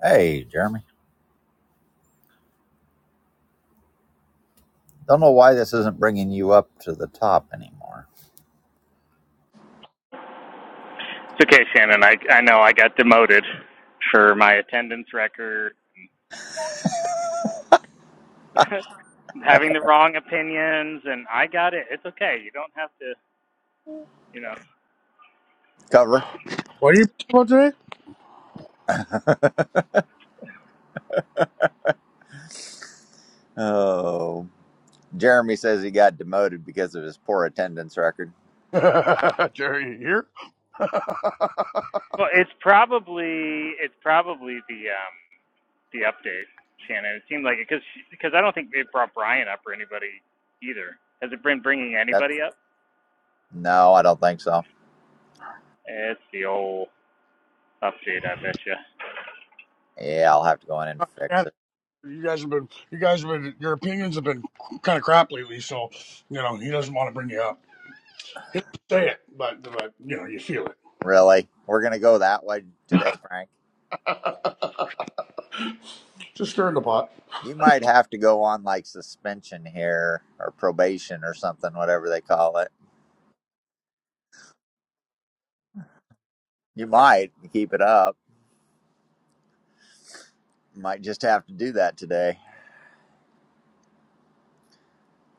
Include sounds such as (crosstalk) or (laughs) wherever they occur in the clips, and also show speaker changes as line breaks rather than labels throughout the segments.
Hey, Jeremy. Don't know why this isn't bringing you up to the top anymore.
It's okay, Shannon. I I know I got demoted for my attendance record, (laughs) having the wrong opinions, and I got it. It's okay. You don't have to, you know.
Cover.
What are you playing
Oh, Jeremy says he got demoted because of his poor attendance record.
about today? (laughs) Jerry, you here? (laughs)
Well, it's probably it's probably the um the update, Shannon. It seemed like it because because I don't think they brought Brian up or anybody either. Has it been bringing
That's
anybody up?
no, I don't think so.
It's the old update, I bet you.
Yeah, I'll have to go in and fix
Got
it.
You guys have been, you guys have been, your opinions have been kind of crap lately. So, you know, he doesn't want to bring you up. He doesn't say it, but, but you know, you feel it.
Really? We're gonna go that way today, Frank.
(laughs) Just stir in the pot.
You might have to go on like suspension here or probation or something, whatever they call it. You might keep it up. Might just have to do that today.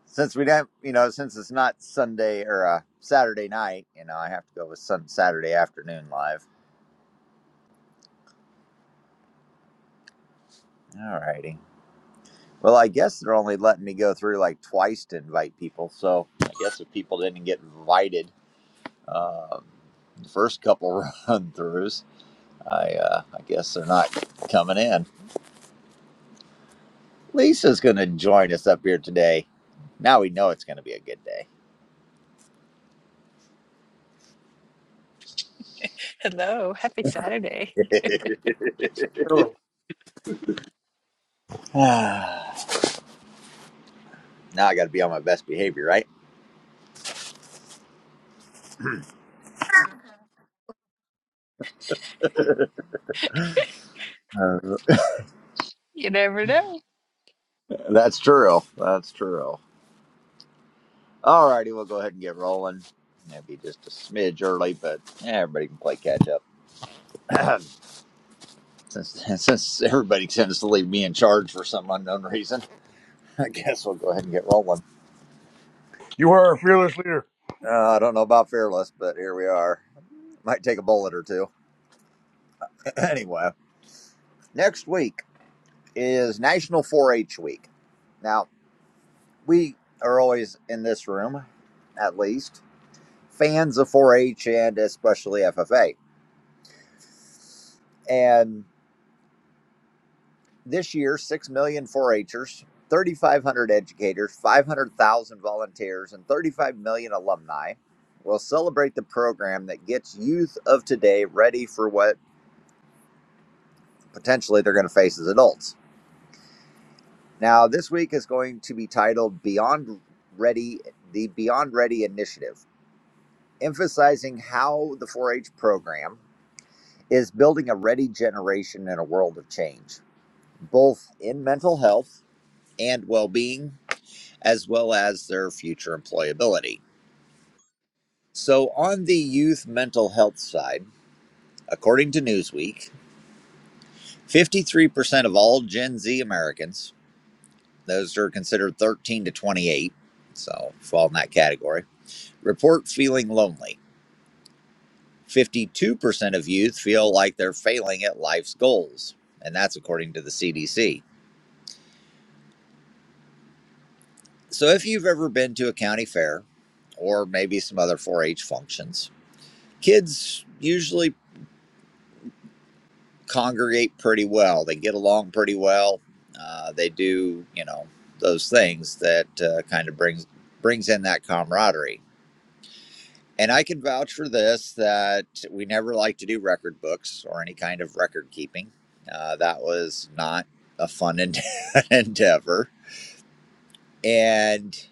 since we don't, you know, since it's not Sunday or uh, Saturday night, you know, I have to go with some Saturday afternoon live. All righty. Well, I guess they're only letting me go through like twice to invite people. So I guess if people didn't get invited, um, the first couple (laughs) run throughs, I uh, I guess they're not coming in. Lisa's going to join us up here today. Now we know it's going to be a good day.
Hello, happy Saturday.
(laughs)
(laughs)
Hello.
(sighs) now I got to be on my best behavior, right? Uh,
You never know.
that's true. That's true. Alrighty, we'll go ahead and get rolling. It'll be just a smidge early, but yeah, everybody can play catch up. (clears throat) since (laughs) since everybody tends to leave me in charge for some unknown reason, (laughs) I guess we'll go ahead and get rolling.
You are a fearless leader.
Uh, I don't know about fearless, but here we are. Might take a bullet or two. (clears throat) anyway, next week is National 4-H Week. Now we are always in this room, at least fans of 4-H and especially FFA, and this year 6 million 4-hers 3500 educators 500000 volunteers and 35 million alumni will celebrate the program that gets youth of today ready for what potentially they're going to face as adults now this week is going to be titled beyond ready the beyond ready initiative emphasizing how the 4-h program is building a ready generation in a world of change both in mental health and well-being as well as their future employability. So, on the youth mental health side, according to Newsweek, 53% of all Gen Z Americans, those are considered 13 to 28, so fall in that category, report feeling lonely. 52% of youth feel like they're failing at life's goals, and that's according to the CDC. So, if you've ever been to a county fair or maybe some other 4 H functions, kids usually congregate pretty well. They get along pretty well. Uh, they do, you know, those things that uh, kind of brings brings in that camaraderie. And I can vouch for this that we never like to do record books or any kind of record keeping. Uh, that was not a fun en- (laughs) endeavor. And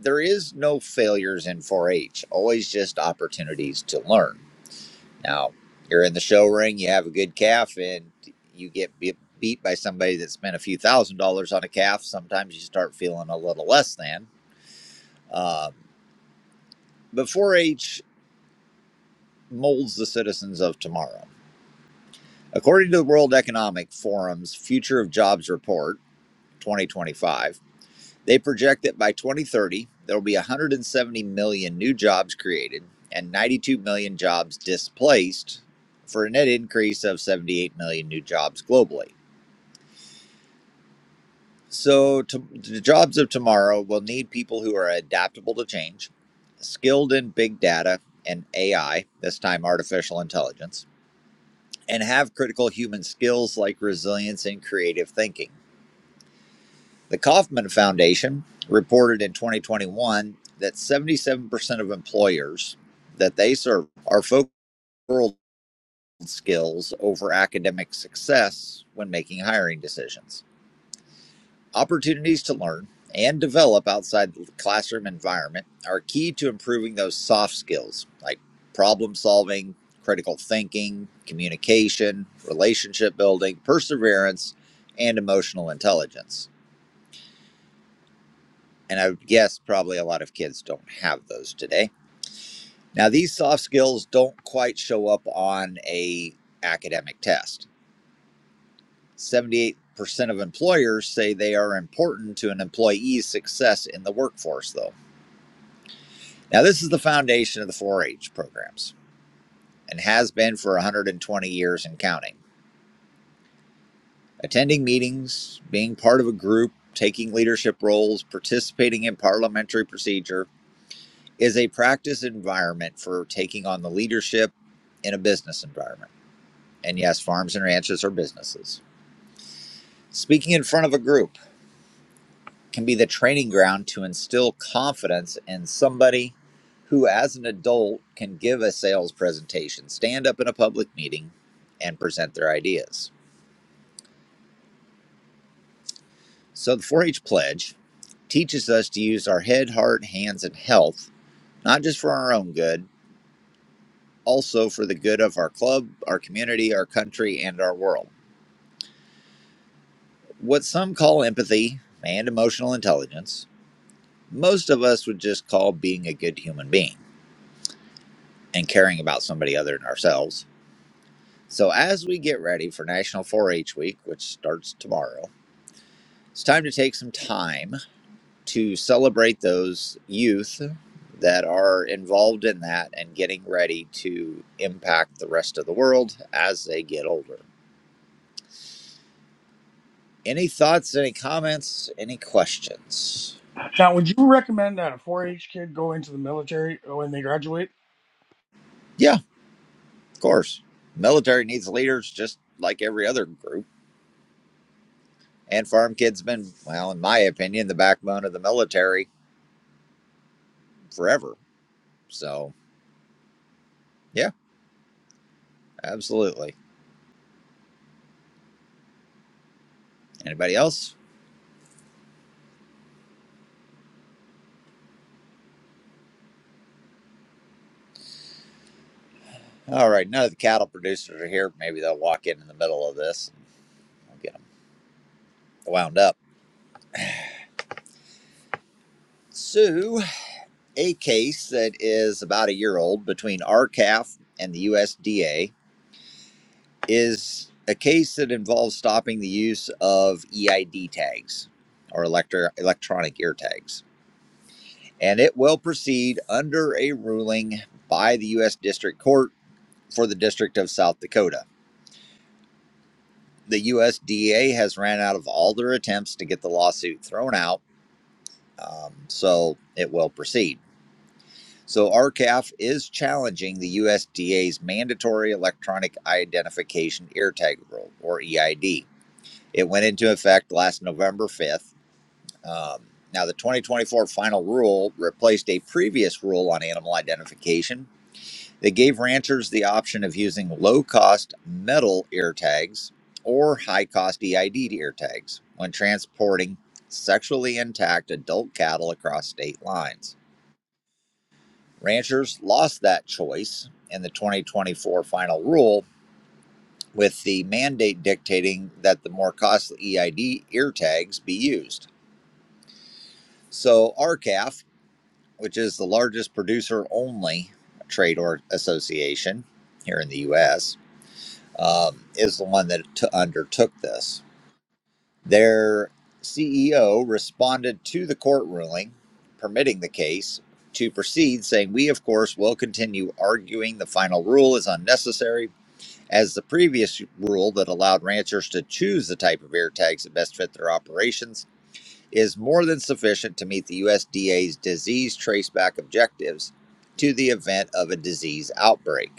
there is no failures in 4 H, always just opportunities to learn. Now, you're in the show ring, you have a good calf, and you get beat by somebody that spent a few thousand dollars on a calf. Sometimes you start feeling a little less than. Um, but 4 H molds the citizens of tomorrow. According to the World Economic Forum's Future of Jobs Report 2025, they project that by 2030, there will be 170 million new jobs created and 92 million jobs displaced for a net increase of 78 million new jobs globally. So, to, the jobs of tomorrow will need people who are adaptable to change, skilled in big data and AI, this time artificial intelligence, and have critical human skills like resilience and creative thinking. The Kauffman Foundation reported in 2021 that 77% of employers that they serve are focused on skills over academic success when making hiring decisions. Opportunities to learn and develop outside the classroom environment are key to improving those soft skills like problem solving, critical thinking, communication, relationship building, perseverance, and emotional intelligence. And I would guess probably a lot of kids don't have those today. Now these soft skills don't quite show up on a academic test. 78% of employers say they are important to an employee's success in the workforce though Now, this is the foundation of the 4 H programs and has been for 120 years and counting. Attending meetings, being part of a group, taking leadership roles, participating in parliamentary procedure is a practice environment for taking on the leadership in a business environment. And yes, farms and ranches are businesses. Speaking in front of a group, can be the training ground to instill confidence in somebody who, as an adult, can give a sales presentation, stand up in a public meeting, and present their ideas. So, the 4 H pledge teaches us to use our head, heart, hands, and health, not just for our own good, also for the good of our club, our community, our country, and our world. What some call empathy and emotional intelligence, most of us would just call being a good human being and caring about somebody other than ourselves So, as we get ready for National 4 H Week, which starts tomorrow, it's time to take some time to celebrate those youth that are involved in that and getting ready to impact the rest of the world as they get older. Any thoughts, any comments, any questions?
Now, would you recommend that a 4-H kid go into the military when they graduate?
Yeah, of course. Military needs leaders just like every other group. And Farm Kid's been, well, in my opinion, the backbone of the military forever. So, yeah, absolutely. Anybody else? All right, none of the cattle producers are here. Maybe they'll walk in in the middle of this and I'll get them wound up. So, a case that is about a year old between RCAF and the USDA is a case that involves stopping the use of EID tags or electro- electronic ear tags. And it will proceed under a ruling by the U.S. District Court for the District of South Dakota. the USDA has ran out of all their attempts to get the lawsuit thrown out, um, so it will proceed. So RCAF is challenging the USDA's mandatory electronic identification ear tag rule, or EID. It went into effect last November 5th. Um, now, the 2024 final rule replaced a previous rule on animal identification they gave ranchers the option of using low cost metal ear tags or high cost EID ear tags when transporting sexually intact adult cattle across state lines. Ranchers lost that choice in the 2024 final rule, with the mandate dictating that the more costly EID ear tags be used. So, RCAF, which is the largest producer only trade or association here in the US, um, is the one that t- undertook this. Their CEO responded to the court ruling permitting the case to proceed, saying, We, of course, will continue arguing the final rule is unnecessary, as the previous rule that allowed ranchers to choose the type of air tags that best fit their operations is more than sufficient to meet the USDA's disease traceback objectives to the event of a disease outbreak.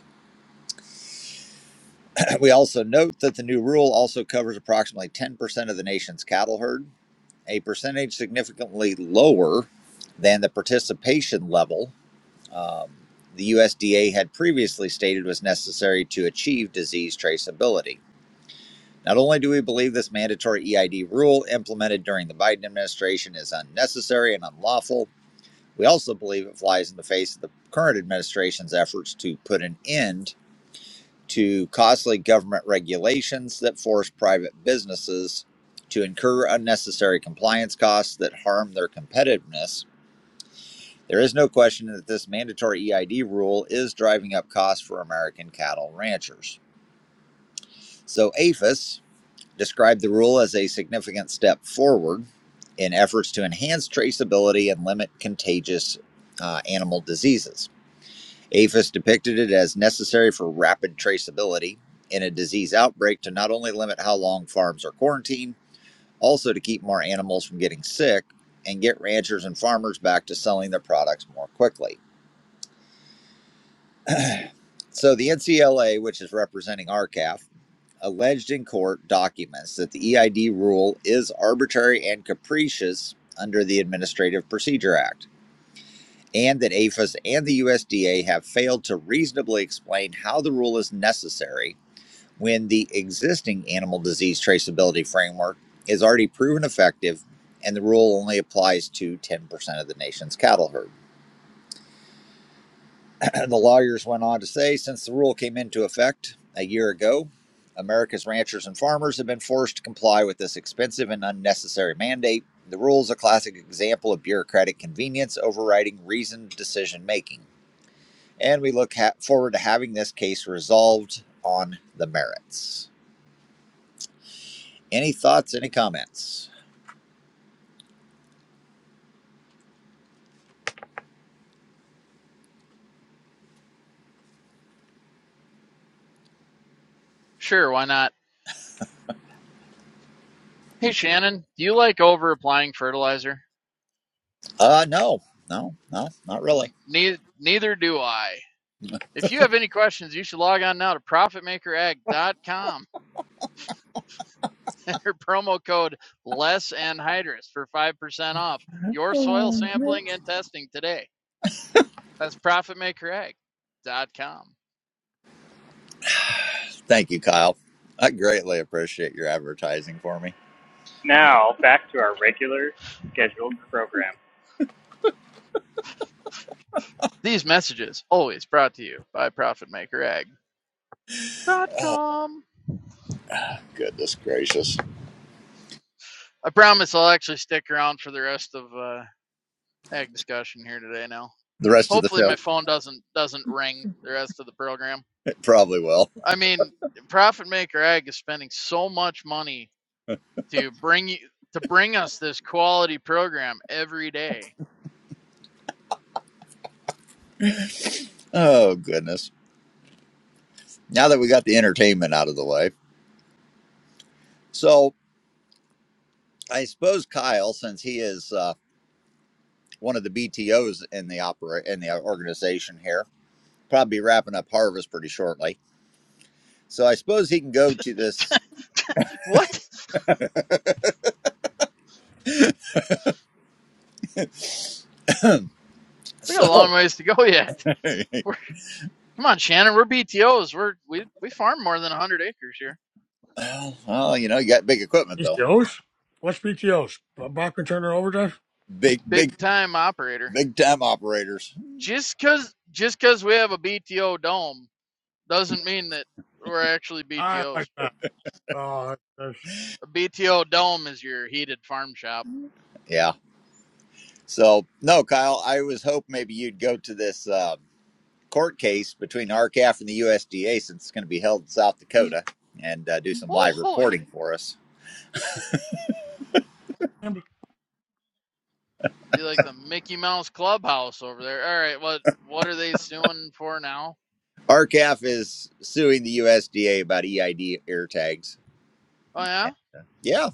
And We also note that the new rule also covers approximately 10% of the nation's cattle herd, a percentage significantly lower than the participation level um, the USDA had previously stated was necessary to achieve disease traceability. Not only do we believe this mandatory EID rule implemented during the Biden administration is unnecessary and unlawful, we also believe it flies in the face of the current administration's efforts to put an end to costly government regulations that force private businesses to incur unnecessary compliance costs that harm their competitiveness. There is no question that this mandatory EID rule is driving up costs for American cattle ranchers. So, APHIS described the rule as a significant step forward in efforts to enhance traceability and limit contagious uh, animal diseases. APHIS depicted it as necessary for rapid traceability in a disease outbreak to not only limit how long farms are quarantined, also to keep more animals from getting sick and get ranchers and farmers back to selling their products more quickly. So the NCLA, which is representing RCAF, alleged in court documents that the EID rule is arbitrary and capricious under the Administrative Procedure Act. And that APHIS and the USDA have failed to reasonably explain how the rule is necessary when the existing animal disease traceability framework is already proven effective and the rule only applies to 10% of the nation's cattle herd. (clears throat) the lawyers went on to say since the rule came into effect a year ago, America's ranchers and farmers have been forced to comply with this expensive and unnecessary mandate. The rule is a classic example of bureaucratic convenience overriding reasoned decision making. And we look ha- forward to having this case resolved on the merits. Any thoughts, any comments?
Sure, why not? Hey, Shannon, do you like over applying fertilizer?
Uh, no, no, no, not really.
Neither, neither do I. If you have any questions, you should log on now to profitmakerag.com. Enter (laughs) promo code less anhydrous for 5% off your soil
Mhm.
sampling and testing today. That's profitmakerag.com.
Thank you, Kyle. I greatly appreciate your advertising for me.
Now back to our regular scheduled program.
These messages always brought to you by
Oh,
profitmakerag.com.
goodness gracious.
I promise I'll actually stick around for the rest of uh, ag discussion here today now.
The rest of the
Hopefully, my
show
phone doesn't doesn't ring the rest of the program.
(laughs) it probably will.
I mean, Profit Maker Ag is spending so much money to bring you to bring us this quality program every day.
Oh, goodness. Now that we got the entertainment out of the way. So I suppose Kyle, since he is uh, one of the BTOs in the opera in the organization here, probably be wrapping up harvest pretty shortly. So I suppose he can go to this.
What? (laughs)
(laughs)
We got a
so,
long ways to go yet.
(laughs)
We're, come on, Shannon. We're BTOs. We're we we farm more than one hundred acres here.
well, you know, you got big equipment though.
PTOs? What's PTOs? Uh, Bachman Turner overtime?
big big
Big time operator.
big time operators
Just cause just cause we have a BTO dome doesn't mean that we're actually
I
BTOs.
like that. Oh, that's,
A BTO dome is your heated farm shop.
yeah so no kyle i was hoping maybe you'd go to this uh, court case between rcaf and the usda since it's going to be held in south
that's, is
dakota and uh, do some
Oh
live
boy.
reporting for us
Be like the Mickey Mouse Clubhouse over there. All right, what what are they suing for now?
rcaf is suing the usda about eid air tags
Oh yeah,
yeah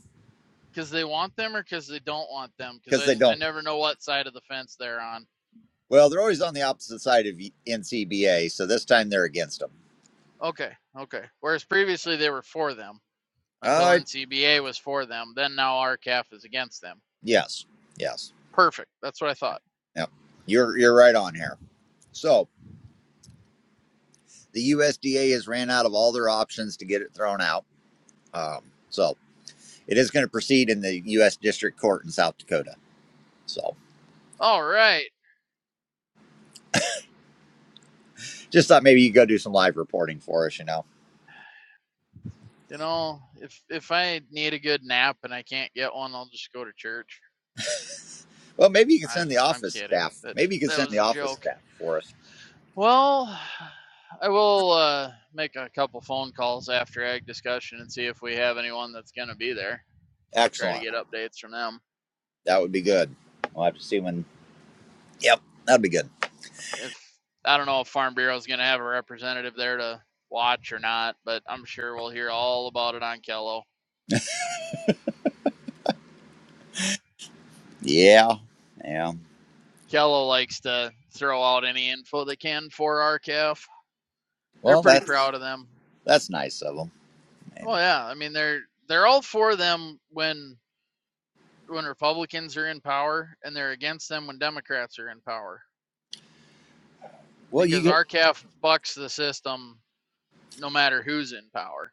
because they want them or because they don't want them? Because I
because
I
they don't
never know what side of the fence they're on.
well they're always on the opposite side of ncba so this time they're against them
Okay, okay. Whereas previously they were for them until
uh
NCBA was for them. Then now RCAF is against them.
yes yes
Perfect. That's what I thought.
Yep. you're you're right on here so the USDA has ran out of all their options to get it thrown out. Um, so it is going to proceed in the U.S. District Court in South Dakota. So
All right.
just thought maybe you go do some live reporting for us, you know.
You know, if if I need a good nap and I can't get one, I'll just go to church.
Well, maybe you could
I
send the
I'm
office
kidding.
staff.
That
Maybe you could
that
send
was
the
a
office
joke.
staff for us.
Well, I will uh, make a couple phone calls after ag discussion and see if we have anyone that's going to be there. Try to
Excellent.
get updates from them.
That would be good. We'll have to see when. Yep, that'd be good.
If I don't know if Farm Bureau is going to have a representative there to watch or not, but I'm sure we'll hear all about it on Kello.
Yeah, yeah.
Kello likes to throw out any info they can for RCAF. They're
Well,
pretty
that's
proud of them.
that's nice of them.
Oh yeah, I mean they're they're all for them when when Republicans are in power, and they're against them when Democrats are in power
Well, you (laughs)
because
get
RCAF bucks the system no matter who's in power.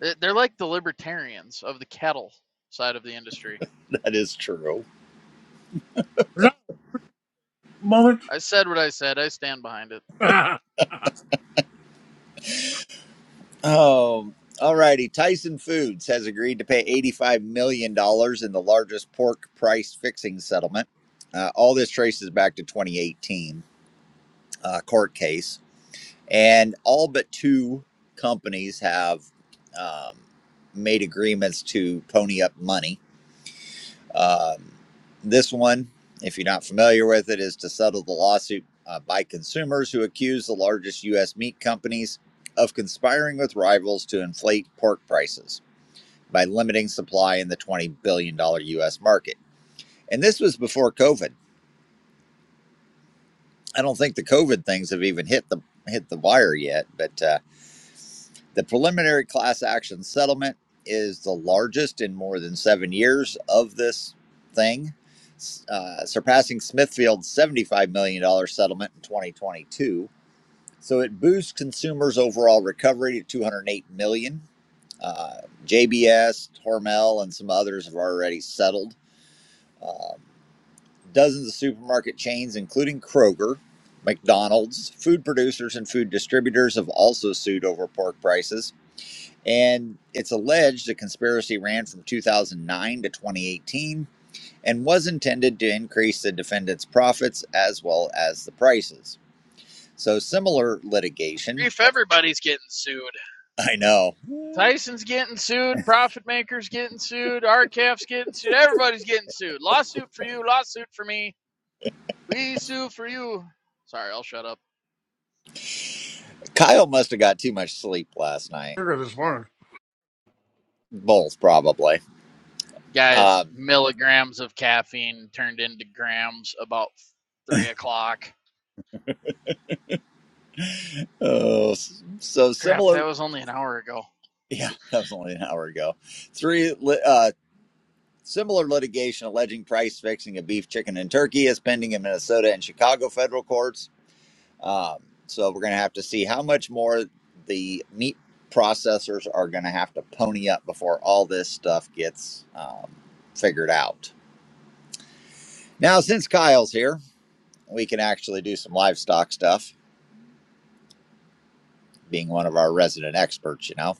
They- are like the libertarians of the cattle side of the industry.
that is true.
that a moment?
I said what I said. I stand behind it.
(laughs)
Oh, all righty. Tyson Foods has agreed to pay $85 million dollars in the largest pork price fixing settlement. Uh, all this traces back to 2018 uh, court case. And all but two companies have um, made agreements to pony up money. Um, this one, if you're not familiar with it, is to settle the lawsuit uh, by consumers who accuse the largest U.S. meat companies of conspiring with rivals to inflate pork prices by limiting supply in the $20 billion U.S. market. And this was before COVID. I don't think the COVID things have even hit the hit the wire yet, but. uh, The preliminary class action settlement is the largest in more than seven years of this thing, uh, surpassing Smithfield's $75 million dollars settlement in 2022. So it boosts consumers' overall recovery to 208 million. dollars. Uh, JBS, Hormel, and some others have already settled. Um, dozens of supermarket chains, including Kroger, McDonald's, food producers, and food distributors have also sued over pork prices and it's alleged the conspiracy ran from 2009 to 2018 and was intended to increase the defendant's profits as well as the prices. So, similar litigation.
If
(laughs)
everybody's getting sued,
I know.
Tyson's getting sued, Profit Maker's getting sued, RCAF's getting sued, everybody's getting sued. Lawsuit for you, lawsuit for me. We sue for you. Sorry, I'll shut up.
Kyle must have got too much sleep last night.
lawyer this morning.
Both, probably.
Guys,
Um,
milligrams of caffeine turned into grams about three o'clock.
oh, so,
Crap, that
similar. (laughs)
was only an hour ago.
Yeah, that was only an hour ago. Three uh, similar litigation alleging price fixing of beef, chicken, and turkey is pending in Minnesota and Chicago federal courts. Um, so we're going to have to see how much more the meat processors are going to have to pony up before all this stuff gets um, figured out. Now, since Kyle's here, we can actually do some livestock stuff, being one of our resident experts, you know.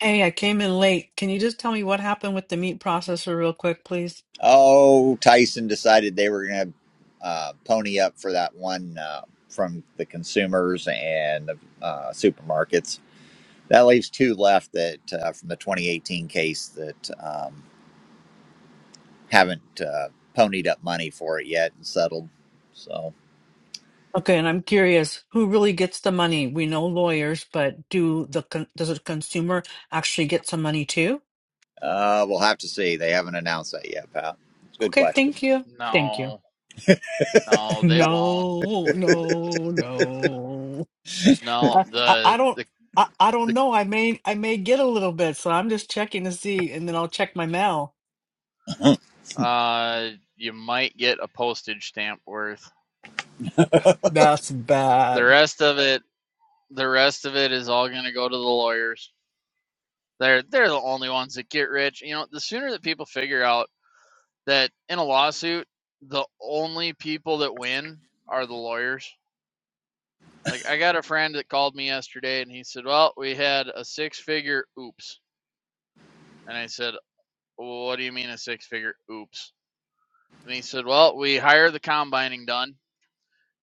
Hey, I came in late. Can you just tell me what happened with the meat processor real quick, please?
Oh, Tyson decided they were going to uh, pony up for that one uh, from the consumers and the uh, supermarkets. That leaves two left that uh, from the 2018 case that. um, haven't uh, ponied up money for it yet and settled. So
Okay, and I'm curious, who really gets the money? We know lawyers, but do the con does the consumer actually get some money too?
uh, we'll have to see. They haven't announced that yet, Pat. It's a good
Okay,
question.
thank you. Thank you.
No.
(laughs)
No, they won't.
No, no, no.
No,
I, I,
the
I don't
the
I, I don't
the
know. I may I may get a little bit, so I'm just checking to see, and then I'll check my mail.
uh you might get a postage stamp worth.
That's
The
bad.
rest of it the rest of it is all gonna go to the lawyers. They're they're the only ones that get rich. You know, the sooner that people figure out that in a lawsuit the only people that win are the lawyers. Like I got a friend that called me yesterday and he said, Well, we had a six figure oops and I said, What do you mean a six figure oops? And he said, Well, we hire the combining done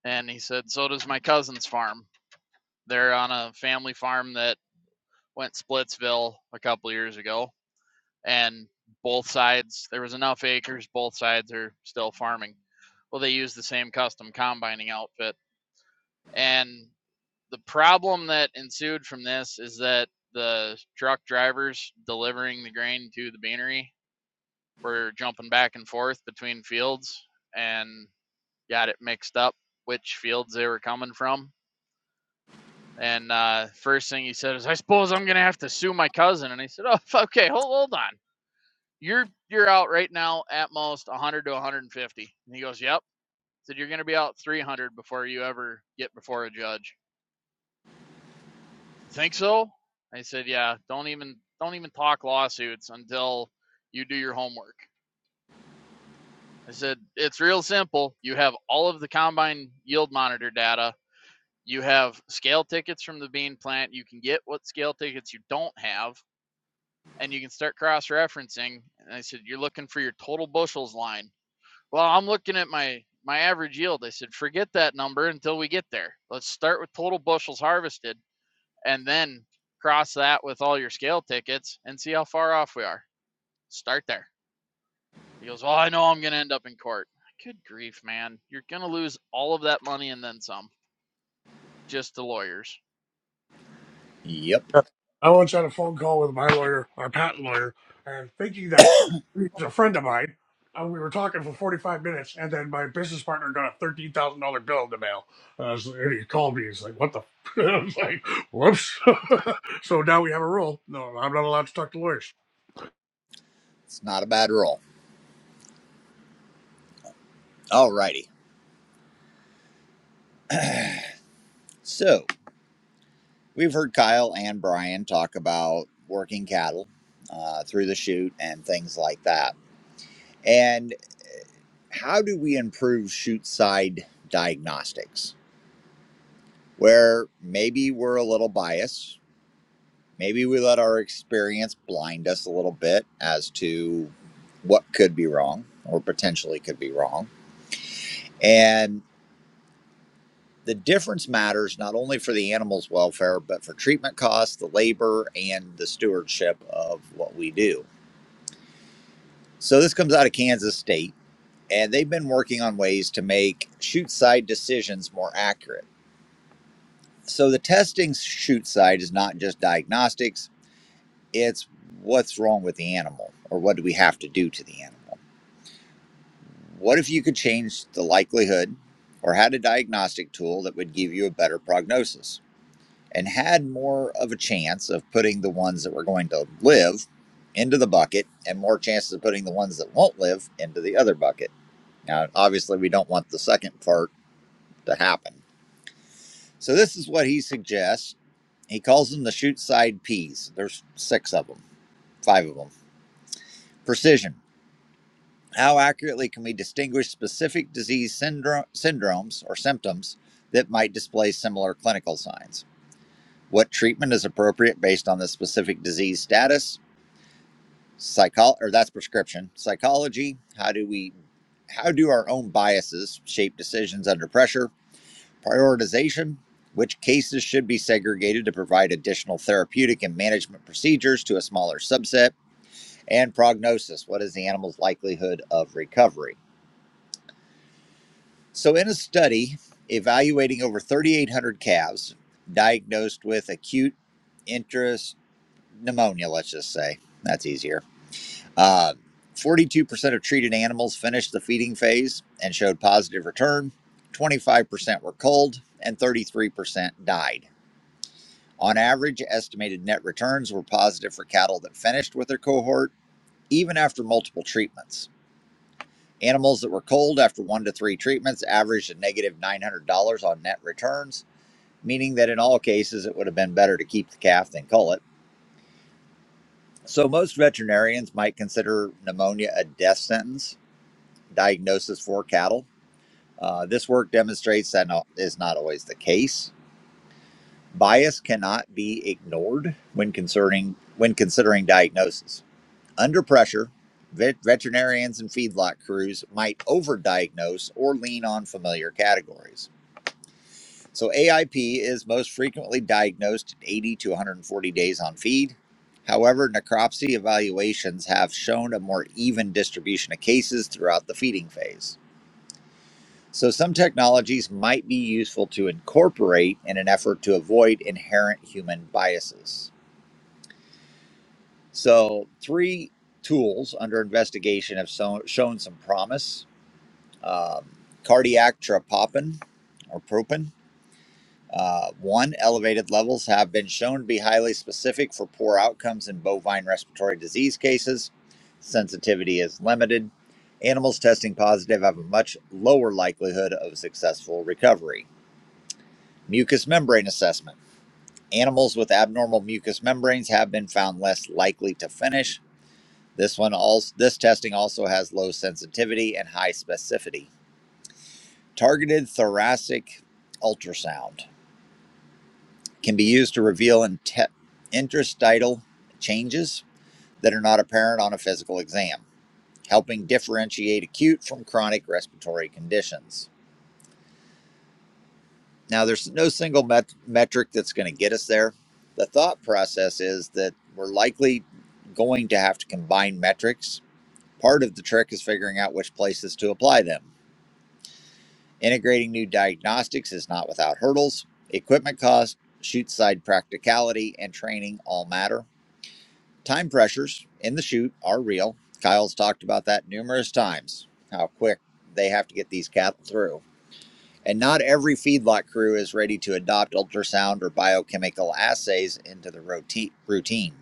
And he said, So does my cousin's farm. They're on a family farm that went Splitsville a couple years ago. And both sides, there was enough acres, both sides are still farming. Well, they used the same custom combining outfit. And the problem that ensued from this is that the truck drivers delivering the grain to the beanery were jumping back and forth between fields and got it mixed up which fields they were coming from And uh, first thing he said is, "I suppose I'm gonna have to sue my cousin." And I said, "Oh, (laughs) okay, hold hold on. You're you're out right now at most 100 to 150." And he goes, "Yep." I said, "You're gonna be out 300 before you ever get before a judge." Think so? I said, "Yeah. Don't even don't even talk lawsuits until you do your homework." I said, "It's real simple. You have all of the combine yield monitor data. You have scale tickets from the bean plant. You can get what scale tickets you don't have." and you can start cross referencing. And I said, You're looking for your total bushels line. Well, I'm looking at my my average yield. I said, forget that number until we get there. Let's start with total bushels harvested and then cross that with all your scale tickets and see how far off we are. Start there. He goes, Well, I know I'm gonna end up in court. Good grief, man. You're gonna lose all of that money and then some, just to lawyers.
(laughs) yep,
Yeah. I once had a phone call with my lawyer, our patent lawyer, and thinking that he's a friend of mine. And we were talking for 45 minutes, and then my business partner got a $13,000 bill in the mail. Uh, so- and he called me. He's like, What the? F-" (laughs) i was like, Whoops. (laughs) so now we have a rule. No, I'm not allowed to talk to lawyers.
it's not a bad roll. Alrighty. So we've heard Kyle and Brian talk about working cattle uh, through the chute and things like that. And how do we improve chute side diagnostics? Where maybe we're a little biased Maybe we let our experience blind us a little bit as to what could be wrong or potentially could be wrong. And the difference matters not only for the animal's welfare, but for treatment costs, the labor, and the stewardship of what we do. So this comes out of Kansas State, and they've been working on ways to make shoot side decisions more accurate. So the testing shoot side is not just diagnostics, it's what's wrong with the animal or what do we have to do to the animal. What if you could change the likelihood or had a diagnostic tool that would give you a better prognosis and had more of a chance of putting the ones that were going to live into the bucket and more chances of putting the ones that won't live into the other bucket? Now, obviously, we don't want the second part to happen. So, this is what he suggests. He calls them the shoot side peas. There's six of them, five of them. Precision. How accurately can we distinguish specific disease syndro- syndromes or symptoms that might display similar clinical signs? What treatment is appropriate based on the specific disease status? Psycho or that's prescription. Psychology. How do we how do our own biases shape decisions under pressure? Prioritization. Which cases should be segregated to provide additional therapeutic and management procedures to a smaller subset? And prognosis. What is the animal's likelihood of recovery? So, in a study evaluating over 3,800 calves diagnosed with acute interest pneumonia, let's just say that's easier, uh, 42% of treated animals finished the feeding phase and showed positive return, 25% were culled, and 33% died. On average, estimated net returns were positive for cattle that finished with their cohort, even after multiple treatments. Animals that were cold after one to three treatments averaged a negative $900 on net returns, meaning that in all cases it would have been better to keep the calf than cull it. So most veterinarians might consider pneumonia a death sentence diagnosis for cattle. Uh, this work demonstrates that not, is not always the case. Bias cannot be ignored when concerning when considering diagnosis. Under pressure, vet- veterinarians and feedlot crews might overdiagnose or lean on familiar categories. So AIP is most frequently diagnosed at 80 to 140 days on feed. However, necropsy evaluations have shown a more even distribution of cases throughout the feeding phase. So some technologies might be useful to incorporate in an effort to avoid inherent human biases. So three tools under investigation have so- shown some promise. Um, cardiac tropopin or propin Uh, one, elevated levels have been shown to be highly specific for poor outcomes in bovine respiratory disease cases. Sensitivity is limited. Animals testing positive have a much lower likelihood of successful recovery. Mucous membrane assessment. Animals with abnormal mucous membranes have been found less likely to finish. This one also this testing also has low sensitivity and high specificity. Targeted thoracic ultrasound. can be used to reveal interstitial changes that are not apparent on a physical exam, helping differentiate acute from chronic respiratory conditions. Now, there's no single met- metric that's going to get us there. The thought process is that we're likely going to have to combine metrics. Part of the trick is figuring out which places to apply them. Integrating new diagnostics is not without hurdles. Equipment cost, shoot side practicality, and training all matter Time pressures in the shoot are real. Kyle's talked about that numerous times, how quick they have to get these cattle through. And not every feedlot crew is ready to adopt ultrasound or biochemical assays into the routine.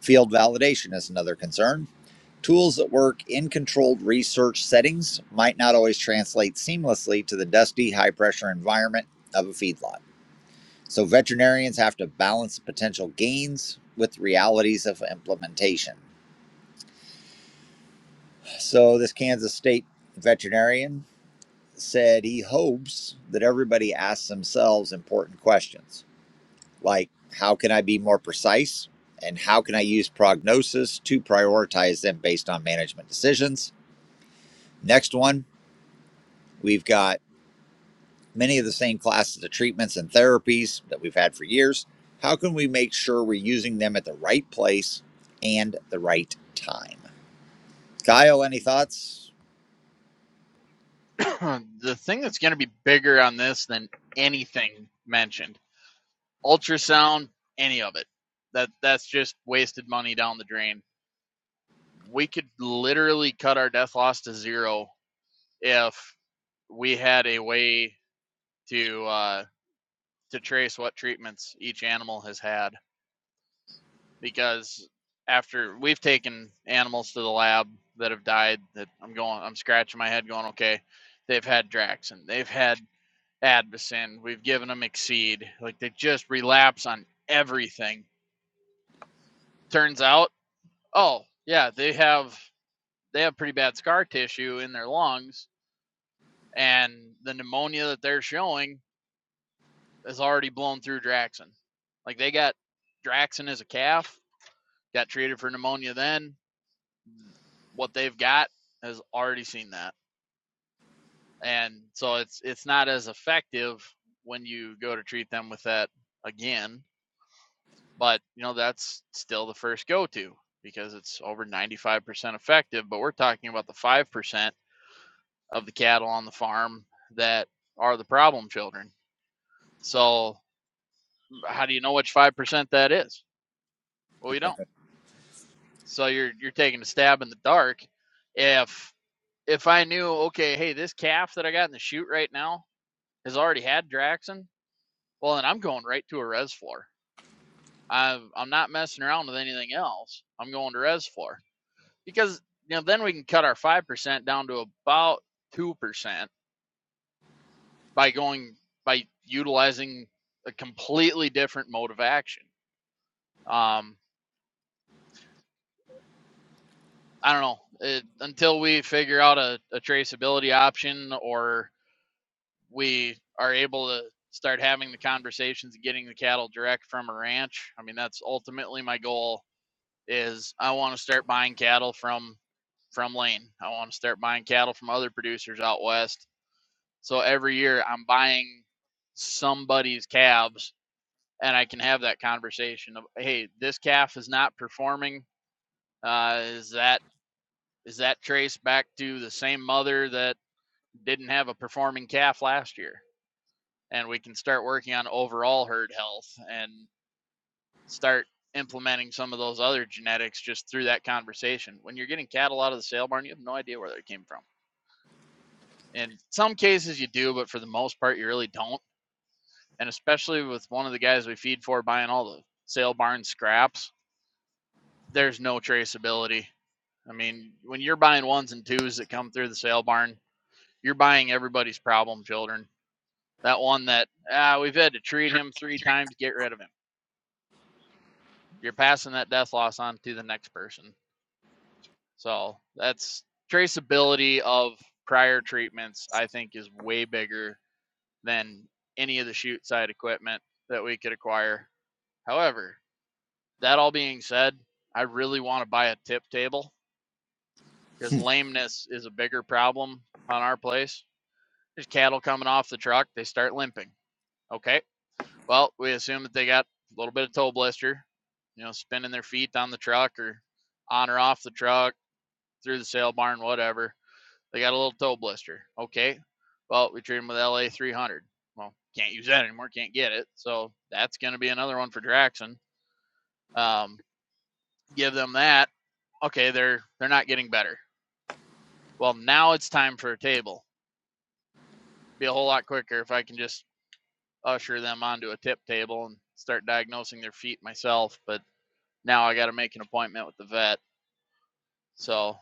Field validation is another concern. Tools that work in controlled research settings might not always translate seamlessly to the dusty, high pressure environment of a feedlot. So, veterinarians have to balance potential gains with realities of implementation. So this Kansas State veterinarian said he hopes that everybody asks themselves important questions like how can I be more precise and how can I use prognosis to prioritize them based on management decisions. Next one, we've got many of the same classes of treatments and therapies that we've had for years. How can we make sure we're using them at the right place and the right time? Kyle, any thoughts?
(coughs) (clears throat) the thing that's gonna be bigger on this than anything mentioned ultrasound, any of it. That that's just wasted money down the drain. We could literally cut our death loss to zero if we had a way to uh, to trace what treatments each animal has had. Because after we've taken animals to the lab that have died, that I'm going, I'm scratching my head, going, okay, they've had Draxon, they've had Advocin, we've given them Exceed, like they just relapse on everything. Turns out Oh, yeah, they have they have pretty bad scar tissue in their lungs and the pneumonia that they're showing has already blown through Draxon. Like they got Draxon as a calf, got treated for pneumonia then. What they've got has already seen that. And so it's it's not as effective when you go to treat them with that again, but you know that's still the first go to because it's over 95% effective, but we're talking about the 5% of the cattle on the farm that are the problem children. So how do you know which five percent that is? Well, you don't. So you're you're taking a stab in the dark. If if I knew, okay, hey, this calf that I got in the chute right now has already had Draxon, well, then I'm going right to a res floor. I'm I'm not messing around with anything else. I'm going to res floor because you know then we can cut our five percent down to about two percent by going by utilizing a completely different mode of action. Um, I don't know it, until we figure out a, a traceability option or we are able to start having the conversations and getting the cattle direct from a ranch. I mean, that's ultimately my goal is I want to start buying cattle from from Lane. I want to start buying cattle from other producers out west. So every year I'm buying somebody's calves and I can have that conversation of, hey, this calf is not performing. Uh, is that is that traced back to the same mother that didn't have a performing calf last year? And we can start working on overall herd health and start implementing some of those other genetics just through that conversation. When you're getting cattle out of the sale barn, you have no idea where they came from. In some cases, you do, but for the most part, you really don't. And especially with one of the guys we feed for buying all the sale barn scraps, there's no traceability I mean, when you're buying ones and twos that come through the sale barn, you're buying everybody's problem children. That one that ah, we've had to treat him three times, get rid of him. You're passing that death loss on to the next person. So that's traceability of prior treatments. I think is way bigger than any of the shoot side equipment that we could acquire. However, that all being said, I really want to buy a tip table because
(laughs)
lameness is a bigger problem on our place There's cattle coming off the truck. They start limping. Okay. Well, we assume that they got a little bit of toe blister, you know, spinning their feet on the truck or on or off the truck, through the sale barn, whatever. They got a little toe blister. Okay. Well, we treat them with LA 300. Well, can't use that anymore. Can't get it. So that's going to be another one for Draxon. Um, give them that. Okay, they're they're not getting better. Well, now it's time for a table. Be a whole lot quicker if I can just usher them onto a tip table and start diagnosing their feet myself. But now I got to make an appointment with the vet. So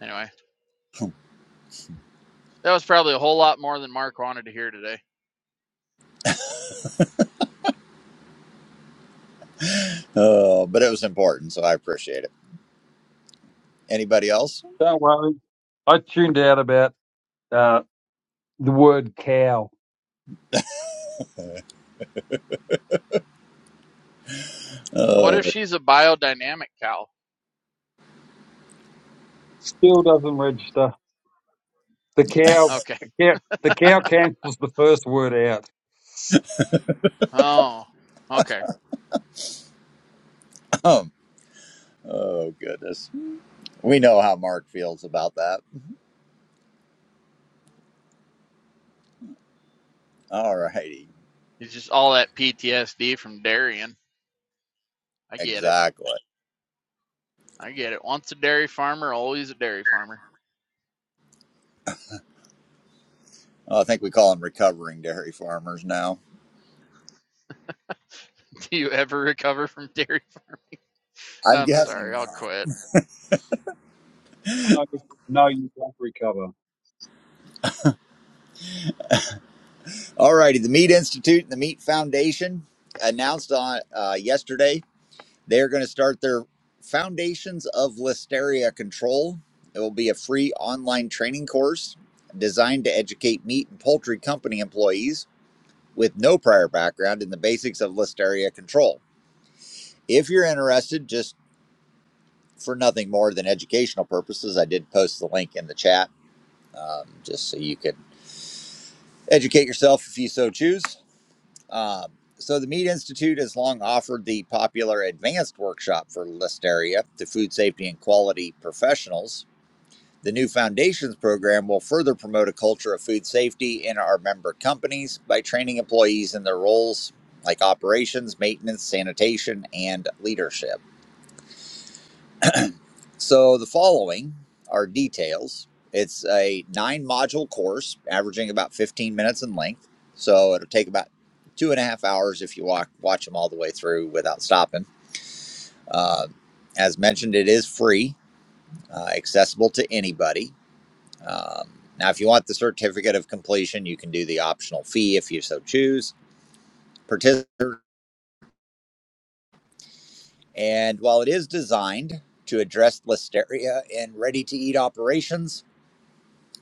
anyway, that was probably a whole lot more than Mark wanted to hear today.
Oh, but it was important, so I appreciate it. Anybody else?
Don't worry. I tuned out about uh, the word cow.
But what
Uh,
if she's a biodynamic cow?
Still doesn't register. The cow,
Okay.
the cow, the cow cancels the first word out.
Oh, okay.
(laughs) um, oh, goodness. We know how Mark feels about that. All righty.
It's just all that PTSD from dairying. I get it.
Exactly.
I get it. Once a dairy farmer, always a dairy farmer.
Oh, I think we call them recovering dairy farmers now.
(laughs) Do you ever recover from dairy?
I'm
I'm sorry.
guessing
I'll
not.
quit.
No, no, you don't recover.
All righty. The Meat Institute and the Meat Foundation announced on uh, yesterday they're going to start their Foundations of Listeria Control. It will be a free online training course designed to educate meat and poultry company employees with no prior background in the basics of listeria control. If you're interested, just for nothing more than educational purposes, I did post the link in the chat um, just so you can educate yourself if you so choose. Um, so, the Meat Institute has long offered the popular advanced workshop for listeria to food safety and quality professionals The new foundations program will further promote a culture of food safety in our member companies by training employees in their roles like operations, maintenance, sanitation, and leadership. So the following are details. It's a nine module course averaging about 15 minutes in length. So it'll take about two and a half hours if you walk, watch them all the way through without stopping. Uh, as mentioned, it is free, uh, accessible to anybody Um, now, if you want the certificate of completion, you can do the optional fee if you so choose. Participant, and while it is designed to address listeria in ready to eat operations,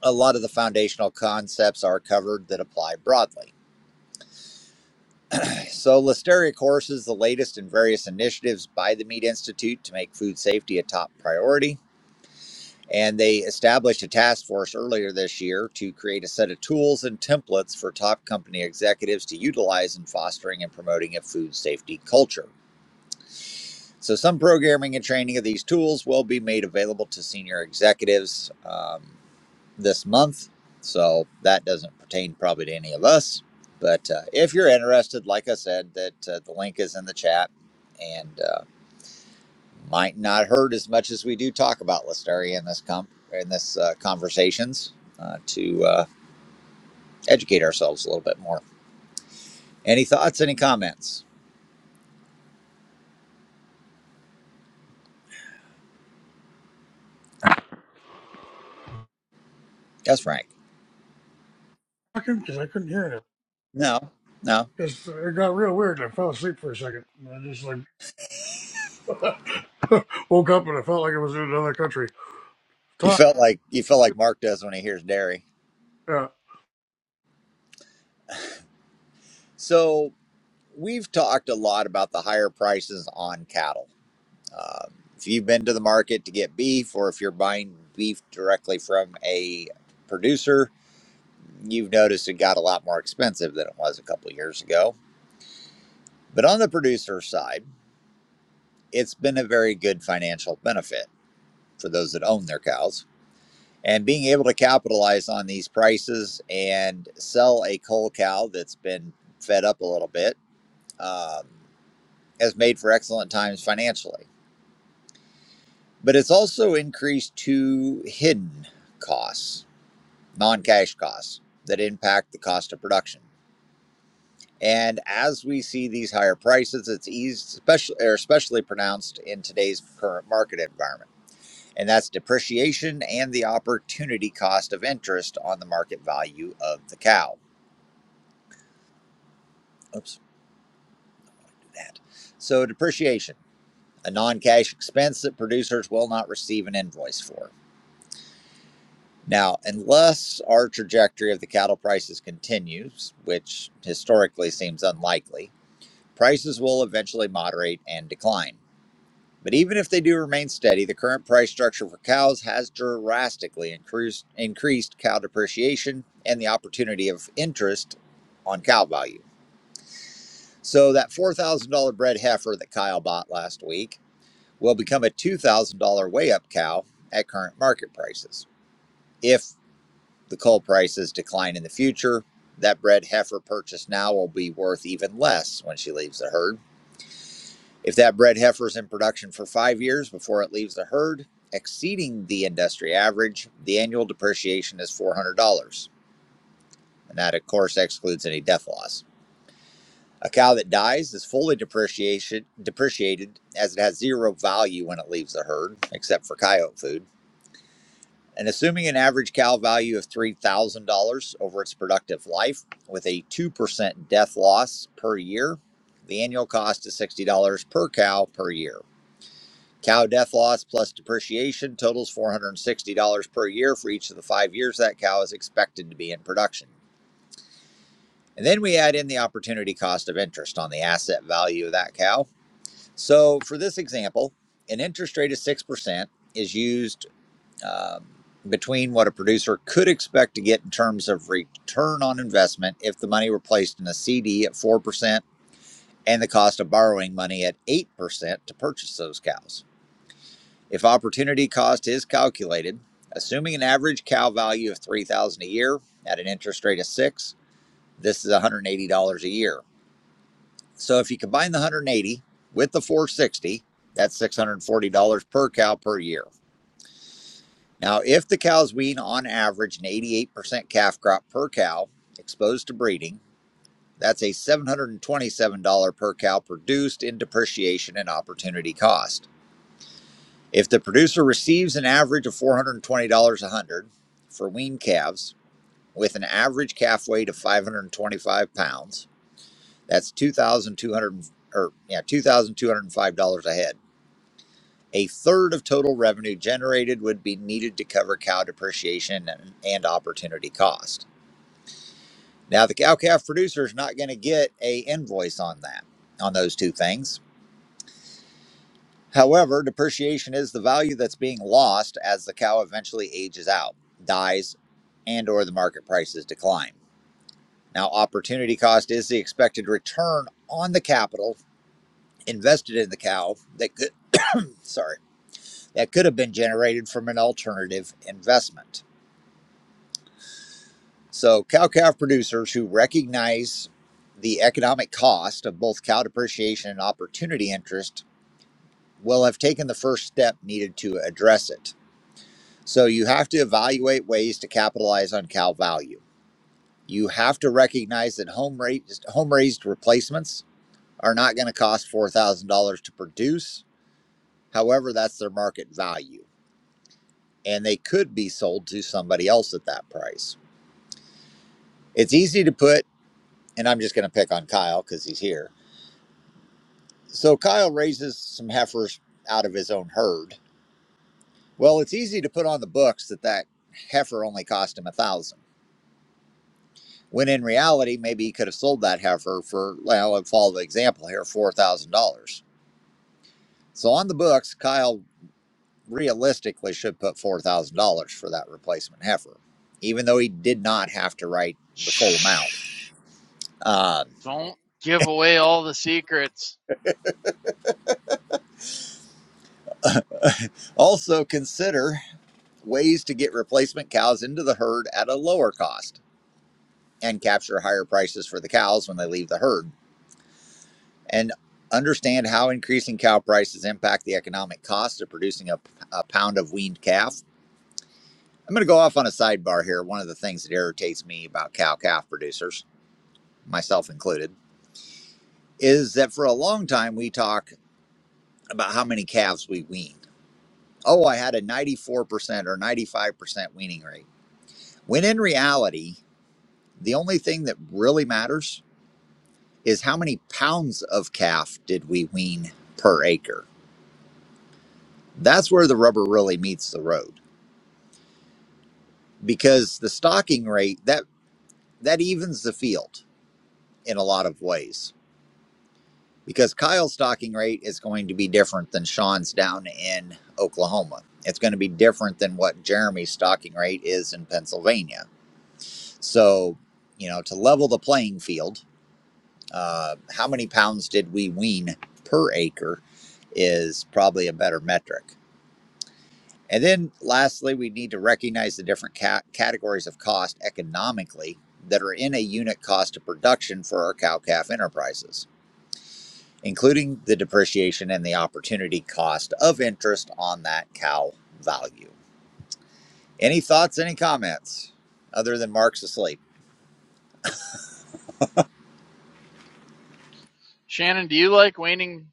a lot of the foundational concepts are covered that apply broadly. So, Listeria course is the latest in various initiatives by the Meat Institute to make food safety a top priority. And they established a task force earlier this year to create a set of tools and templates for top company executives to utilize in fostering and promoting a food safety culture. So, some programming and training of these tools will be made available to senior executives um, this month. So, that doesn't pertain probably to any of us. But uh, if you're interested, like I said, that uh, the link is in the chat. And uh, might not hurt as much as we do talk about Listeria in this com- in this uh, conversations uh, to uh, educate ourselves a little bit more. Any thoughts? Any comments? Yes, Frank.
Fucking, because I couldn't hear it.
No, no.
Because it got real weird, and I fell asleep for a second. And I just like (laughs) woke up, and I felt like I was in another country.
You
Talk,
felt like you felt like Mark does when he hears dairy.
yeah.
So we've talked a lot about the higher prices on cattle. Uh, if you've been to the market to get beef, or if you're buying beef directly from a producer, you've noticed it got a lot more expensive than it was a couple years ago But on the producer side, it's been a very good financial benefit for those that own their cows. And being able to capitalize on these prices and sell a coal cow that's been fed up a little bit um, has made for excellent times financially. But it's also increased two hidden costs, non cash costs that impact the cost of production. And as we see these higher prices, it's easy, especially, or especially pronounced in today's current market environment and that's depreciation and the opportunity cost of interest on the market value of the cow. Oops, that. So depreciation, a non-cash expense that producers will not receive an invoice for. Now, unless our trajectory of the cattle prices continues, which historically seems unlikely, prices will eventually moderate and decline. But even if they do remain steady, the current price structure for cows has drastically increased, increased cow depreciation and the opportunity of interest on cow value. So that $4,000 bred heifer that Kyle bought last week will become a $2,000 way up cow at current market prices. If the coal prices decline in the future, that bred heifer purchased now will be worth even less when she leaves the herd If that bred heifer is in production for five years before it leaves the herd, exceeding the industry average, the annual depreciation is $400. And that, of course, excludes any death loss. A cow that dies is fully depreciated as it has zero value when it leaves the herd, except for coyote food. And assuming an average cow value of $3,000 over its productive life with a 2% death loss per year, the annual cost is $60 per cow per year. Cow death loss plus depreciation totals $460 per year for each of the five years that cow is expected to be in production. And then we add in the opportunity cost of interest on the asset value of that cow. So for this example, an interest rate of 6% is used um, between what a producer could expect to get in terms of return on investment if the money were placed in a CD at 4% and the cost of borrowing money at 8% to purchase those cows. If opportunity cost is calculated, assuming an average cow value of 3000 a year at an interest rate of 6, this is $180 a year. So if you combine the 180 with the 460, that's $640 per cow per year. Now, if the cows wean on average an 88% calf crop per cow exposed to breeding, that's a $727 per cow produced in depreciation and opportunity cost. If the producer receives an average of $420 a hundred for weaned calves with an average calf weight of 525 pounds, that's 2,200 or yeah, $2,205 a head. A third of total revenue generated would be needed to cover cow depreciation and, and opportunity cost. Now the cow calf producer is not going to get a invoice on that on those two things However, depreciation is the value that's being lost as the cow eventually ages out, dies, and or the market prices decline. Now, opportunity cost is the expected return on the capital invested in the cow that could sorry, that could have been generated from an alternative investment. So, cow calf producers who recognize the economic cost of both cow depreciation and opportunity interest will have taken the first step needed to address it. So you have to evaluate ways to capitalize on cow value. You have to recognize that home raised home raised replacements are not going to cost four thousand dollars to produce. However, that's their market value, and they could be sold to somebody else at that price. It's easy to put, and I'm just going to pick on Kyle because he's here. So Kyle raises some heifers out of his own herd. Well, it's easy to put on the books that that heifer only cost him a thousand When in reality, maybe he could have sold that heifer for, well, I'll follow the example here, $4,000. So on the books, Kyle realistically should put $4,000 for that replacement heifer, even though he did not have to write the full amount.
Shh.
Um,
Don't give away all the secrets.
also, consider ways to get replacement cows into the herd at a lower cost and capture higher prices for the cows when they leave the herd. And understand how increasing cow prices impact the economic cost of producing a, a pound of weaned calf I'm going to go off on a sidebar here. One of the things that irritates me about cow calf producers, myself included, is that for a long time we talk about how many calves we wean. Oh, I had a 94% or 95% weaning rate. When in reality, the only thing that really matters is how many pounds of calf did we wean per acre. That's where the rubber really meets the road because the stocking rate that that evens the field in a lot of ways because Kyle's stocking rate is going to be different than Sean's down in Oklahoma. It's going to be different than what Jeremy's stocking rate is in Pennsylvania. So, you know, to level the playing field, uh, how many pounds did we wean per acre is probably a better metric. And then lastly, we need to recognize the different ca- categories of cost economically that are in a unit cost of production for our cow calf enterprises including the depreciation and the opportunity cost of interest on that cow value. Any thoughts, any comments other than Mark's asleep?
Shannon, do you like weaning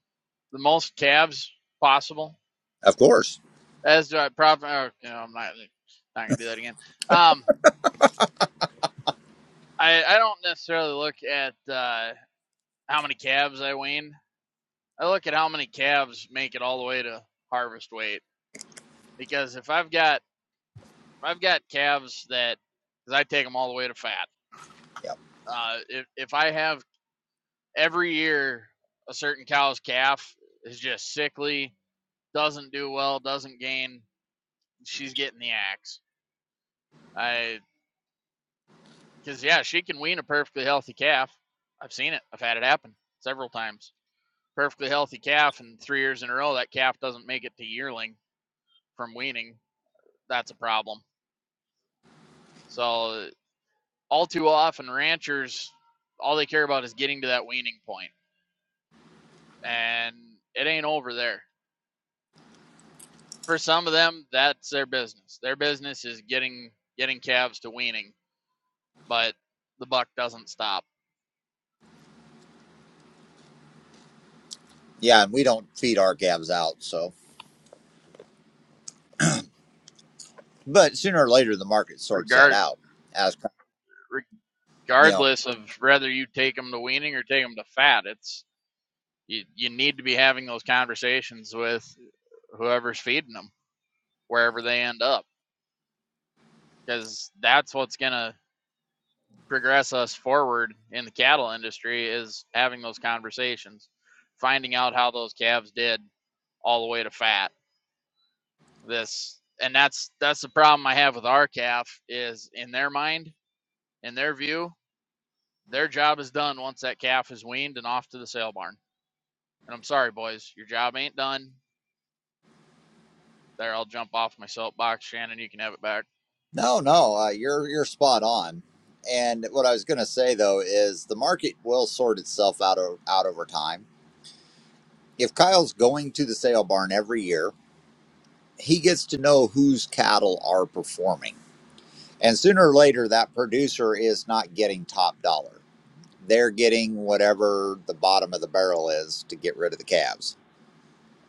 the most calves possible?
Of course.
As do I. Prob- or, you know, I'm not not gonna do that again. Um, I I don't necessarily look at uh, how many calves I wean. I look at how many calves make it all the way to harvest weight. Because if I've got if I've got calves that because I take them all the way to fat. Uh, if if I have every year a certain cow's calf is just sickly, doesn't do well, doesn't gain, she's getting the axe I because yeah, she can wean a perfectly healthy calf. I've seen it. I've had it happen several times. Perfectly healthy calf, and three years in a row, that calf doesn't make it to yearling from weaning. That's a problem. So all too often, ranchers all they care about is getting to that weaning point, and it ain't over there. For some of them, that's their business. Their business is getting getting calves to weaning, but the buck doesn't stop.
Yeah, and we don't feed our calves out, so but sooner or later the market sorts that
Regard
out. As
re,
you know,
regardless of whether you take them to weaning or take them to fat. It's you, you need to be having those conversations with whoever's feeding them wherever they end up because that's what's going to progress us forward in the cattle industry is having those conversations finding out how those calves did all the way to fat this and that's that's the problem i have with our calf is in their mind in their view their job is done once that calf is weaned and off to the sale barn And I'm sorry, boys, your job ain't done. There, I'll jump off my soapbox. Shannon, you can have it back.
no, no, uh, you're you're spot on. And what I was going to say though is the market will sort itself out o- out over time. If Kyle's going to the sale barn every year, he gets to know whose cattle are performing And sooner or later, that producer is not getting top dollar. They're getting whatever the bottom of the barrel is to get rid of the calves.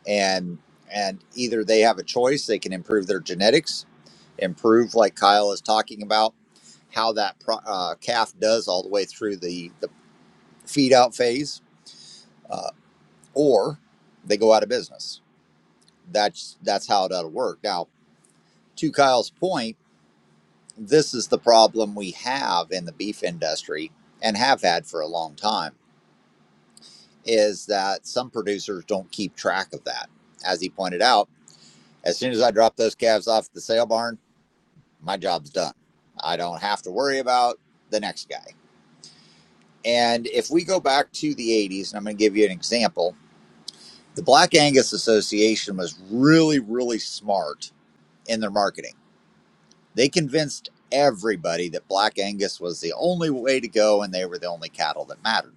And and either they have a choice, they can improve their genetics, improve like Kyle is talking about how that pro, uh, calf does all the way through the the feed out phase, uh, or they go out of business. That's that's how that'll work. Now, to Kyle's point this is the problem we have in the beef industry and have had for a long time is that some producers don't keep track of that. As he pointed out, as soon as I drop those calves off at the sale barn, my job's done. I don't have to worry about the next guy. And if we go back to the 80s, and I'm going to give you an example, the Black Angus Association was really, really smart in their marketing They convinced everybody that Black Angus was the only way to go and they were the only cattle that mattered.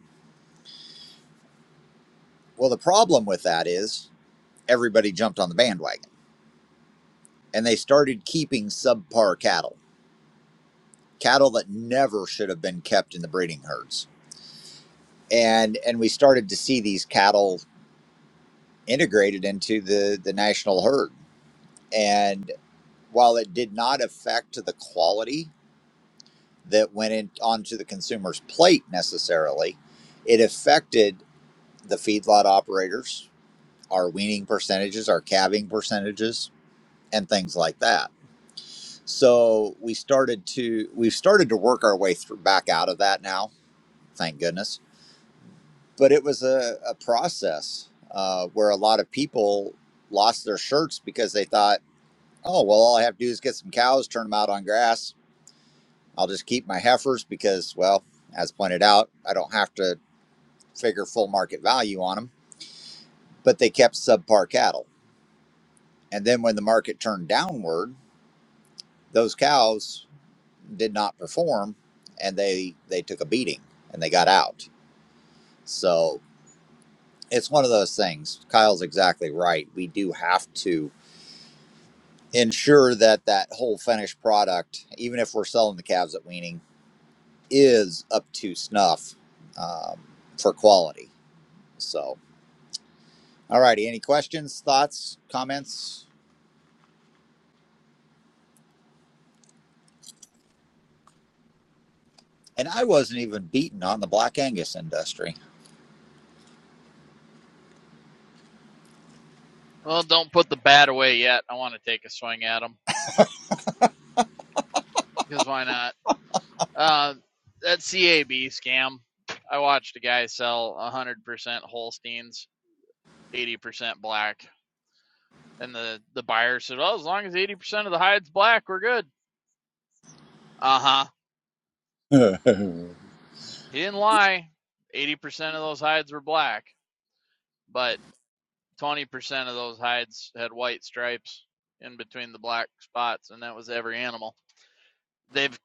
Well, the problem with that is everybody jumped on the bandwagon and they started keeping subpar cattle, cattle that never should have been kept in the breeding herds. And and we started to see these cattle integrated into the the national herd. And while it did not affect the quality that went in, onto the consumer's plate necessarily, it affected the feedlot operators, our weaning percentages, our calving percentages, and things like that. So we started to we've started to work our way through back out of that now, thank goodness. But it was a, a process uh, where a lot of people lost their shirts because they thought, oh well, all I have to do is get some cows, turn them out on grass. I'll just keep my heifers because, well, as pointed out, I don't have to figure full market value on them. But they kept subpar cattle And then when the market turned downward, those cows did not perform and they they took a beating and they got out. So it's one of those things. Kyle's exactly right. We do have to ensure that that whole finished product, even if we're selling the calves at weaning, is up to snuff um, for quality. So, all righty. Any questions, thoughts, comments? And I wasn't even beaten on the Black Angus industry.
Well, don't put the bat away yet. I want to take a swing at him because why not? Uh, that CAB scam. I watched a guy sell 100% Holsteins, 80% black, and the the buyer said, "Well, as long as 80% of the hides black, we're good." Uh huh.
(laughs) Hey,
He didn't lie. 80% of those hides were black, but twenty percent of those hides had white stripes in between the black spots, and that was every animal. They've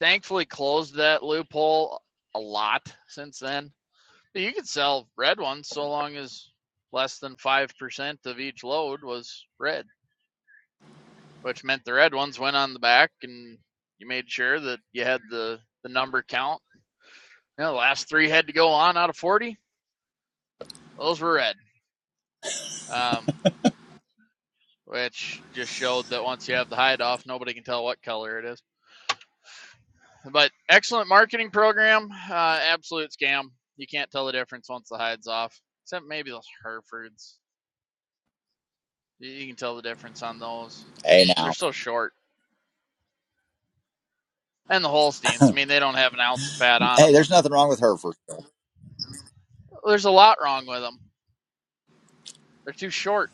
thankfully closed that loophole a lot since then. You could sell red ones so long as less than five percent of each load was red, which meant the red ones went on the back, and you made sure that you had the the number count. You know, the last three had to go on out of forty. Those were red, um, which just showed that once you have the hide off, nobody can tell what color it is. but excellent marketing program. Uh, absolute scam. You can't tell the difference once the hide's off, except maybe those Herefords. You- can tell the difference on those.
now.
They're so short. And the Holsteins. I mean, they don't have an ounce of fat on
Hey,
them.
there's
And
nothing wrong with Hereford.
there's a lot wrong with them. They're too short.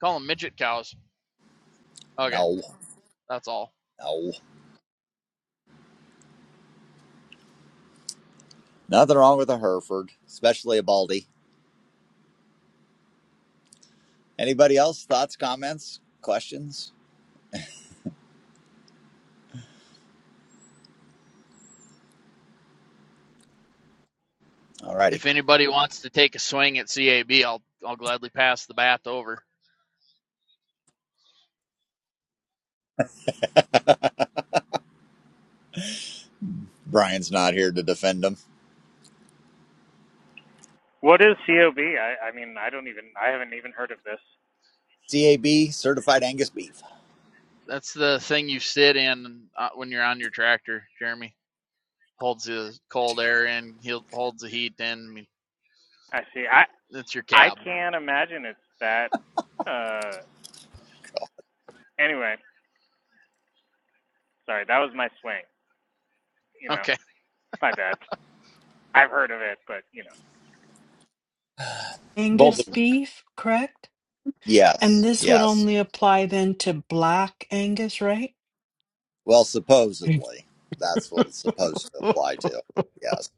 Call them midget cows. Okay,
No,
that's all.
no, nothing wrong with a Hereford, especially a Baldy. Anybody else? Thoughts, comments, questions? Alrighty,
If anybody wants to take a swing at CAB, I'll I'll gladly pass the bat over.
Brian's not here to defend him.
What is COB? I, I mean, I don't even, I haven't even heard of this.
CAB certified Angus beef.
That's the thing you sit in uh, when you're on your tractor, Jeremy. holds the cold air in, he will holds the heat in. I mean,
I see. I,
it's your
I
cab. (laughs)
can't imagine it's that. Uh, anyway, sorry, that was my swing. You know,
Okay.
my bad. I've heard of it, but you know.
Both.
Angus
Of,
beef, correct? And
yes,
this would
yes.
only apply then to black Angus, right?
Well,
(laughs)
supposedly that's what it's supposed to apply to. Yes.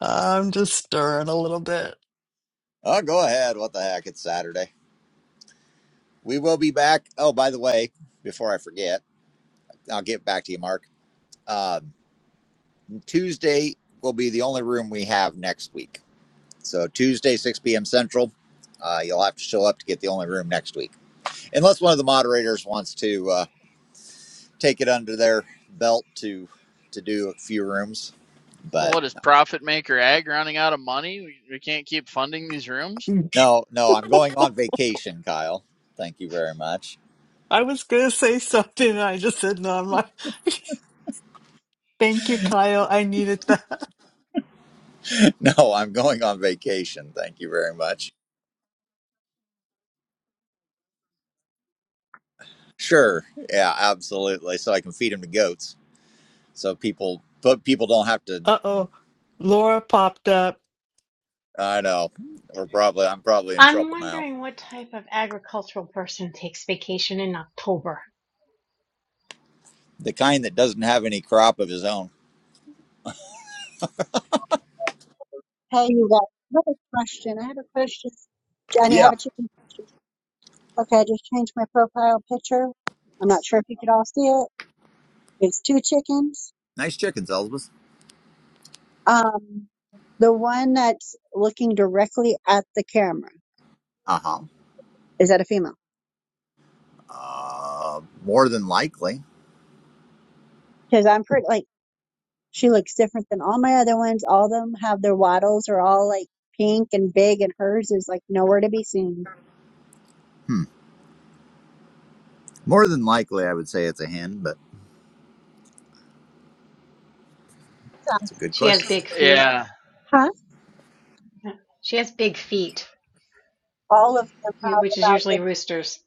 I'm just stirring a little bit.
Oh, go ahead. What the heck? It's Saturday. We will be back. Oh, by the way, before I forget, I'll get back to you, Mark. Uh, Tuesday will be the only room we have next week So Tuesday, 6 p.m. Central. Uh, you'll have to show up to get the only room next week, unless one of the moderators wants to uh, take it under their belt to to do a few rooms.
Well,
But
what is Profit Maker Ag running out of money? We, we can't keep funding these rooms.
no, no, I'm going on vacation, Kyle. Thank you very much. (laughs)
I was gonna say something, and I just said no. I'm like, (laughs) thank you, Kyle. I needed that.
No, I'm going on vacation. Thank you very much. Sure, yeah, absolutely. So I can feed them to goats. So people, but people don't have to.
Uh oh, Laura popped up.
I know we're probably I'm probably in
I'm
trouble now.
wondering what type of agricultural person takes vacation in October.
The kind that doesn't have any crop of his own.
Hey, you guys. I have a question. I have a question. Johnny, I
Yeah.
have a chicken question. Okay, I just changed my profile picture. I'm not sure if you could all see it. It's two chickens.
Nice chickens, Elvis.
Um, the one that's looking directly at the camera,
Uh huh.
is that a female?
Uh, more than likely.
Because I'm pretty, like, she looks different than all my other ones. All of them have their wattles are all like pink and big and hers is like nowhere to be seen.
Hmm. More than likely, I would say it's a hen, but
So,
that's a good
She has
question.
big feet.
Yeah.
Huh?
She has big feet,
All of them have
which is
about
usually
the
roosters.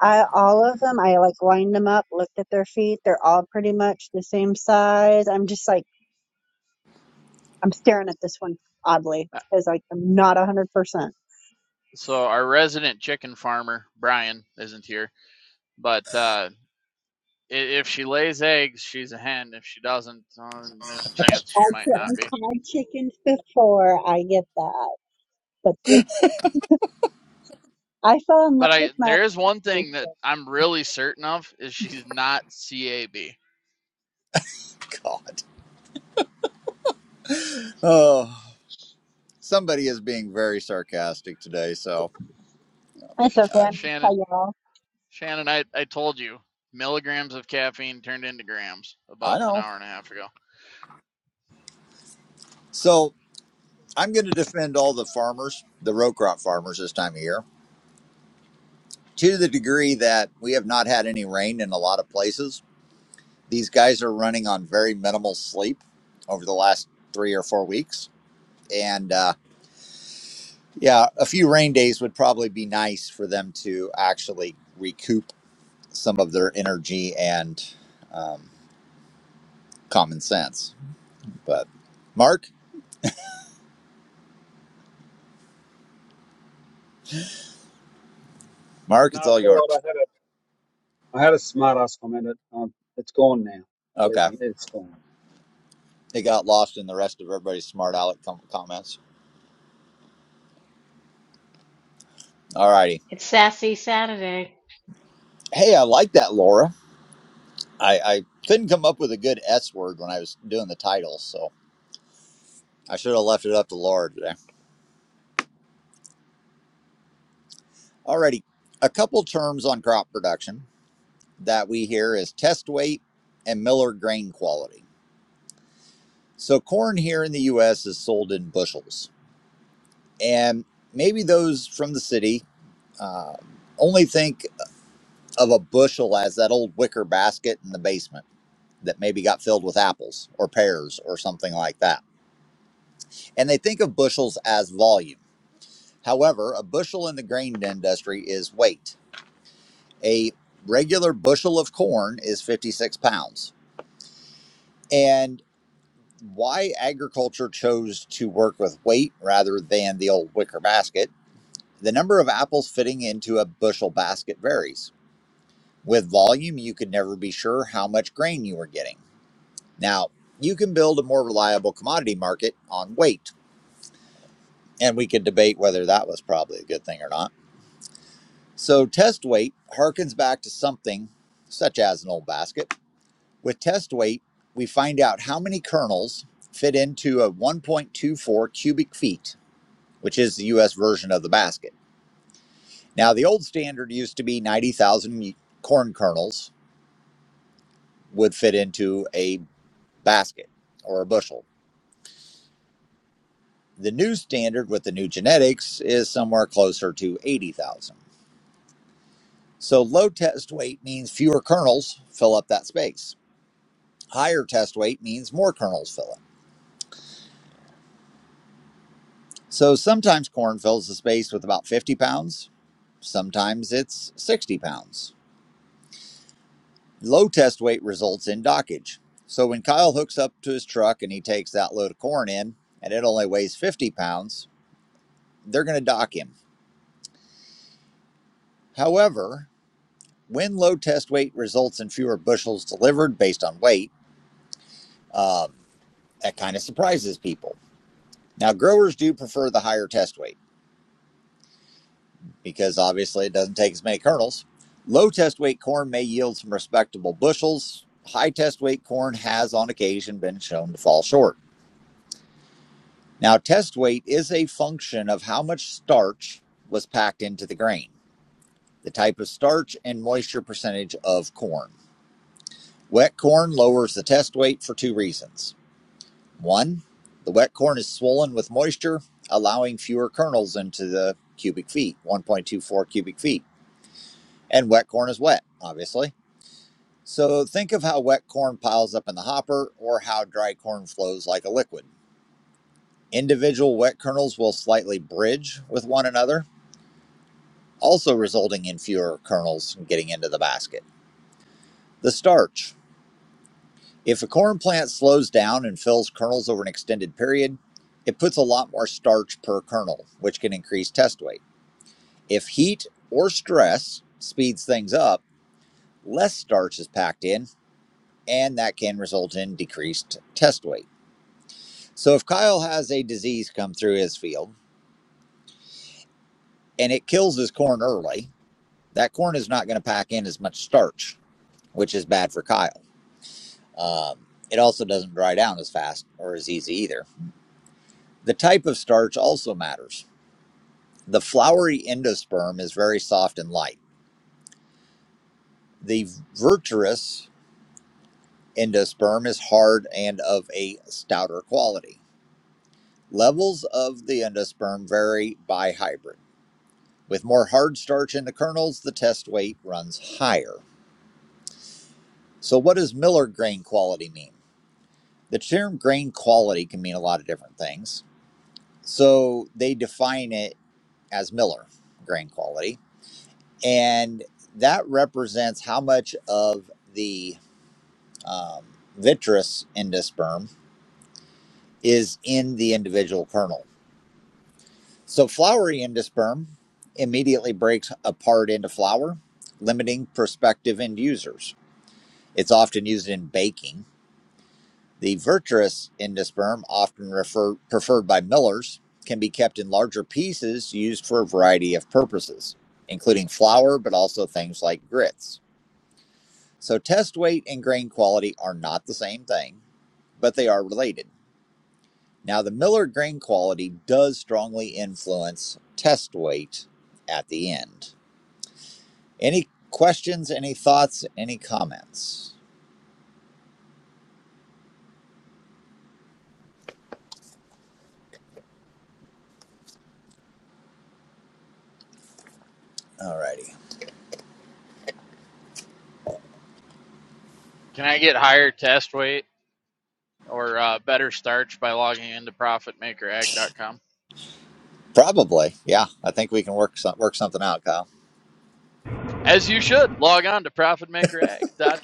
I all of them, I like lined them up, looked at their feet. They're all pretty much the same size. I'm just like I'm staring at this one oddly
Uh,
because like I'm not a hundred percent.
So our resident chicken farmer Brian isn't here, but uh, if she lays eggs, she's a hen. If she doesn't, uh, there's a chance
I've
she might not
had
be.
I've had chickens before. I get that, but this I fell in love
But I
with my.
there is one
electric
thing that
chicken.
I'm really certain of is she's not CAB.
(laughs) God. Oh, somebody is being very sarcastic today, so
It's okay.
I,
(laughs)
I'm gonna
Shannon,
tell y'all.
Shannon, I, I told you milligrams of caffeine turned into grams
I
about an
know.
hour and a half ago.
So I'm going to defend all the farmers, the row crop farmers this time of year, to the degree that we have not had any rain in a lot of places. These guys are running on very minimal sleep over the last three or four weeks. And uh, Yeah, a few rain days would probably be nice for them to actually recoup some of their energy and um, common sense. But Mark, Mark, it's
No,
all
it's
yours.
all right. I had a, I had a smart ass comment. It, um, it's gone now. Believe
Okay,
me, it's gone.
it got lost in the rest of everybody's smart aleck com- comments. All righty.
It's Sassy Saturday.
Hey, I like that, Laura. I, I couldn't come up with a good S word when I was doing the title, so I should have left it up to Laura today. All righty. a couple terms on crop production that we hear is test weight and Miller grain quality So corn here in the U.S. is sold in bushels, and maybe those from the city um, only think of a bushel as that old wicker basket in the basement that maybe got filled with apples or pears or something like that, and they think of bushels as volume. However, a bushel in the grain industry is weight. A regular bushel of corn is 56 pounds, and why agriculture chose to work with weight rather than the old wicker basket The number of apples fitting into a bushel basket varies. With volume, you could never be sure how much grain you were getting. Now, you can build a more reliable commodity market on weight, and we could debate whether that was probably a good thing or not. So, test weight harkens back to something such as an old basket. With test weight, we find out how many kernels fit into a 1.24 cubic feet, which is the US version of the basket. Now, the old standard used to be 90,000 corn kernels would fit into a basket or a bushel. The new standard with the new genetics is somewhere closer to 80,000. So low test weight means fewer kernels fill up that space. Higher test weight means more kernels fill it. So sometimes corn fills the space with about 50 pounds, sometimes it's 60 pounds. Low test weight results in dockage. So when Kyle hooks up to his truck and he takes that load of corn in and it only weighs 50 pounds, they're going to dock him. However, when low test weight results in fewer bushels delivered based on weight, um, that kind of surprises people. Now, growers do prefer the higher test weight because obviously it doesn't take as many kernels. Low test weight corn may yield some respectable bushels. High test weight corn has on occasion been shown to fall short. Now, test weight is a function of how much starch was packed into the grain, the type of starch, and moisture percentage of corn. Wet corn lowers the test weight for two reasons. One, the wet corn is swollen with moisture, allowing fewer kernels into the cubic feet, 1.24 cubic feet. And wet corn is wet, obviously. So think of how wet corn piles up in the hopper or how dry corn flows like a liquid. Individual wet kernels will slightly bridge with one another, also resulting in fewer kernels getting into the basket. The starch. If a corn plant slows down and fills kernels over an extended period, it puts a lot more starch per kernel, which can increase test weight. If heat or stress speeds things up, less starch is packed in, and that can result in decreased test weight. So, if Kyle has a disease come through his field and it kills his corn early, that corn is not going to pack in as much starch, which is bad for Kyle. Um, it also doesn't dry down as fast or as easy either. The type of starch also matters. The flowery endosperm is very soft and light. The virtuous Endosperm is hard and of a stouter quality. Levels of the endosperm vary by hybrid. With more hard starch in the kernels, the test weight runs higher. So, what does Miller grain quality mean? The term grain quality can mean a lot of different things. So, they define it as Miller grain quality, and that represents how much of the um, vitreous endosperm is in the individual kernel. So, flowery endosperm immediately breaks apart into flour, limiting prospective end users. It's often used in baking. The virtuous endosperm, often refer, preferred by millers, can be kept in larger pieces used for a variety of purposes, including flour, but also things like grits. So, test weight and grain quality are not the same thing, but they are related. Now, the miller grain quality does strongly influence test weight at the end. Any questions, any thoughts, any comments? Alrighty.
Can I get higher test weight or uh, better starch by logging into profitmakerag.com?
Probably. Yeah. I think we can work some, work something out, Kyle.
As you should, log on to profitmakerag.com.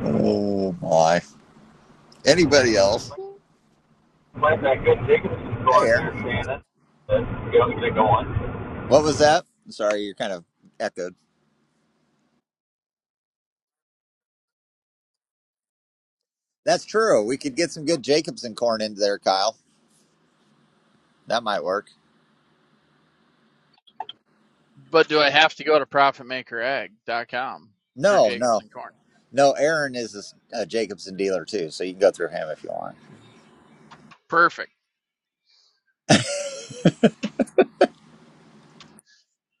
Oh my. Anybody else?
Might that good digging
Hey
Going there,
Aaron.
Shannon. That's going to get going.
What was that? I'm sorry, you're kind of echoed. That's true. We could get some good Jacobson corn into there, Kyle. That might work.
But do I have to go to profitmakerag.com for
No, no.
Jacobson corn?
No, Aaron is a, s- a Jacobson dealer too, so you can go through him if you want.
Perfect.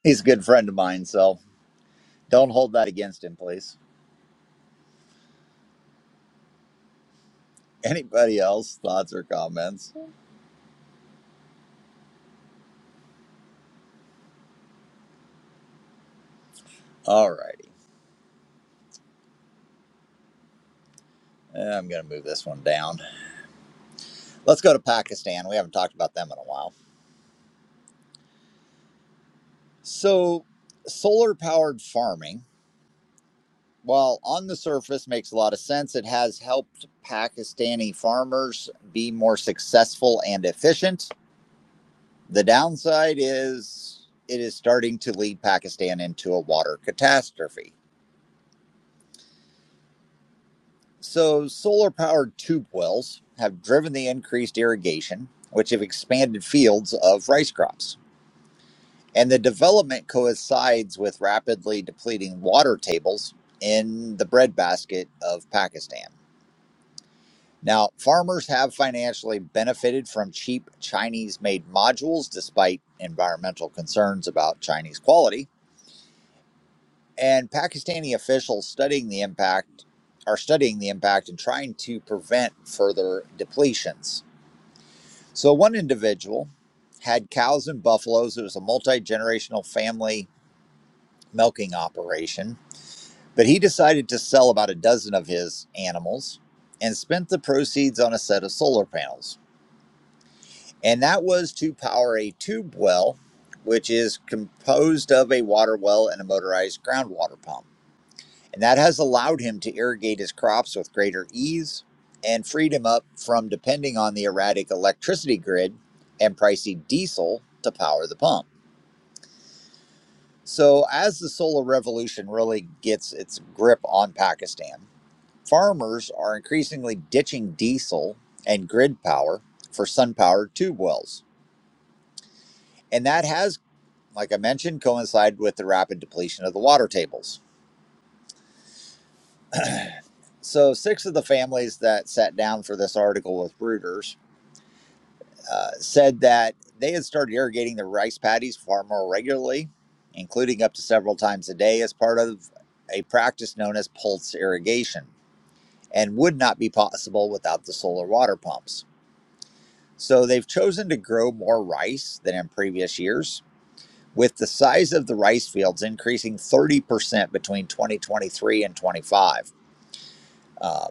He's a good friend of mine, so don't hold that against him, please. Anybody else? Thoughts or comments? All right. Uh, I'm going to move this one down. Let's go to Pakistan. We haven't talked about them in a while. So, solar powered farming, while on the surface makes a lot of sense, it has helped Pakistani farmers be more successful and efficient. The downside is it is starting to lead Pakistan into a water catastrophe. So, solar powered tube wells have driven the increased irrigation, which have expanded fields of rice crops. And the development coincides with rapidly depleting water tables in the breadbasket of Pakistan. Now, farmers have financially benefited from cheap Chinese made modules despite environmental concerns about Chinese quality. And Pakistani officials studying the impact are studying the impact and trying to prevent further depletions. So, one individual had cows and buffaloes. It was a multi generational family milking operation But he decided to sell about a dozen of his animals and spent the proceeds on a set of solar panels. And that was to power a tube well, which is composed of a water well and a motorized groundwater pump. And that has allowed him to irrigate his crops with greater ease and freed him up from depending on the erratic electricity grid and pricey diesel to power the pump. So, as the solar revolution really gets its grip on Pakistan, Farmers are increasingly ditching diesel and grid power for sun powered tube wells. And that has, like I mentioned, coincided with the rapid depletion of the water tables. So, six of the families that sat down for this article with Reuters uh, said that they had started irrigating their rice paddies far more regularly, including up to several times a day, as part of a practice known as pulse irrigation, and would not be possible without the solar water pumps. So they've chosen to grow more rice than in previous years, with the size of the rice fields increasing 30% between 2023 and 25. Um,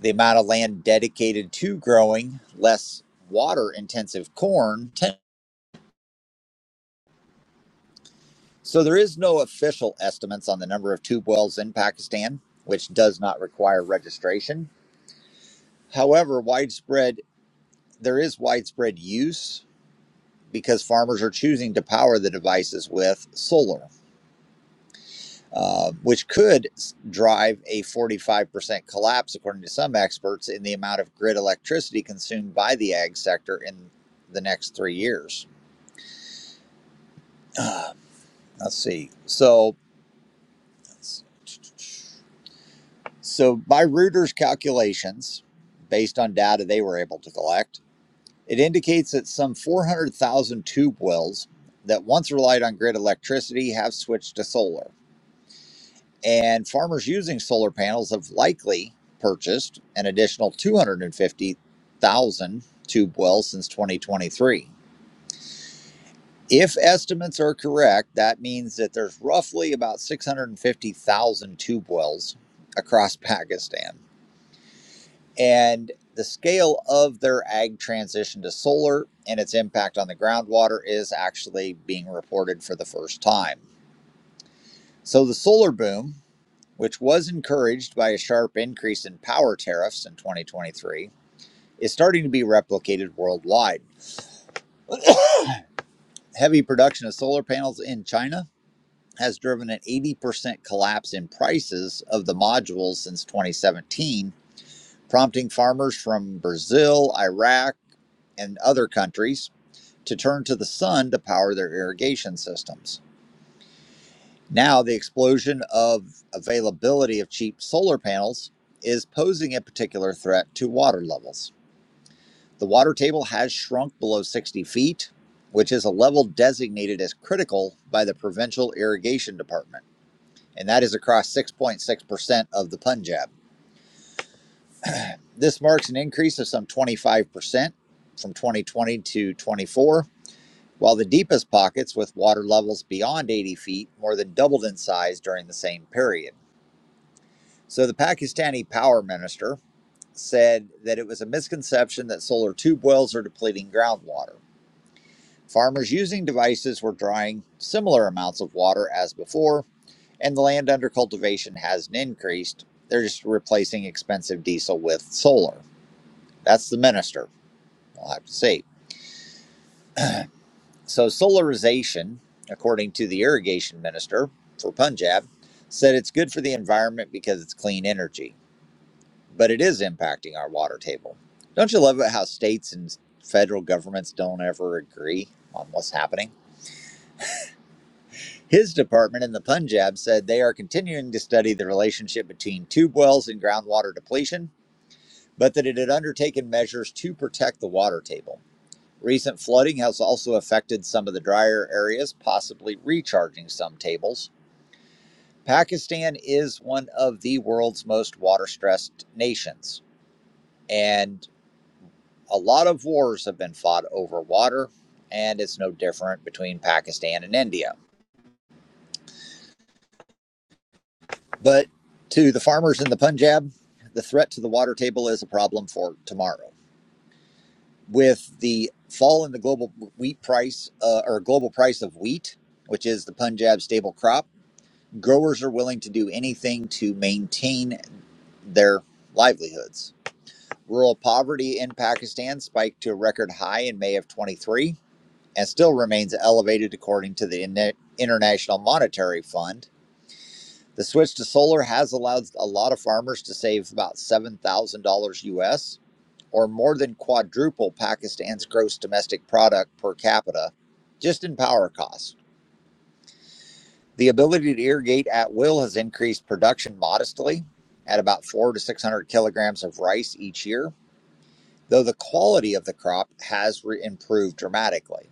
the amount of land dedicated to growing less water intensive corn. So there is no official estimates on the number of tube wells in Pakistan, which does not require registration. However, widespread there is widespread use because farmers are choosing to power the devices with solar. uh, which could drive a 45% collapse, according to some experts, in the amount of grid electricity consumed by the ag sector in the next three years. (sighs) Uh, Let's see. So, so by Reuters calculations, based on data they were able to collect, it indicates that some 400,000 tube wells that once relied on grid electricity have switched to solar. And farmers using solar panels have likely purchased an additional 250,000 tube wells since 2023. If estimates are correct, that means that there's roughly about 650,000 tube wells across (laughs) Pakistan. And the scale of their ag transition to solar and its impact on the groundwater is actually being reported for the first time. So the solar boom which was encouraged by a sharp increase in power tariffs in 2023, is starting to be replicated worldwide. (coughs) Heavy production of solar panels in China has driven an 80% collapse in prices of the modules since 2017, prompting farmers from Brazil, Iraq, and other countries to turn to the sun to power their irrigation systems. Now, the explosion of availability of cheap solar panels is posing a particular threat to water levels. The water table has shrunk below 60 feet, which is a level designated as critical by the provincial irrigation department, and that is across 6.6% of the Punjab. This marks an increase of some 25% from 2020 to 24, while the deepest pockets with water levels beyond 80 feet more than doubled in size during the same period. So the Pakistani power minister said that it was a misconception that solar tube wells are depleting groundwater. Farmers using devices were drawing similar amounts of water as before, and the land under cultivation hasn't increased. They're just replacing expensive diesel with solar. That's the minister. I'll have to see. So, solarization, according to the irrigation minister for Punjab, said it's good for the environment because it's clean energy. but it is impacting our water table. Don't you love it how states and federal governments don't ever agree on what's happening? His department in the Punjab said they are continuing to study the relationship between tube wells and groundwater depletion, but that it had undertaken measures to protect the water table. Recent flooding has also affected some of the drier areas, possibly recharging some tables. Pakistan is one of the world's most water stressed nations. And a lot of wars have been fought over water, and it's no different between Pakistan and India. But to the farmers in the Punjab, the threat to the water table is a problem for tomorrow. With the fall in the global wheat price uh, or global price of wheat, which is the Punjab staple crop, growers are willing to do anything to maintain their livelihoods. Rural poverty in Pakistan spiked to a record high in May of 23 and still remains elevated according to the International Monetary Fund. The switch to solar has allowed a lot of farmers to save about $7,000 US or more than quadruple Pakistan's gross domestic product per capita just in power costs. The ability to irrigate at will has increased production modestly at about 4 to 600 kilograms of rice each year, though the quality of the crop has re- improved dramatically.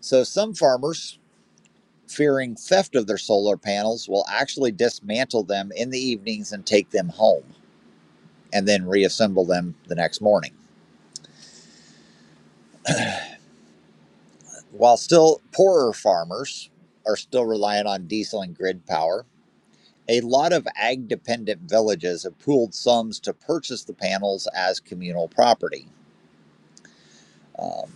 So some farmers fearing theft of their solar panels, will actually dismantle them in the evenings and take them home and then reassemble them the next morning. While still poorer farmers are still reliant on diesel and grid power, a lot of ag dependent villages have pooled sums to purchase the panels as communal property. Um,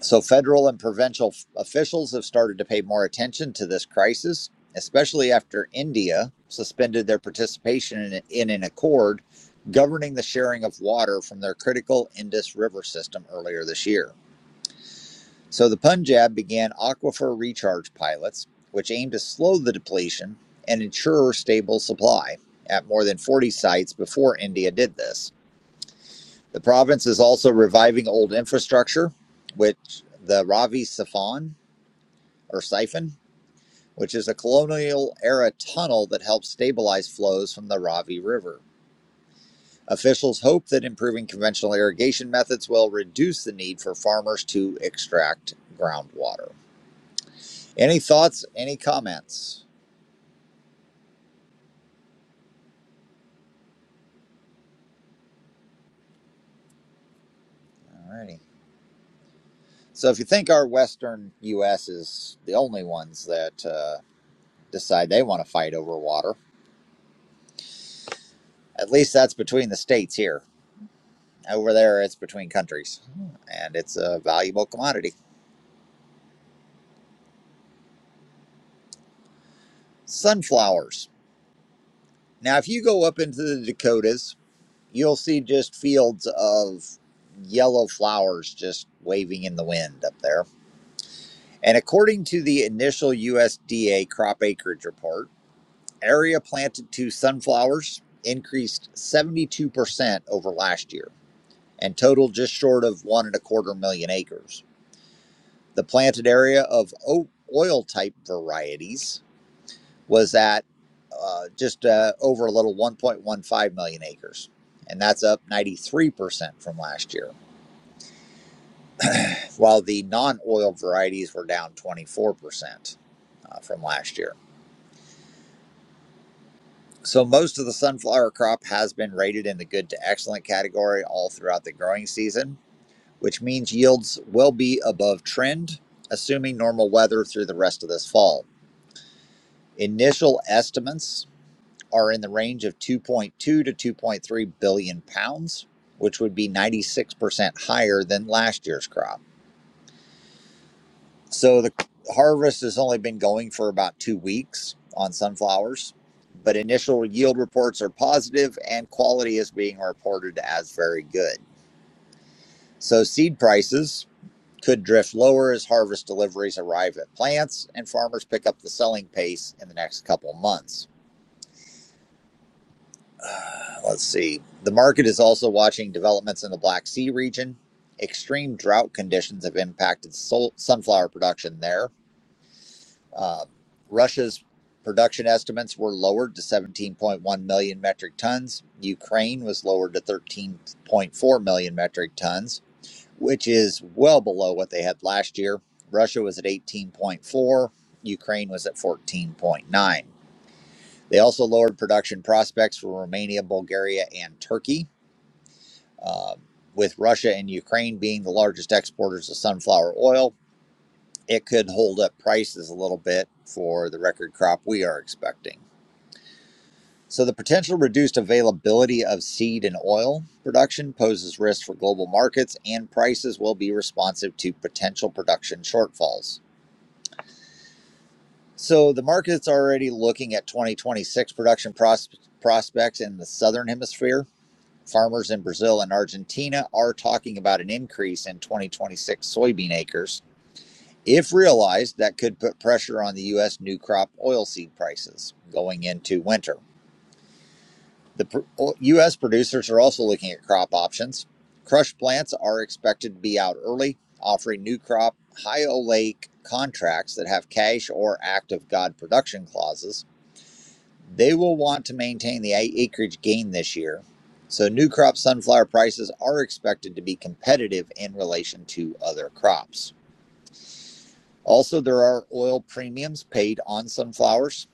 So, federal and provincial f- officials have started to pay more attention to this crisis, especially after India suspended their participation in, in an accord governing the sharing of water from their critical Indus River system earlier this year. So, the Punjab began aquifer recharge pilots, which aim to slow the depletion and ensure stable supply at more than 40 sites before India did this. The province is also reviving old infrastructure, which the Ravi Safan or siphon, which is a colonial era tunnel that helps stabilize flows from the Ravi River. Officials hope that improving conventional irrigation methods will reduce the need for farmers to extract groundwater. Any thoughts, any comments? Alrighty. So, if you think our Western U.S. is the only ones that uh, decide they want to fight over water, at least that's between the states here. Over there, it's between countries, and it's a valuable commodity. Sunflowers. Now, if you go up into the Dakotas, you'll see just fields of yellow flowers just waving in the wind up there. And according to the initial USDA crop acreage report, area planted to sunflowers increased 72% over last year and totaled just short of one and a quarter million acres. The planted area of oil type varieties was at uh, just uh, over a little 1.15 million acres. And that's up 93% from last year, while the non oil varieties were down 24% uh, from last year. So, most of the sunflower crop has been rated in the good to excellent category all throughout the growing season, which means yields will be above trend, assuming normal weather through the rest of this fall. Initial estimates are in the range of 2.2 to 2.3 billion pounds, which would be 96% higher than last year's crop. So the harvest has only been going for about two weeks on sunflowers, but initial yield reports are positive and quality is being reported as very good. So seed prices could drift lower as harvest deliveries arrive at plants and farmers pick up the selling pace in the next couple months. Let's see. The market is also watching developments in the Black Sea region. Extreme drought conditions have impacted sol- sunflower production there. Um, Russia's production estimates were lowered to 17.1 million metric tons. Ukraine was lowered to 13.4 million metric tons, which is well below what they had last year. Russia was at 18.4, Ukraine was at 14.9. They also lowered production prospects for Romania, Bulgaria, and Turkey. Um, with Russia and Ukraine being the largest exporters of sunflower oil, it could hold up prices a little bit for the record crop we are expecting. So, the potential reduced availability of seed and oil production poses risks for global markets, and prices will be responsive to potential production shortfalls. So, the market's already looking at 2026 production pros- prospects in the southern hemisphere Farmers in Brazil and Argentina are talking about an increase in 2026 soybean acres. If realized, that could put pressure on the U.S. new crop oilseed prices going into winter. The U.S. producers are also looking at crop options. Crush plants are expected to be out early, offering new crop high oleic contracts that have cash or act of God production clauses. They will want to maintain the acreage gain this year, so new crop sunflower prices are expected to be competitive in relation to other crops. Also, there are oil premiums paid on sunflowers.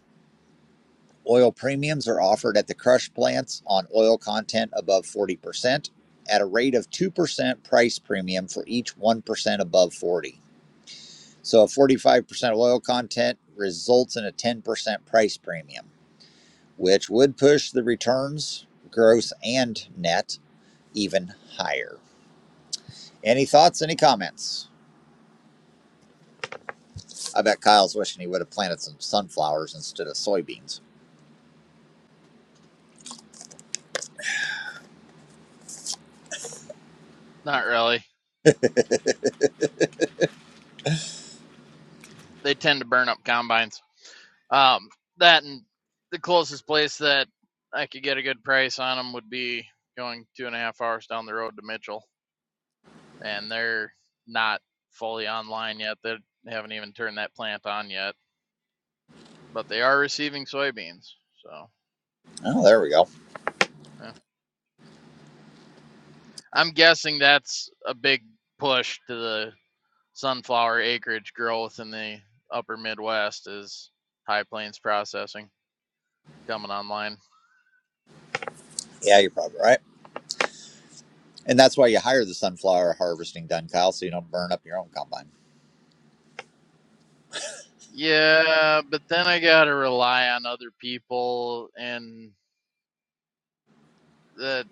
Oil premiums are offered at the crush plants on oil content above 40% at a rate of 2% price premium for each 1% above 40. So a 45% oil content results in a 10% price premium. which would push the returns, gross and net, even higher. Any thoughts, any comments? I bet Kyle's wishing he would have planted some sunflowers instead of soybeans.
Not really. They tend to burn up combines. Um, that and the closest place that I could get a good price on them would be going two and a half hours down the road to Mitchell and they're not fully online yet. They haven't even turned that plant on yet, but they are receiving soybeans. So
Oh, there we go.
yeah. I'm guessing that's a big push to the sunflower acreage growth in the upper Midwest is High Plains processing coming online.
Yeah, you're probably right. And that's why you hire the sunflower harvesting done, Kyle, so you don't burn up your own combine.
Yeah, but then I gotta rely on other people, and that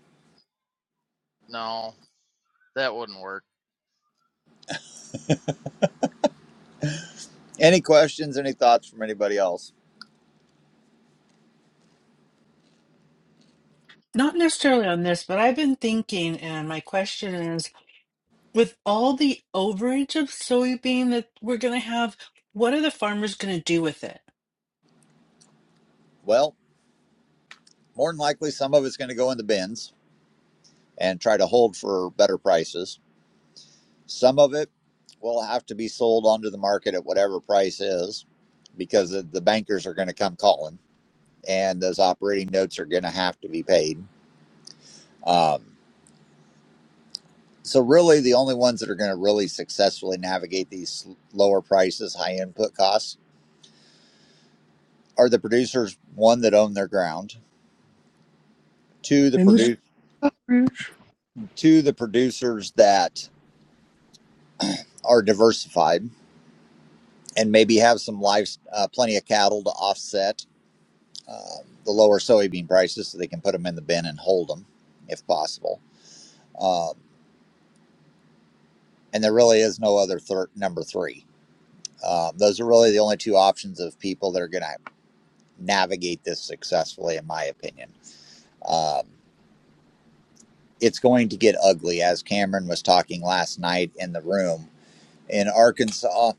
no, that wouldn't work.
Any questions, any thoughts from anybody else?
Not necessarily on this, but I've been thinking, and my question is, with all the overage of soybean that we're going to have, what are the farmers going to do with it?
Well, more than likely, some of it's going to go in the bins and try to hold for better prices Some of it will have to be sold onto the market at whatever price is because the bankers are going to come calling and those operating notes are going to have to be paid. Um, so, really, the only ones that are going to really successfully navigate these lower prices, high input costs, are the producers, one, that own their ground, two, the, hmm
in this
produ-
language.
two, the producers that are diversified and maybe have some life, uh, plenty of cattle to offset um, the lower soybean prices so they can put them in the bin and hold them if possible. Um, and there really is no other thir- number three. Um, those are really the only two options of people that are going to navigate this successfully, in my opinion. Um, it's going to get ugly, as Cameron was talking last night in the room. In Arkansas,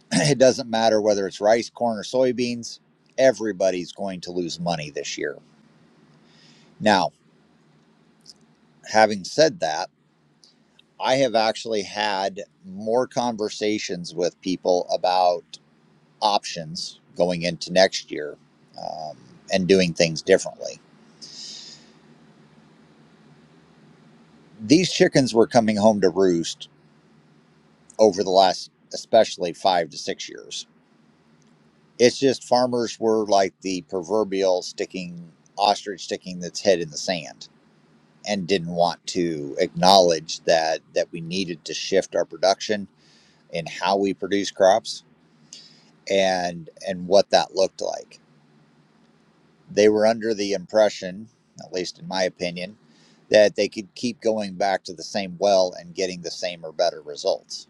(clears throat) it doesn't matter whether it's rice, corn, or soybeans, everybody's going to lose money this year. Now, having said that, I have actually had more conversations with people about options going into next year um, and doing things differently. These chickens were coming home to roost over the last, especially five to six years. It's just farmers were like the proverbial sticking ostrich sticking its head in the sand and didn't want to acknowledge that that we needed to shift our production and how we produce crops and and what that looked like They were under the impression, at least in my opinion, that they could keep going back to the same well and getting the same or better results,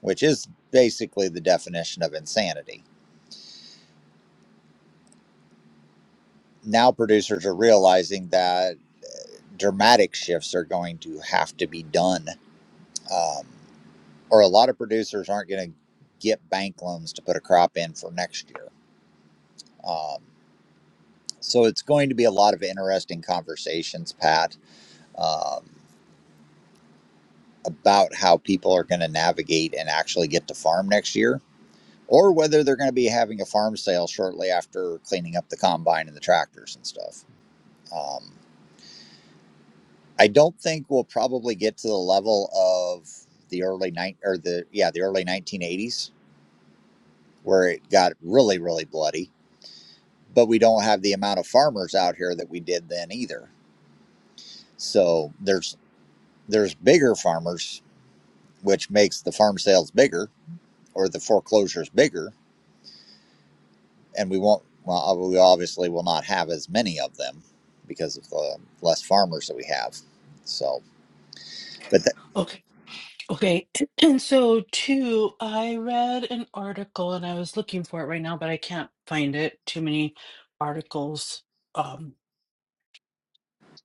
which is basically the definition of insanity. Now producers are realizing that dramatic shifts are going to have to be done, um, or a lot of producers aren't going to get bank loans to put a crop in for next year. Um, so it's going to be a lot of interesting conversations, Pat. Um, about how people are going to navigate and actually get to farm next year, or whether they're going to be having a farm sale shortly after cleaning up the combine and the tractors and stuff. Um, I don't think we'll probably get to the level of the early nine or the yeah the early 1980s where it got really really bloody, but we don't have the amount of farmers out here that we did then either. So there's there's bigger farmers, which makes the farm sales bigger or the foreclosures bigger and we won't. Well, uh, we obviously will not have as many of them because of the less farmers that we have. So, but that,
Okay. Okay. (clears throat) And so, two, I read an article and I was looking for it right now, but I can't find it. Too many articles, um,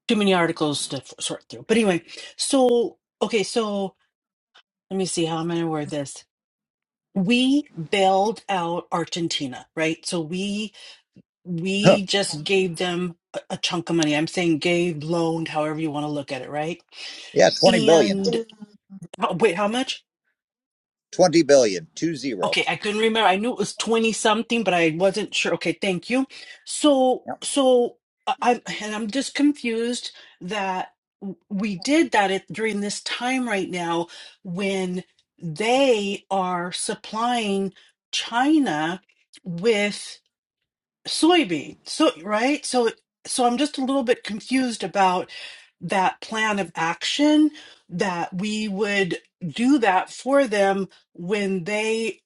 too many articles to f- sort through. But anyway, so, okay, so let me see how I'm going to word this. We bailed out Argentina, right? So we
huh,
we just gave them a a chunk of money. I'm saying gave, loaned, however you want to look at it, right?
yeah, twenty billion,
And oh, wait, how much?
twenty billion, two zero.
Okay, I couldn't remember. I knew it was 20 something, but I wasn't sure. Okay, thank you. So,
Yep.
so I- I'm, and I'm just confused that w- we did that at, during this time right now when they are supplying China with soybean so right so so i'm just a little bit confused about that plan of action that we would do that for them when they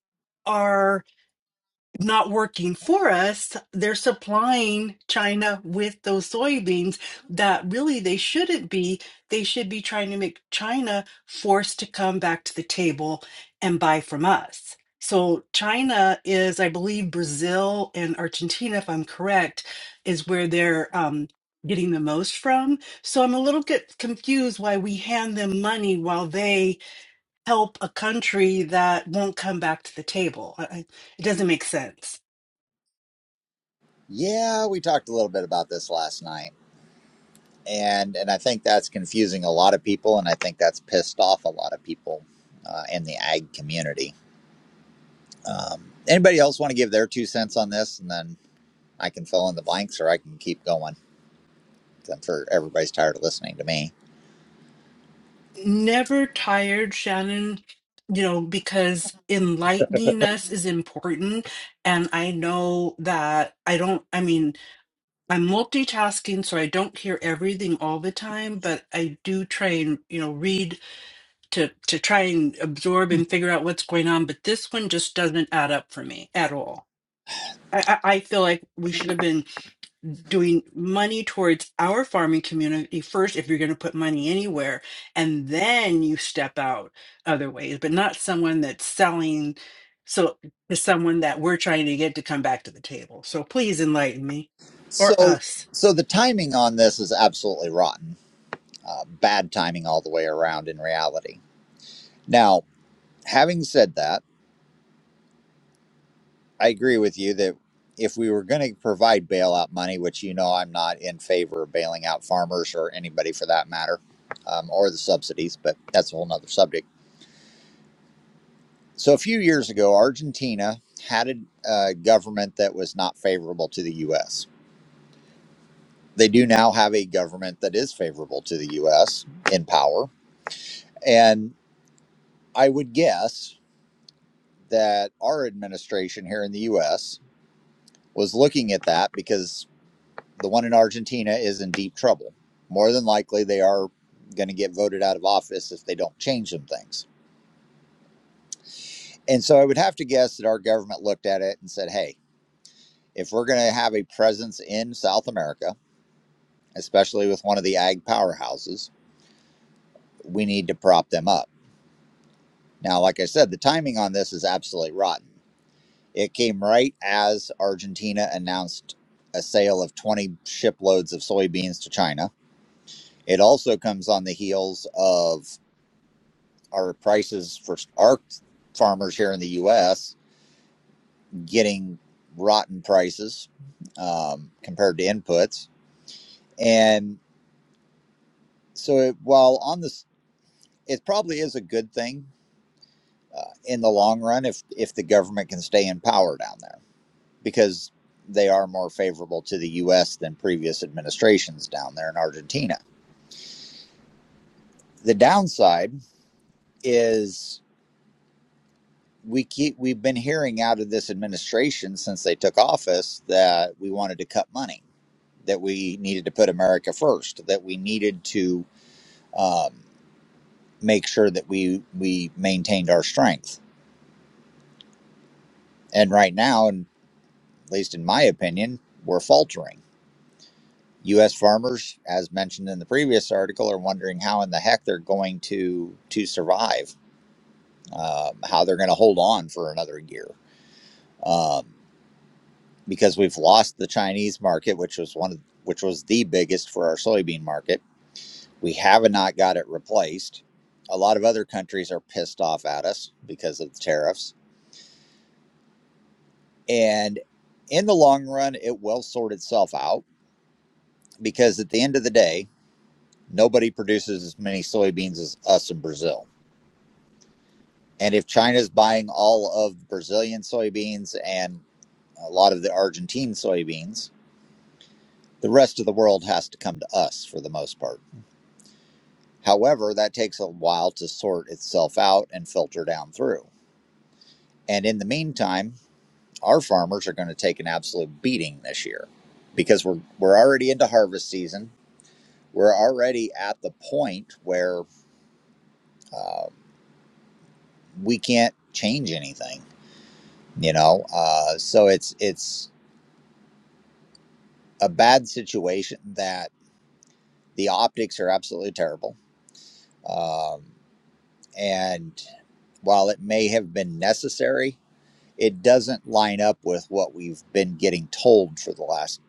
not working for us. They're supplying China with those soybeans that really they shouldn't be. They should be trying to make China forced to come back to the table and buy from us. So China is, I believe, Brazil and Argentina, if I'm correct, is where they're um, getting the most from. So I'm a little bit confused why we hand them money while they help a country that won't come back to the table. I- I- It doesn't make sense.
Yeah, we talked a little bit about this last night, and and I think that's confusing a lot of people, and I think that's pissed off a lot of people uh, in the ag community. Um, anybody else want to give their two cents on this, and then I can fill in the blanks, or I can keep going. 'cause I'm sure everybody's tired of listening to me.
never tired, Shannon, you know, because enlightening us is important. And I know that I don't, I mean, I'm multitasking, so I don't hear everything all the time, but I do try and, you know, read to to try and absorb and figure out what's going on. But this one just doesn't add up for me at all. I, I I feel like we should have been doing money towards our farming community first if you're going to put money anywhere and then you step out other ways but not someone that's selling so to someone that we're trying to get to come back to the table so please enlighten me or
So,
us
so the timing on this is absolutely rotten. Uh, bad timing all the way around in reality. Now, having said that, I agree with you that if we were going to provide bailout money, which you know I'm not in favor of bailing out farmers or anybody for that matter, um, or the subsidies, but that's a whole nother subject. So, a few years ago, Argentina had a uh, government that was not favorable to the U.S. They do now have a government that is favorable to the U.S. in power and. I would guess that our administration here in the US was looking at that because the one in Argentina is in deep trouble. More than likely, they are going to get voted out of office if they don't change some things. And so I would have to guess that our government looked at it and said, hey, if we're going to have a presence in South America, especially with one of the ag powerhouses, we need to prop them up. Now, like I said, the timing on this is absolutely rotten It came right as Argentina announced a sale of 20 shiploads of soybeans to China. It also comes on the heels of our prices for our farmers here in the U.S. getting rotten prices um, compared to inputs. And so, it, while on this, it probably is a good thing uh, in the long run if if the government can stay in power down there. because they are more favorable to the U.S. than previous administrations down there in Argentina. The downside is we keep we've been hearing out of this administration since they took office that we wanted to cut money, that we needed to put America first, that we needed to um, make sure that we we maintained our strength. And right now, and at least in my opinion, we're faltering U.S. farmers, as mentioned in the previous article, are wondering how in the heck they're going to to survive, um, how they're going to hold on for another year, um, because we've lost the Chinese market, which was one of, which was the biggest for our soybean market. We have not got it replaced. A lot of other countries are pissed off at us because of the tariffs, and in the long run, it will sort itself out because at the end of the day, nobody produces as many soybeans as us in Brazil And if China's buying all of Brazilian soybeans and a lot of the Argentine soybeans, the rest of the world has to come to us for the most part. However, that takes a while to sort itself out and filter down through. And in the meantime, our farmers are going to take an absolute beating this year because we're, we're already into harvest season. We're already at the point where uh, we can't change anything, you know? Uh, so it's, it's a bad situation that The optics are absolutely terrible. Um, and while it may have been necessary, it doesn't line up with what we've been getting told for the last,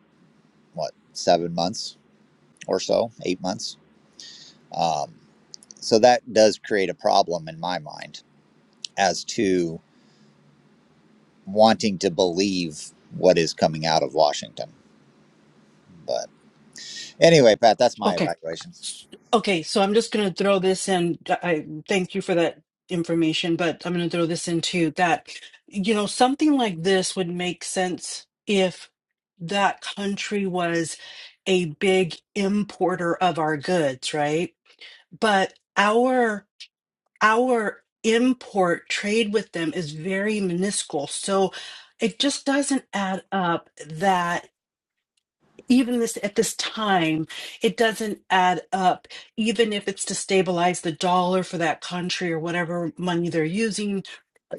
what, seven months or so, eight months. Um, so that does create a problem in my mind as to wanting to believe what is coming out of Washington. But anyway, Pat, that's my
Okay.
evaluation.
S- Okay, so I'm just going to throw this in. uh, I thank you for that information, but I'm going to throw this into that. You know, something like this would make sense if that country was a big importer of our goods, right? But our our import trade with them is very minuscule. So it just doesn't add up that even this at this time it doesn't add up even if it's to stabilize the dollar for that country or whatever money they're using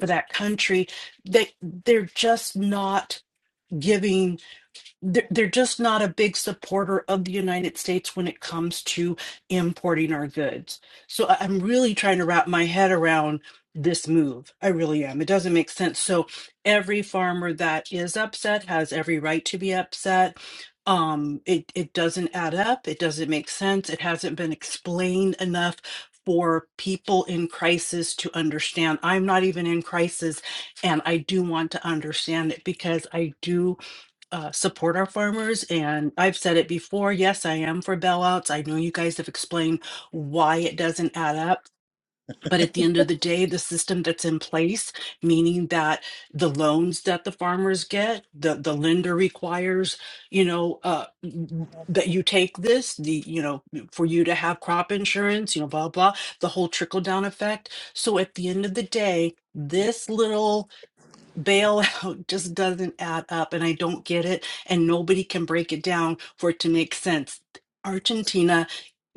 for that country they they're just not giving they're, they're just not a big supporter of the United States when it comes to importing our goods. So I- I'm really trying to wrap my head around this move. I really am. It doesn't make sense. So every farmer that is upset has every right to be upset. Um, it, it doesn't add up. It doesn't make sense. It hasn't been explained enough for people in crisis to understand. I'm not even in crisis and I do want to understand it because I do uh, support our farmers. And I've said it before. Yes, I am for bailouts. I know you guys have explained why it doesn't add up. But at the end of the day, the system that's in place, meaning that the loans that the farmers get, the, the lender requires, you know, uh, n- that you take this, the, you know, for you to have crop insurance, you know, blah, blah, the whole trickle down effect. So at the end of the day, this little bailout (laughs) just doesn't add up and I don't get it and nobody can break it down for it to make sense. Argentina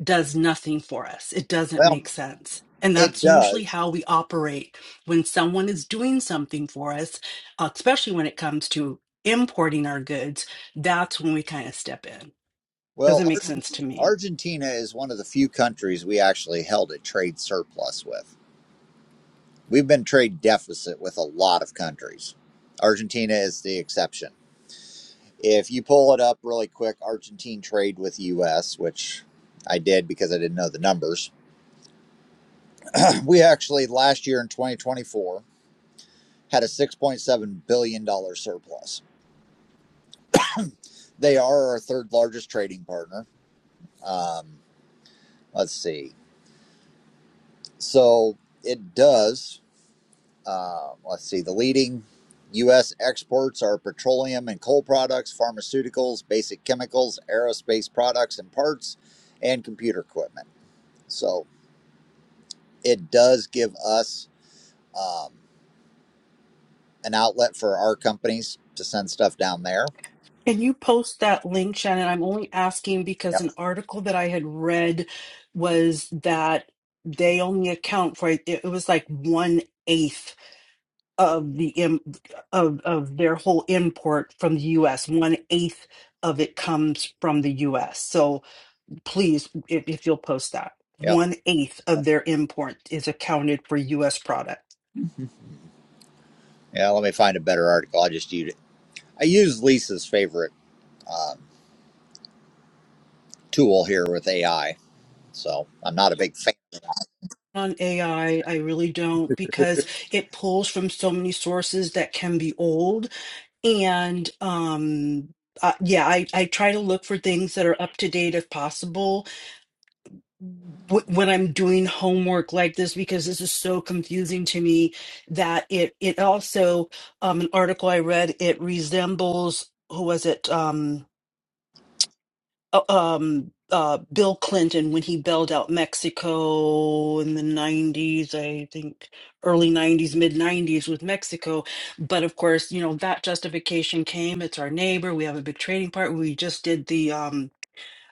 does nothing for us. It doesn't
Well,
make sense. And
it
that's usually
does.
how we operate when someone is doing something for us, uh, especially when it comes to importing our goods. That's when we kind of step in. Doesn't
Well,
make
Argen-
sense to me.
Argentina is one of the few countries we actually held a trade surplus with. We've been trade deficit with a lot of countries. Argentina is the exception. If you pull it up really quick, Argentine trade with US, which I did because I didn't know the numbers. (clears throat) We actually last year in 2024 had a 6.7 billion dollar surplus. They are our third largest trading partner. Um, let's see. So it does. Um, let's see, the leading U.S. exports are petroleum and coal products, pharmaceuticals, basic chemicals, aerospace products and parts, and computer equipment. So it does give us um, an outlet for our companies to send stuff down there.
Can you post that link, Shannon? I'm only asking because
Yep.
an article that I had read was that they only account for it it was like one eighth of the im- of of their whole import from the US. One eighth of it comes from the US. So please, if, if you'll post that,
Yep.
one eighth of their import is accounted for US product.
Yeah. Let me find a better article. I just use it. I use Lisa's favorite um, tool here with AI. So I'm not a big fan.
On AI, I I really don't because it pulls from so many sources that can be old. And um, uh, yeah, I, I try to look for things that are up to date if possible w- when I'm doing homework like this because this is so confusing to me that it it also um an article I read it resembles who was it um uh, um uh Bill Clinton when he bailed out Mexico in the 90s I think early 90s mid 90s with Mexico but of course you know that justification came it's our neighbor we have a big trading part we just did the um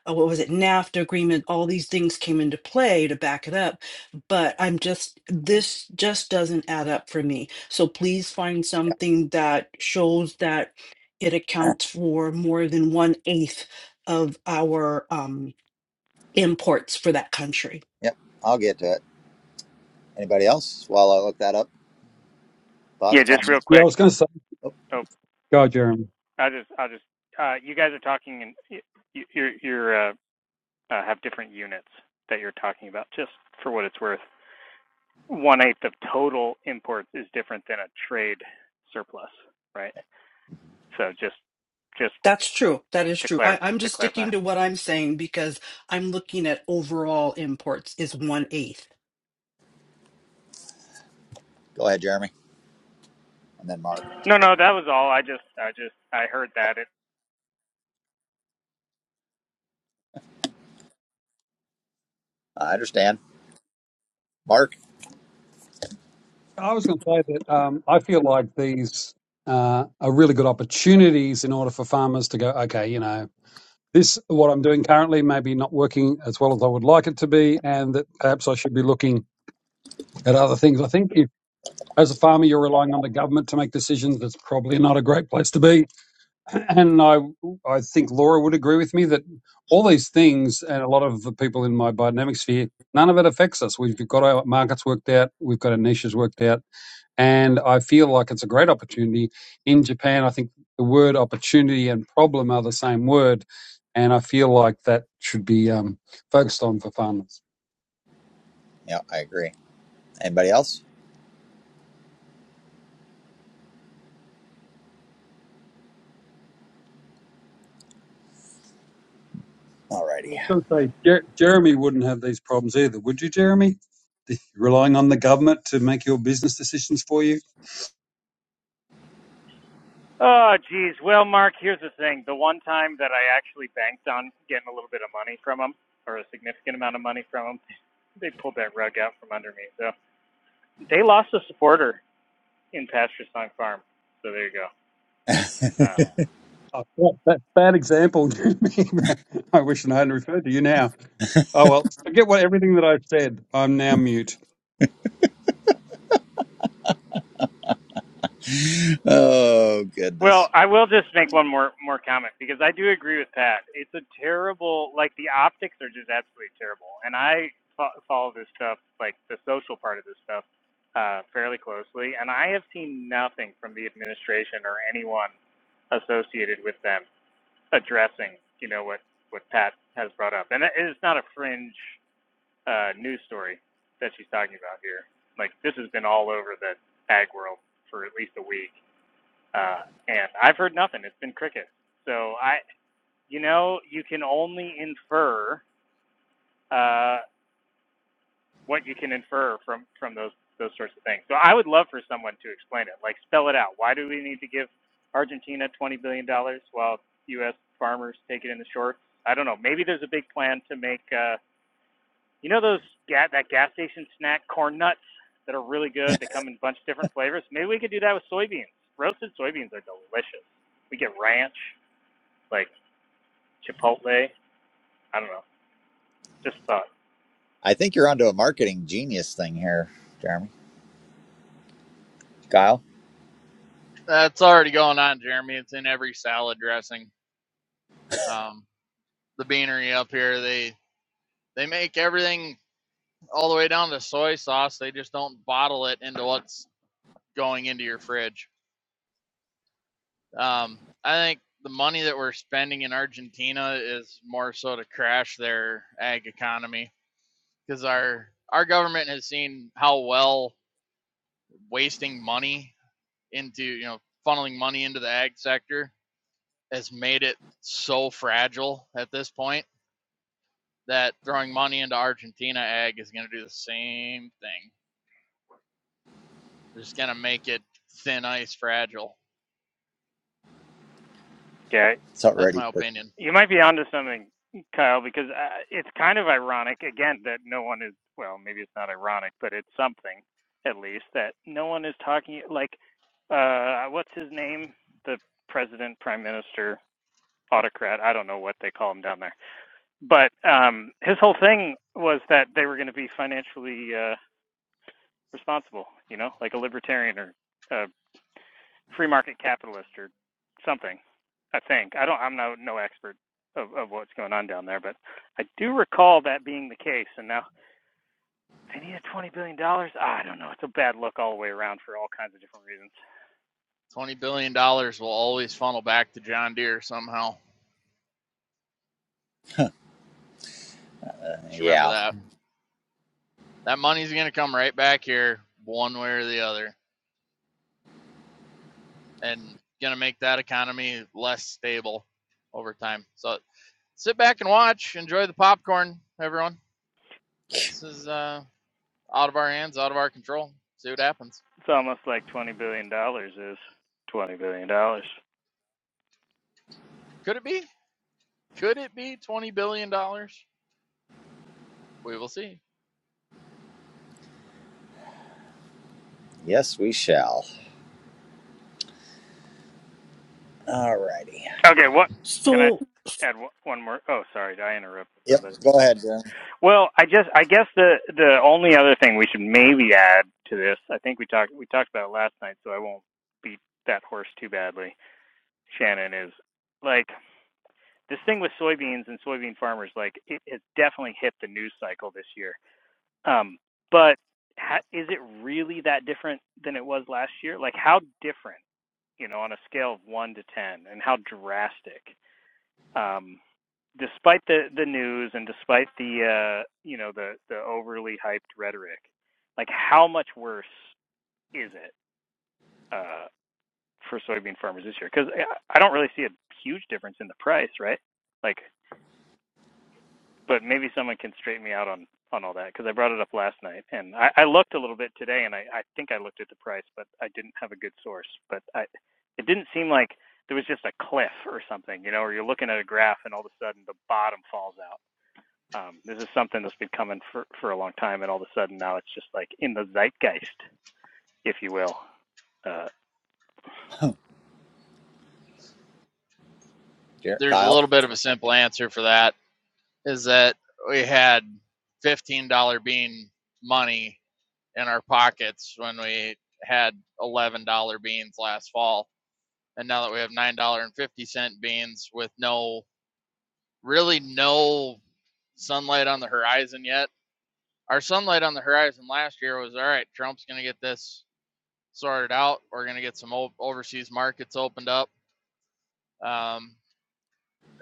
uh, what was it, NAFTA agreement, all these things came into play to back it up. But I'm just, this just doesn't add up for me. So please find something that shows that it accounts for more than one eighth of our um, imports for that country.
Yep. I'll get to it. Anybody else? While I look that up, thoughts,
Yeah, just real
comments.
Yeah, I
quick.
was going to say,
Oh,
Oh,
go, Jeremy.
I'll just, I'll just. Uh, you guys are talking, and y- you're, you're uh, uh, have different units that you're talking about. Just for what it's worth, one eighth of total imports is different than a trade surplus, right? So just, just
That's true. That is
to
true. I,
clar-
I'm
to
just
clarify.
sticking to what I'm saying because I'm looking at overall imports is one eighth.
go ahead, Jeremy. and then Mark.
No, no, that was all. I just, I just, I heard that. It,
I understand. Mark?
I was going to say that um, I feel like these uh, are really good opportunities in order for farmers to go. Okay, you know. this what I'm doing currently maybe not working as well as I would like it to be, and that perhaps I should be looking at other things. I think if, as a farmer you're relying on the government to make decisions, that's probably not a great place to be. (clears throat) And I I think Laura would agree with me that all these things and a lot of the people in my biodynamic sphere, none of it affects us. We've got our markets worked out, we've got our niches worked out. And I feel like it's a great opportunity. In Japan, I think the word opportunity and problem are the same word. And I feel like that should be um, focused on for farmers.
Yeah, I agree. Anybody else?
I
Alrighty. (gasps)
was going to say, Jer- Jeremy wouldn't have these problems either, would you, Jeremy? (laughs) Relying on the government to make your business decisions for you?
oh, geez. Well, Mark, here's the thing. The one time that I actually banked on getting a little bit of money from them, or a significant amount of money from them, (laughs) they pulled that rug out from under me. So they lost a supporter in Pasture Song Farm. So there you go. Um,
Oh, that, that bad example, (laughs) Jeremy. I wish I hadn't referred to you now. Oh, well, forget what everything that I said. I'm now mute.
Oh
Well,
goodness.
I will just make one more more comment because I do agree with Pat. It's a terrible like the optics are just absolutely terrible, and I fo- follow this stuff like the social part of this stuff uh, fairly closely, and I have seen nothing from the administration or anyone associated with them addressing you know what what Pat has brought up, and it is not a fringe uh, news story that she's talking about here. Like this has been all over the ag world for at least a week uh, and I've heard nothing. It's been crickets. So I, you know, you can only infer uh, what you can infer from from those those sorts of things. So I would love for someone to explain it, like spell it out. Why do we need to give Argentina twenty billion dollars while U.S. farmers take it in the shorts? I don't know. Maybe there's a big plan to make, uh, you know, those ga- that gas station snack corn nuts that are really good. They come in a bunch of different flavors. Maybe we could do that with soybeans. Roasted soybeans are delicious. We get ranch. like. Chipotle. I don't know. Just thought.
I think you're onto a marketing genius thing here, Jeremy. Kyle?
That's already going on, Jeremy. It's in every salad dressing. Um, the beanery up here. They they make everything all the way down to soy sauce. They just don't bottle it into what's going into your fridge. Um, I think the money that we're spending in Argentina is more so to crash their ag economy because our our government has seen how well wasting money into you know funneling money into the ag sector has made it so fragile at this point that throwing money into Argentina ag is going to do the same thing. they just gonna make it thin ice fragile.
Yeah,
It's
That's
already
my
per-
opinion.
you might be onto something, Kyle, because uh, it's kind of ironic again that no one is. Well, maybe it's not ironic, but it's something at least that no one is talking like. Uh, what's his name? The president, prime minister, autocrat. I don't know what they call him down there. But um, his whole thing was that they were going to be financially uh, responsible. You know, like a libertarian or a free market capitalist or something. I think I don't. I'm no no expert of, of what's going on down there, but I do recall that being the case. And now they needed 20 billion dollars. Oh, I don't know. It's a bad look all the way around for all kinds of different reasons.
Twenty billion dollars will always funnel back to John Deere somehow. Just remember
yeah.
that. That money's gonna come right back here, one way or the other, and gonna make that economy less stable over time. So sit back and watch. Enjoy the popcorn, everyone. This is uh, out of our hands, out of our control. See what happens.
It's almost like 20 billion dollars is 20 billion dollars.
Could it be? Could it be twenty billion dollars? We will see.
Yes, we shall. Alrighty.
Okay, what can I
So,
add? One more. Oh, sorry, I interrupted
Yep.
somebody.
Go ahead, Jeremy.
Well, I just I guess the the only other thing we should maybe add to this, I think we talked we talked about it last night, so I won't beat that horse too badly. Shannon is like this thing with soybeans and soybean farmers, like it has definitely hit the news cycle this year. Um, but ha- is it really that different than it was last year? Like how different, you know, on a scale of one to ten, and how drastic? um, despite the the news and despite the uh, you know the the overly hyped rhetoric, like how much worse is it uh, for soybean farmers this year? Because I don't really see a huge difference in the price, right? Like, but maybe someone can straighten me out on on all that because I brought it up last night and I, I looked a little bit today and I, I think I looked at the price, but I didn't have a good source. But I it didn't seem like there was just a cliff or something, you know, or you're looking at a graph and all of a sudden the bottom falls out Um, this is something that's been coming for, for a long time, and all of a sudden now it's just like in the zeitgeist, if you will. Uh,
Jer-
There's a
Kyle.
little bit of a simple answer for that. is that we had fifteen dollar bean money in our pockets when we had eleven dollar beans last fall, and now that we have nine dollar and fifty cent beans with no really no sunlight on the horizon yet. Our sunlight on the horizon last year was all right. Trump's going to get this sorted out. We're going to get some overseas markets opened up. Um,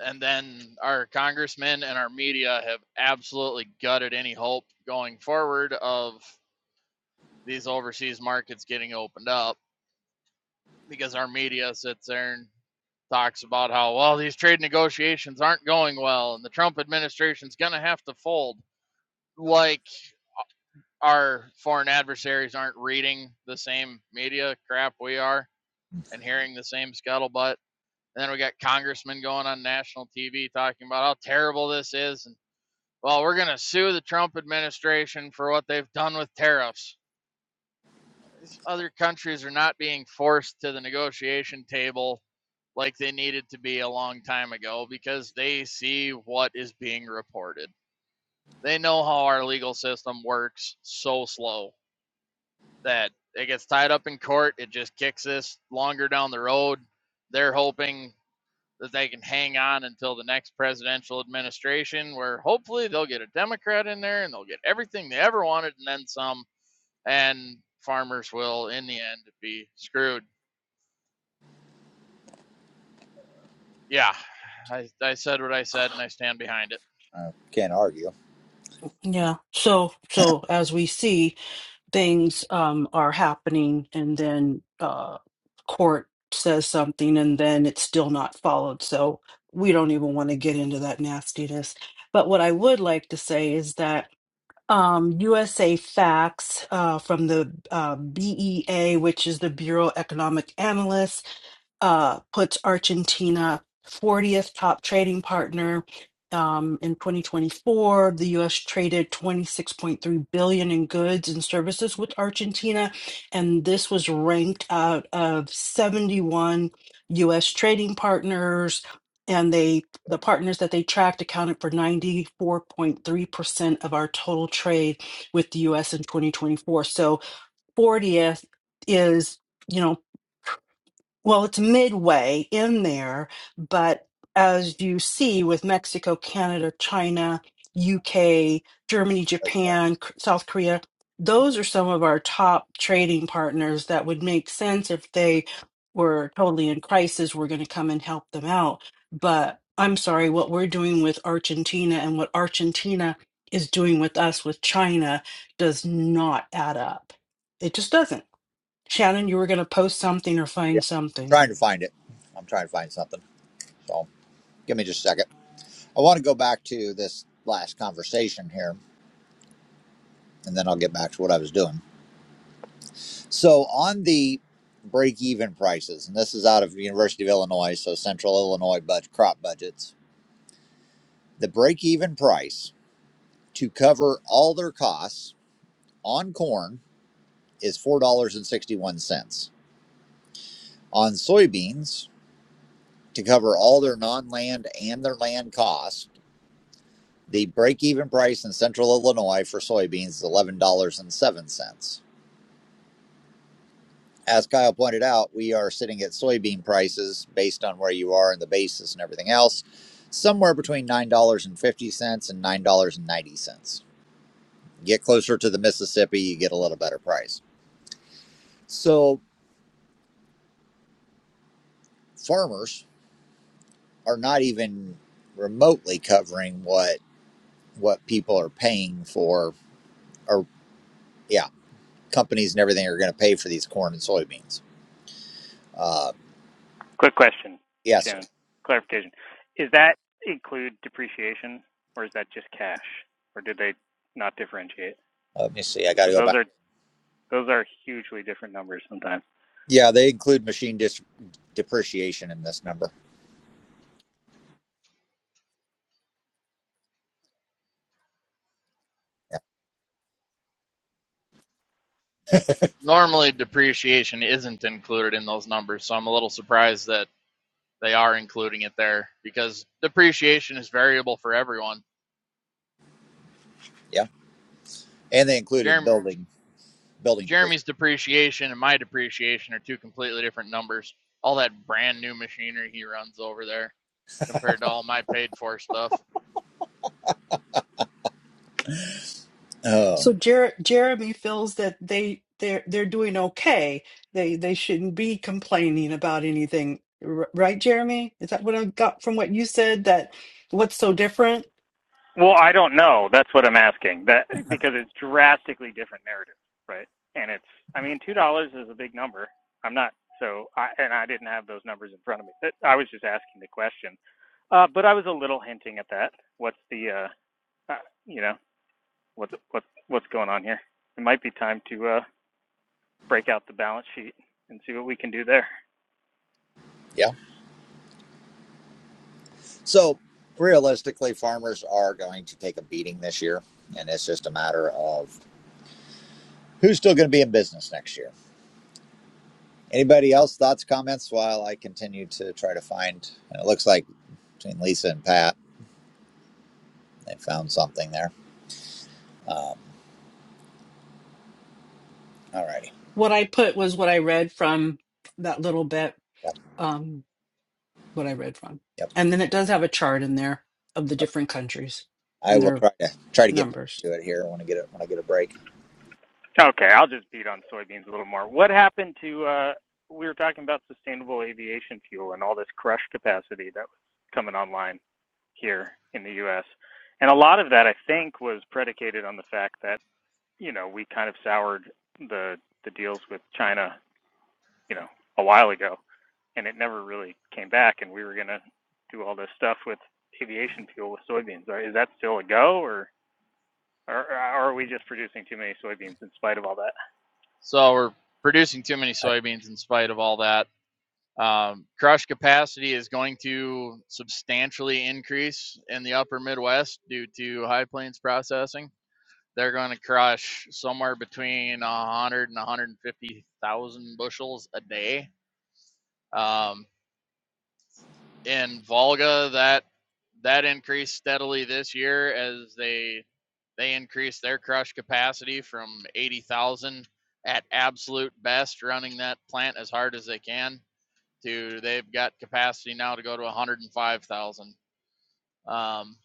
and then our congressmen and our media have absolutely gutted any hope going forward of these overseas markets getting opened up because our media sits there and talks about how well these trade negotiations aren't going well and the Trump administration's going to have to fold like our foreign adversaries aren't reading the same media crap we are and hearing the same scuttlebutt and then we got congressmen going on national TV talking about how terrible this is and well, we're going to sue the Trump administration for what they've done with tariffs. These Other countries are not being forced to the negotiation table like they needed to be a long time ago because they see what is being reported. They know how our legal system works so slow that it gets tied up in court, it just kicks this longer down the road. They're hoping that they can hang on until the next presidential administration, where hopefully they'll get a Democrat in there and they'll get everything they ever wanted and then some, and farmers will, in the end, be screwed. Yeah, I, I said what I said and I stand behind it.
I can't argue.
yeah. So, so as we see, things um, are happening and then uh, court says something and then it's still not followed. So we don't even want to get into that nastiness. But what I would like to say is that um, USA Facts uh, from the uh, BEA, which is the Bureau of Economic Analysts, uh, puts Argentina 40th top trading partner. Um, in 2024, the U.S. traded 26.3 billion in goods and services with Argentina, and this was ranked out of 71 U.S. trading partners. And they, the partners that they tracked, accounted for 94.3 percent of our total trade with the U.S. in 2024. So 40th is, you know. Well, it's midway in there, but as you see with Mexico, Canada, China, UK, Germany,
That's fine.
Japan, K- South Korea, those are some of our top trading partners that would make sense if they were totally in crisis. We're going to come and help them out. But I'm sorry, what we're doing with Argentina and what Argentina is doing with us with China does not add up. It just doesn't. Shannon, you were going to post something or
Yeah.
find
I'm
something.
trying to find it. I'm trying to find something. So give me just a second. I want to go back to this last conversation here, and then I'll get back to what I was doing. So on the break-even prices, and this is out of the University of Illinois, so Central Illinois bud- crop budgets, the break-even price to cover all their costs on corn is four dollars and sixty-one cents. On soybeans, to cover all their non-land and their land costs, the break-even price in Central Illinois for soybeans is eleven dollars and seven cents. as Kyle pointed out, we are sitting at soybean prices based on where you are in the basis and everything else, somewhere between nine dollars and fifty cents and nine dollars and ninety cents. Get closer to the Mississippi, you get a little better price. So farmers are not even remotely covering what what people are paying for, or yeah, companies and everything are going to pay for these corn and soybeans. Uh,
quick question,
yes, sir.
Chairman, clarification: Is that include depreciation, or is that just cash, or did they not differentiate?
Uh, Let me see. I got to
Because
go
those
back.
are those are hugely different numbers sometimes.
Yeah, they include machine dis- depreciation in this number. Yeah.
Normally, depreciation isn't included in those numbers, so I'm a little surprised that they are including it there because depreciation is variable for everyone.
Yeah. And they included
Jeremy,
building building depreciation.
Jeremy's depreciation and my depreciation are two completely different numbers. All that brand new machinery he runs over there compared to all my paid for stuff.
Oh,
So Jer- Jeremy feels that they they're they're doing okay. They they shouldn't be complaining about anything, R- right, Jeremy? Is that what I got from what you said? That what's so different?
Well, I don't know. That's what I'm asking. That because it's drastically different narrative, right? And it's I mean, two dollars is a big number. I'm not so I and I didn't have those numbers in front of me. I was just asking the question. Uh, but I was a little hinting at that. What's the uh, uh you know, what what what's going on here? It might be time to uh break out the balance sheet and see what we can do there.
yeah. So realistically, farmers are going to take a beating this year, and it's just a matter of who's still going to be in business next year. Anybody else thoughts, comments? While I continue to try to find, and it looks like between Lisa and Pat, they found something there. Um, all righty.
What I put was what I read from that little bit.
Yep.
Um, what I read from,
Yep.
and then it does have a chart in there of the different countries
I
and
will
their
try to try to get back
numbers.
to it here. I want to get it when I get a break.
Okay, I'll just beat on soybeans a little more. What happened to, uh, we were talking about sustainable aviation fuel and all this crush capacity that was coming online here in the U.S. And a lot of that, I think, was predicated on the fact that, you know, we kind of soured the the deals with China, you know, a while ago, and it never really came back. And we were gonna do all this stuff with aviation fuel with soybeans. Is that still a go, or, or, or are we just producing too many soybeans in spite of all that?
So we're producing too many soybeans in spite of all that. Um, crush capacity is going to substantially increase in the upper Midwest due to high plains processing. They're going to crush somewhere between 100 and 150,000 bushels a day. Um, in Volga that that increased steadily this year as they they increased their crush capacity from 80,000 at absolute best running that plant as hard as they can to they've got capacity now to go to 105,000. Um,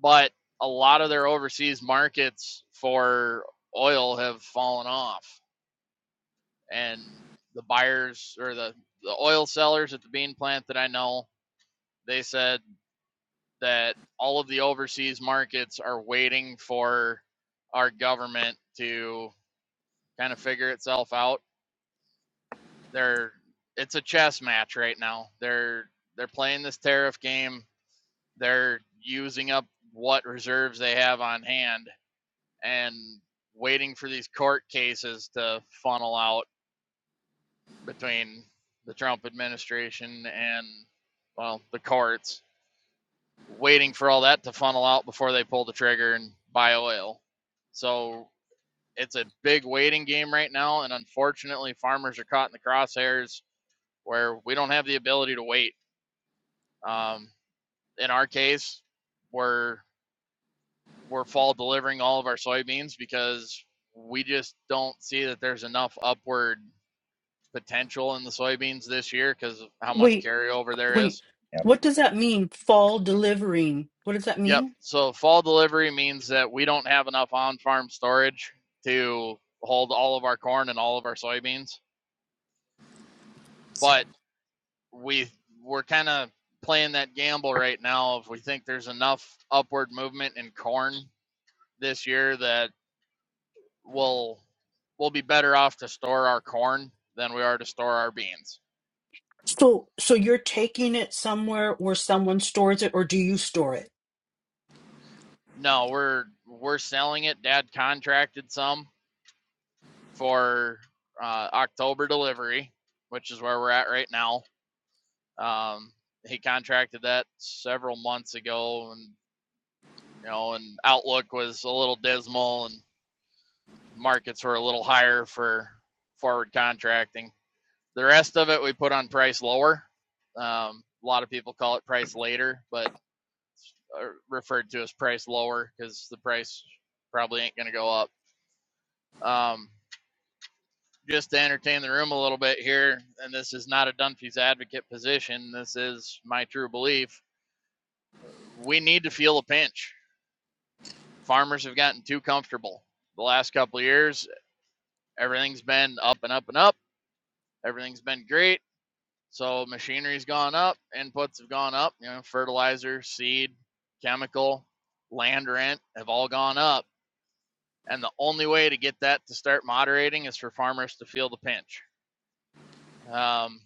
but a lot of their overseas markets for oil have fallen off and the buyers or the the oil sellers at the bean plant that I know they said that all of the overseas markets are waiting for our government to kind of figure itself out. They're it's a chess match right now. They're they're playing this tariff game. They're using up what reserves they have on hand and waiting for these court cases to funnel out between the Trump administration and well, the courts waiting for all that to funnel out before they pull the trigger and buy oil. So it's a big waiting game right now, and unfortunately, farmers are caught in the crosshairs where we don't have the ability to wait. Um, in our case, we're we're fall delivering all of our soybeans because we just don't see that there's enough upward potential in the soybeans this year because of how much
Wait,
carryover there
wait,
is.
Yep.
what does that mean? Fall delivering? What does that
Yep.
mean?
So fall delivery means that we don't have enough on farm storage to hold all of our corn and all of our soybeans.
So.
But we we're kind of playing that gamble right now if we think there's enough upward movement in corn this year that we'll we'll be better off to store our corn than we are to store our beans.
So, so you're taking it somewhere where someone stores it, or do you store it?
No, we're we're selling it. Dad contracted some for uh, October delivery, which is where we're at right now Um, he contracted that several months ago, and you know, and outlook was a little dismal, and markets were a little higher for forward contracting. The rest of it we put on price lower. Um, a lot of people call it price later, but uh, referred to as price lower because the price probably ain't going to go up. Um, just to entertain the room a little bit here, and this is not a Dunphy's advocate position. This is my true belief. We need to feel a pinch. farmers have gotten too comfortable the last couple of years. Everything's been up and up and up. Everything's been great. So machinery's gone up, inputs have gone up. You know, fertilizer, seed, chemical, land rent have all gone up. And the only way to get that to start moderating is for farmers to feel the pinch. Um,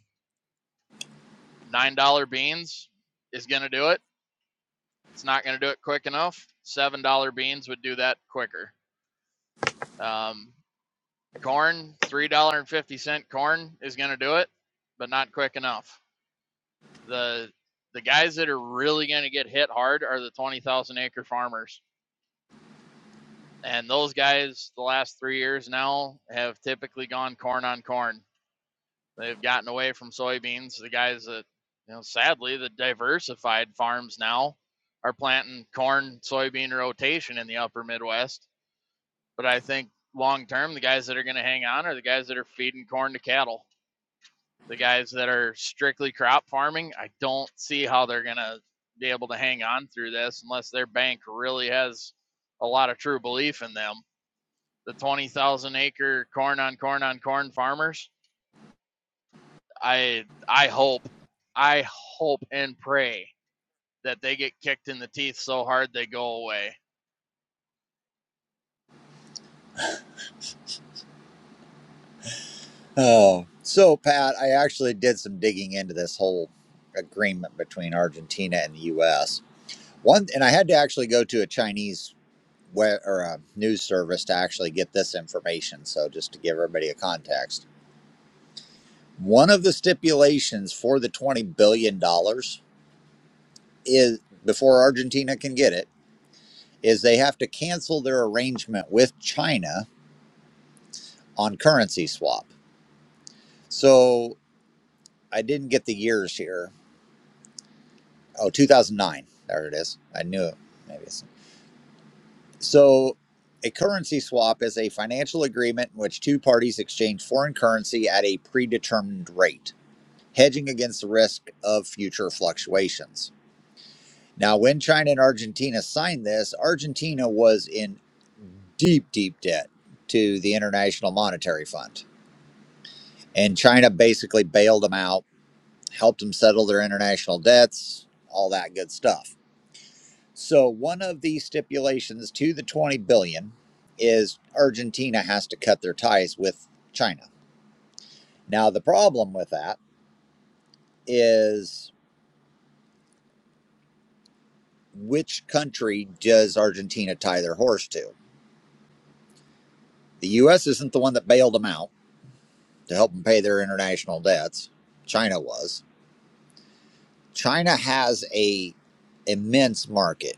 Nine dollar beans is going to do it. It's not going to do it quick enough. Seven dollar beans would do that quicker. Um, Corn, three dollar and fifty cent corn is going to do it, but not quick enough. the The guys that are really going to get hit hard are the twenty thousand acre farmers, and those guys the last three years now have typically gone corn on corn. They've gotten away from soybeans. The guys that you know, sadly, the diversified farms now are planting corn soybean rotation in the upper Midwest. But I think long term, the guys that are going to hang on are the guys that are feeding corn to cattle The guys that are strictly crop farming, I don't see how they're going to be able to hang on through this unless their bank really has a lot of true belief in them. The 20,000 acre corn on corn on corn farmers, I I hope I hope and pray that they get kicked in the teeth so hard they go away
Oh, so Pat, I actually did some digging into this whole agreement between Argentina and the U.S. One, and I had to actually go to a Chinese web or a news service to actually get this information. So just to give everybody a context, one of the stipulations for the twenty billion dollars is before Argentina can get it is they have to cancel their arrangement with China on currency swap. So I didn't get the years here. Oh, 2009. There it is. I knew it. Maybe it's so. A currency swap is a financial agreement in which two parties exchange foreign currency at a predetermined rate, hedging against the risk of future fluctuations. Now, when China and Argentina signed this, Argentina was in deep, deep debt to the International Monetary Fund. And China basically bailed them out, helped them settle their international debts, all that good stuff. So one of the stipulations to the 20 billion dollars is Argentina has to cut their ties with China. Now the problem with that is which country does Argentina tie their horse to? The US isn't the one that bailed them out to help them pay their international debts. China was. China has a immense market,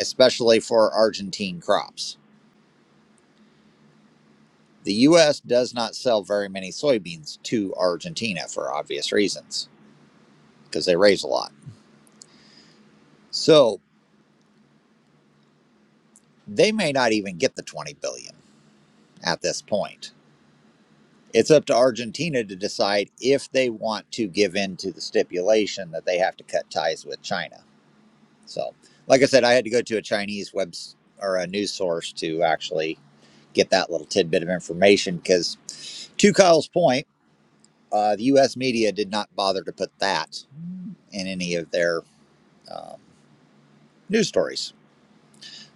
especially for Argentine crops. The US does not sell very many soybeans to Argentina for obvious reasons. because they raise a lot. So they may not even get the 20 billion dollars at this point. It's up to Argentina to decide if they want to give in to the stipulation that they have to cut ties with China. So, like I said, I had to go to a Chinese web or a news source to actually get that little tidbit of information because, to Kyle's point, uh, the U.S. media did not bother to put that in any of their um, news stories.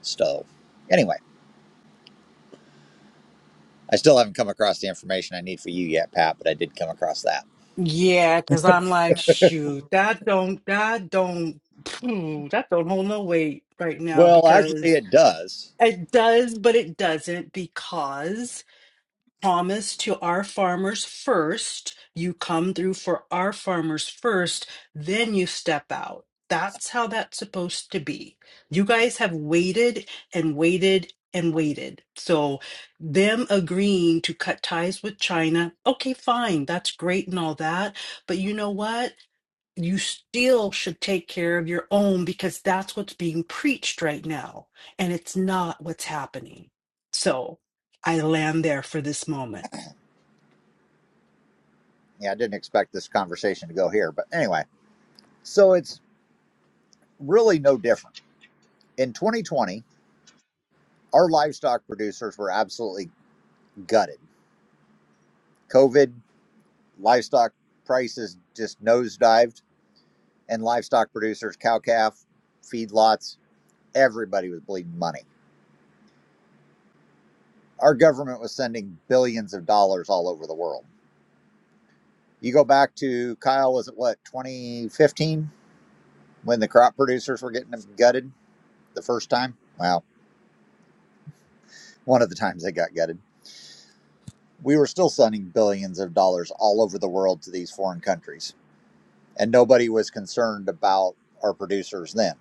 So, anyway I still haven't come across the information I need for you yet, Pat, but I did come across that.
Yeah, because I'm like, shoot, that don't, that don't, phew, that don't hold no weight right now
Well, actually,
because
it does.
it does, but it doesn't because. promise to our farmers first. You come through for our farmers first, then you step out. That's how that's supposed to be. You guys have waited and waited and waited. So, them agreeing to cut ties with China, okay, fine, that's great and all that. But you know what? You still should take care of your own because that's what's being preached right now. And it's not what's happening. So, I land there for this moment.
Yeah, I didn't expect this conversation to go here, but anyway, so it's really no different. In 2020, our livestock producers were absolutely gutted. COVID, livestock prices just nosedived, and livestock producers, cow calf, feedlots, everybody was bleeding money. Our government was sending billions of dollars all over the world. You go back to Kyle, was it what, 2015? when the crop producers were getting them gutted the first time. Well, one of the times they got gutted, we were still sending billions of dollars all over the world to these foreign countries, and nobody was concerned about our producers then.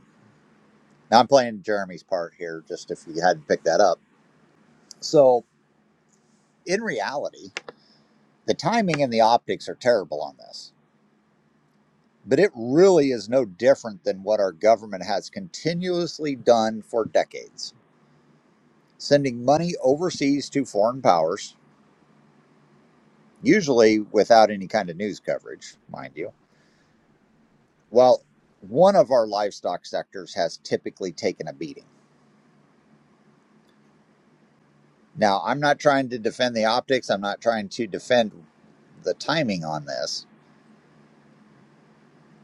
Now I'm playing Jeremy's part here, just if you hadn't picked that up. So in reality, the timing and the optics are terrible on this. But it really is no different than what our government has continuously done for decades, sending money overseas to foreign powers usually without any kind of news coverage, mind you. Well, one of our livestock sectors has typically taken a beating. Now, I'm not trying to defend the optics, I'm not trying to defend the timing on this.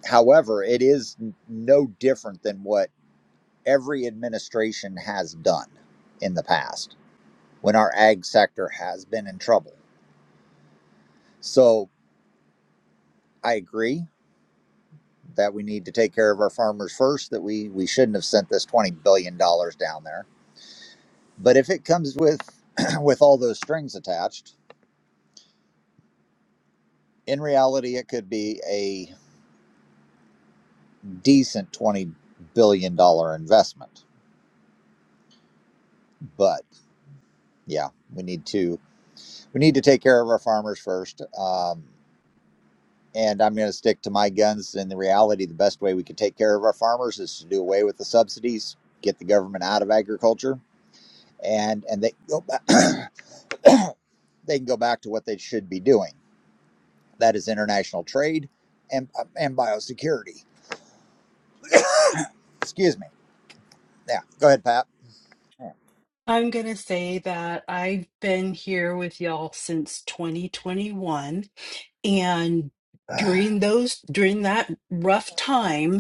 However, it is no different than what every administration has done in the past when our ag sector has been in trouble. So I agree that we need to take care of our farmers first, that we, we shouldn't have sent this $20 billion dollars down there But if it comes with (clears throat) with all those strings attached, in reality it could be a decent 20 billion dollar investment. But yeah, we need to we need to take care of our farmers first. Um and I'm going to stick to my guns. In the reality, the best way we can take care of our farmers is to do away with the subsidies, get the government out of agriculture, and and they go back, (clears throat) they can go back to what they should be doing. That is international trade and uh, and biosecurity. Excuse me Yeah. Go ahead, Pat. (sighs)
I'm going to say that I've been here with y'all since 2021 and
Yeah.
during those during that rough time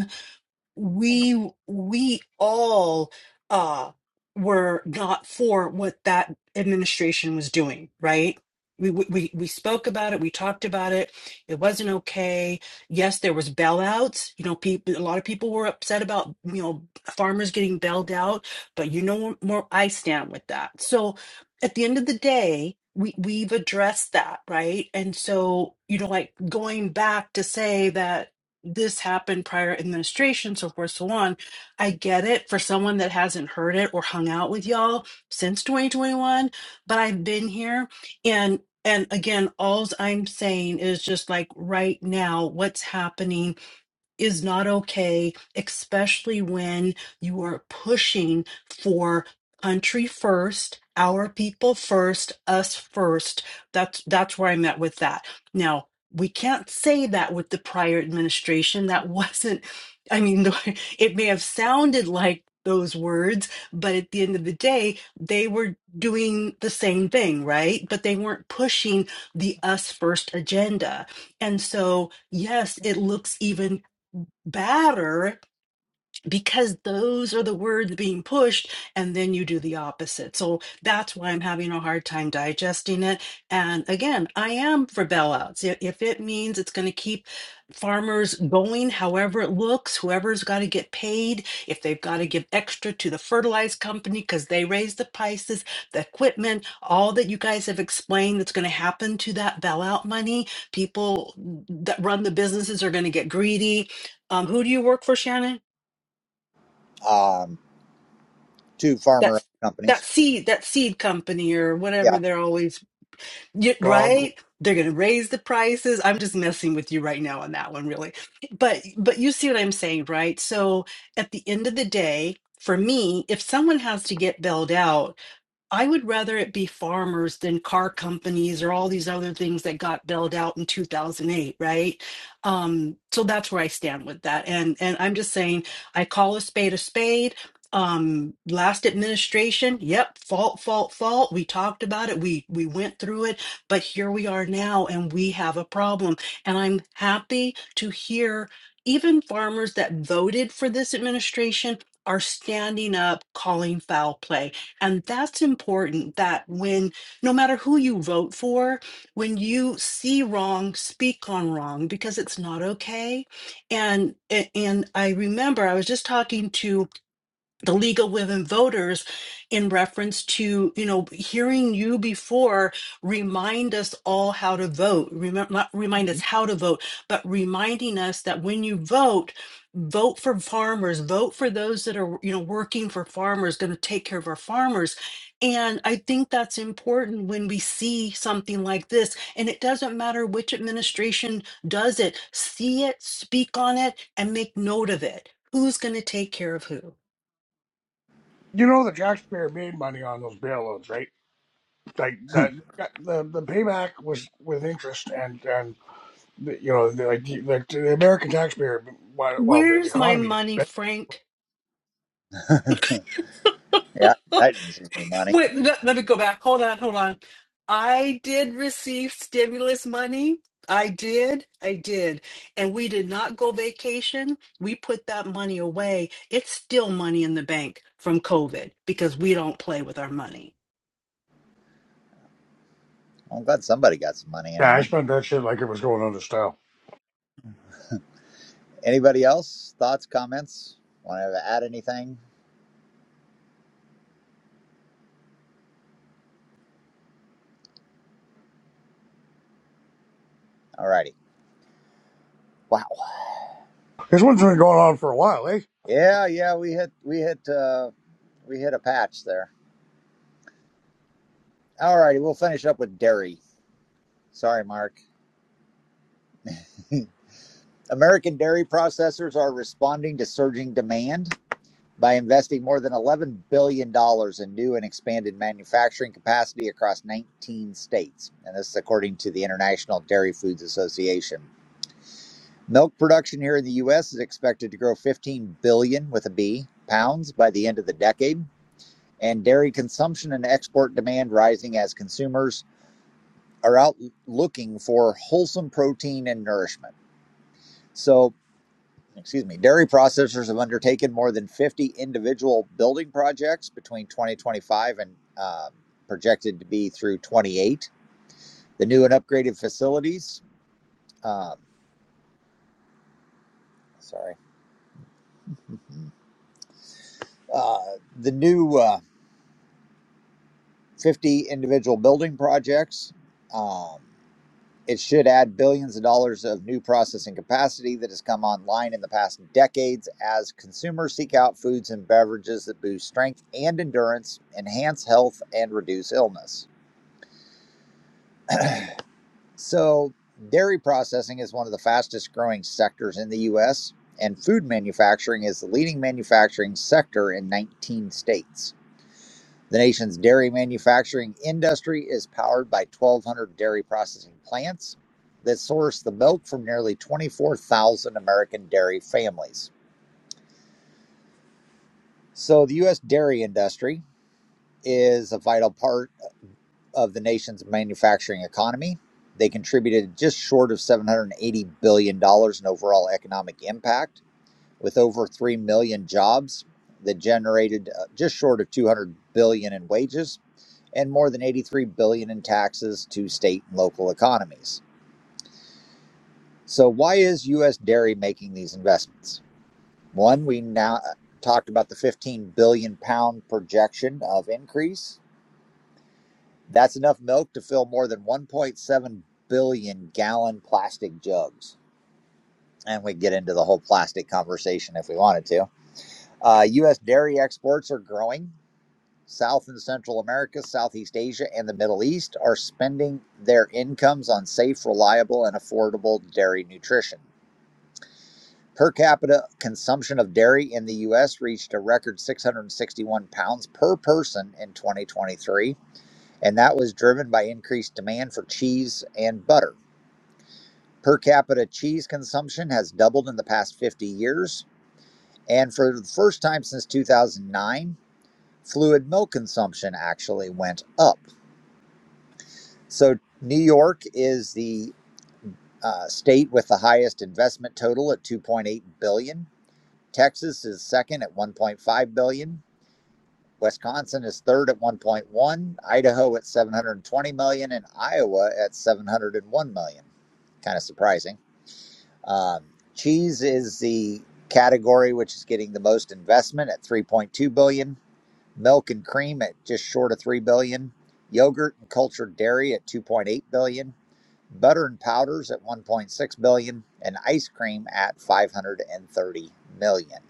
we we all uh were not for what that administration was doing right we we we we spoke about it we talked about it it wasn't okay yes there was bailouts you know people a lot of people were upset about you know farmers getting bailed out but you know where i stand with that so at the end of the day we we've addressed that right and so you know like going back to say that this happened prior administration, so forth, so on. I get it for someone that hasn't heard it or hung out with y'all since 2021, but I've been here and and again, all I'm saying is just like right now, what's happening is not okay, especially when you are pushing for country first, our people first, us first. That's that's where I'm at with that. Now, we can't say that with the prior administration. That wasn't, I mean, (laughs) it may have sounded like those words, but at the end of the day, they were doing the same thing, right? But they weren't pushing the us first agenda. And so, yes, it looks even batter because those are the words being pushed and then you do the opposite so that's why i'm having a hard time digesting it and again i am for bailouts I- if it means it's going to keep farmers going however it looks whoever's got to get paid if they've got to give extra to the fertilizer company because they raised the prices the equipment all that you guys have explained that's going to happen to that bailout money people that run the businesses are going to get greedy um, who do you work for shannon
Um, two farmer
that's
companies.
that seed that seed company or whatever
Yeah.
they're always y- right they're going to raise the prices i'm just messing with you right now on that one really but but you see what i'm saying right so at the end of the day for me if someone has to get bailed out I would rather it be farmers than car companies or all these other things that got bailed out in 2008, right? Um, so that's where I stand with that. And and I'm just saying, I call a spade a spade. Um, last administration, yep, fault, fault, fault. We talked about it. We we went through it, but here we are now, and we have a problem. And I'm happy to hear even farmers that voted for this administration are standing up, calling foul play and that's important that when, no matter who you vote for, when you see wrong, speak on wrong because it's not okay. And, a- and I remember I was just talking to the League of Women Voters in reference to, you know, hearing you before remind us all how to vote, Remem- not remind us
Mhm.
how to vote, but reminding us that when you vote, vote for farmers, vote for those that are, you know, working for farmers, going to take care of our farmers. And I think that's important when we see something like this. And it doesn't matter which administration does it, see it, speak on it, and make note of it. Who's going to take care of who?
You know the taxpayer made money on those bail loans, right? Like that, the the payback was with interest, and and the, you know the, like the, the the American taxpayer, well, the
Where's my
economy.
money,
Yeah,
Frank?
Yeah.
(laughs) Wait,
I didn't see any money.
let, let me go back. Hold on, hold on. I did receive stimulus money. I did. I did. And we did not go vacation. We put that money away. It's still money in the bank from COVID because we don't play with our money.
Well, I'm glad somebody got some money
I
anyway.
spent that shit like it was going under style.
Anybody else? Thoughts, comments? Want to add anything? Alrighty. Wow.
This one's been going on for a while, eh?
Yeah. Yeah. We hit. We hit. Uh, we hit a patch there. Alrighty. We'll finish up with dairy. Sorry, Mark. (laughs) American dairy processors are responding to surging demand. by investing more than $11 billion dollars in new and expanded manufacturing capacity across 19 states. And this is according to the International Dairy Foods Association. Milk production here in the U.S. is expected to grow 15 billion with a B pounds by the end of the decade, and dairy consumption and export demand rising as consumers are out looking for wholesome protein and nourishment. So, excuse me, dairy processors have undertaken more than 50 individual building projects between 2025 and um, projected to be through 28. The new and upgraded facilities, um, sorry, uh, the new uh, 50 individual building projects. Um, It should add billions of dollars of new processing capacity that has come online in the past decades as consumers seek out foods and beverages that boost strength and endurance, enhance health, and reduce illness. So, dairy processing is one of the fastest growing sectors in the U.S., and food manufacturing is the leading manufacturing sector in 19 states. The nation's dairy manufacturing industry is powered by 1,200 dairy processing plants that source the milk from nearly 24,000 American dairy families. So, the U.S. dairy industry is a vital part of the nation's manufacturing economy. They contributed just short of $780 billion dollars in overall economic impact, with over 3 million jobs that generated uh, just short of $200 billion dollars in wages and more than 83 billion dollars in taxes to state and local economies. So why is US dairy making these investments? One, we now uh, talked about the 15 billion pound projection of increase. That's enough milk to fill more than 1.7 billion gallon plastic jugs. And we get into the whole plastic conversation if we wanted to. Uh, US dairy exports are growing South and Central America, Southeast Asia, and the Middle East are spending their incomes on safe, reliable, and affordable dairy nutrition. Per capita consumption of dairy in the U.S. reached a record 661 pounds per person in 2023, and that was driven by increased demand for cheese and butter. Per capita cheese consumption has doubled in the past 50 years, and for the first time since 2009, fluid milk consumption actually went up. So New York is the uh, state with the highest investment total at 2.8 billion. dollars. Texas is second at 1.5 billion. dollars. Wisconsin is third at 1.1, Idaho at 720 million, and Iowa at 701 million. Kind of surprising. Um, cheese is the category which is getting the most investment at 3.2 billion. Milk and cream at just short of 3 billion. Yogurt and cultured dairy at 2.8 billion butter and powders at 1.6 billion dollars, and ice cream at 530 million dollars.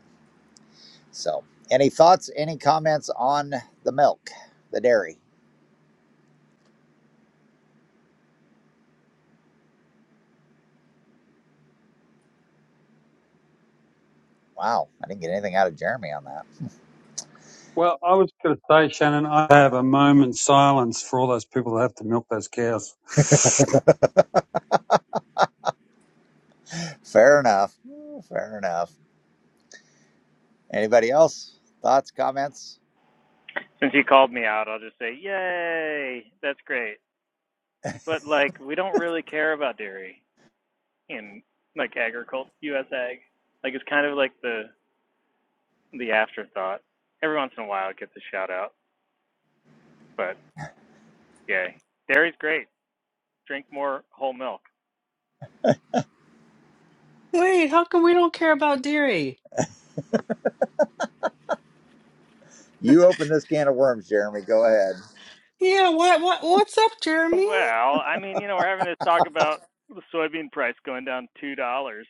so any thoughts any comments on the milk the dairy wow i didn't get anything out of jeremy on that
Well, I was going to say, Shannon, I have a moment's silence for all those people that have to milk those cows.
fair enough fair enough anybody else thoughts comments
Since you called me out, I'll just say, yay, that's great. But like, we don't really care about dairy in like agriculture, U.S. ag. Like, it's kind of like the the afterthought. Every once in a while, it gets a shout out, but yay, dairy's great. Drink more whole milk.
Wait, how come we don't care about Deary?
you open this can of worms jeremy go
Yeah, what what what's up, Jeremy?
Well, I mean, you know, we're having this talk about the soybean price going down two dollars.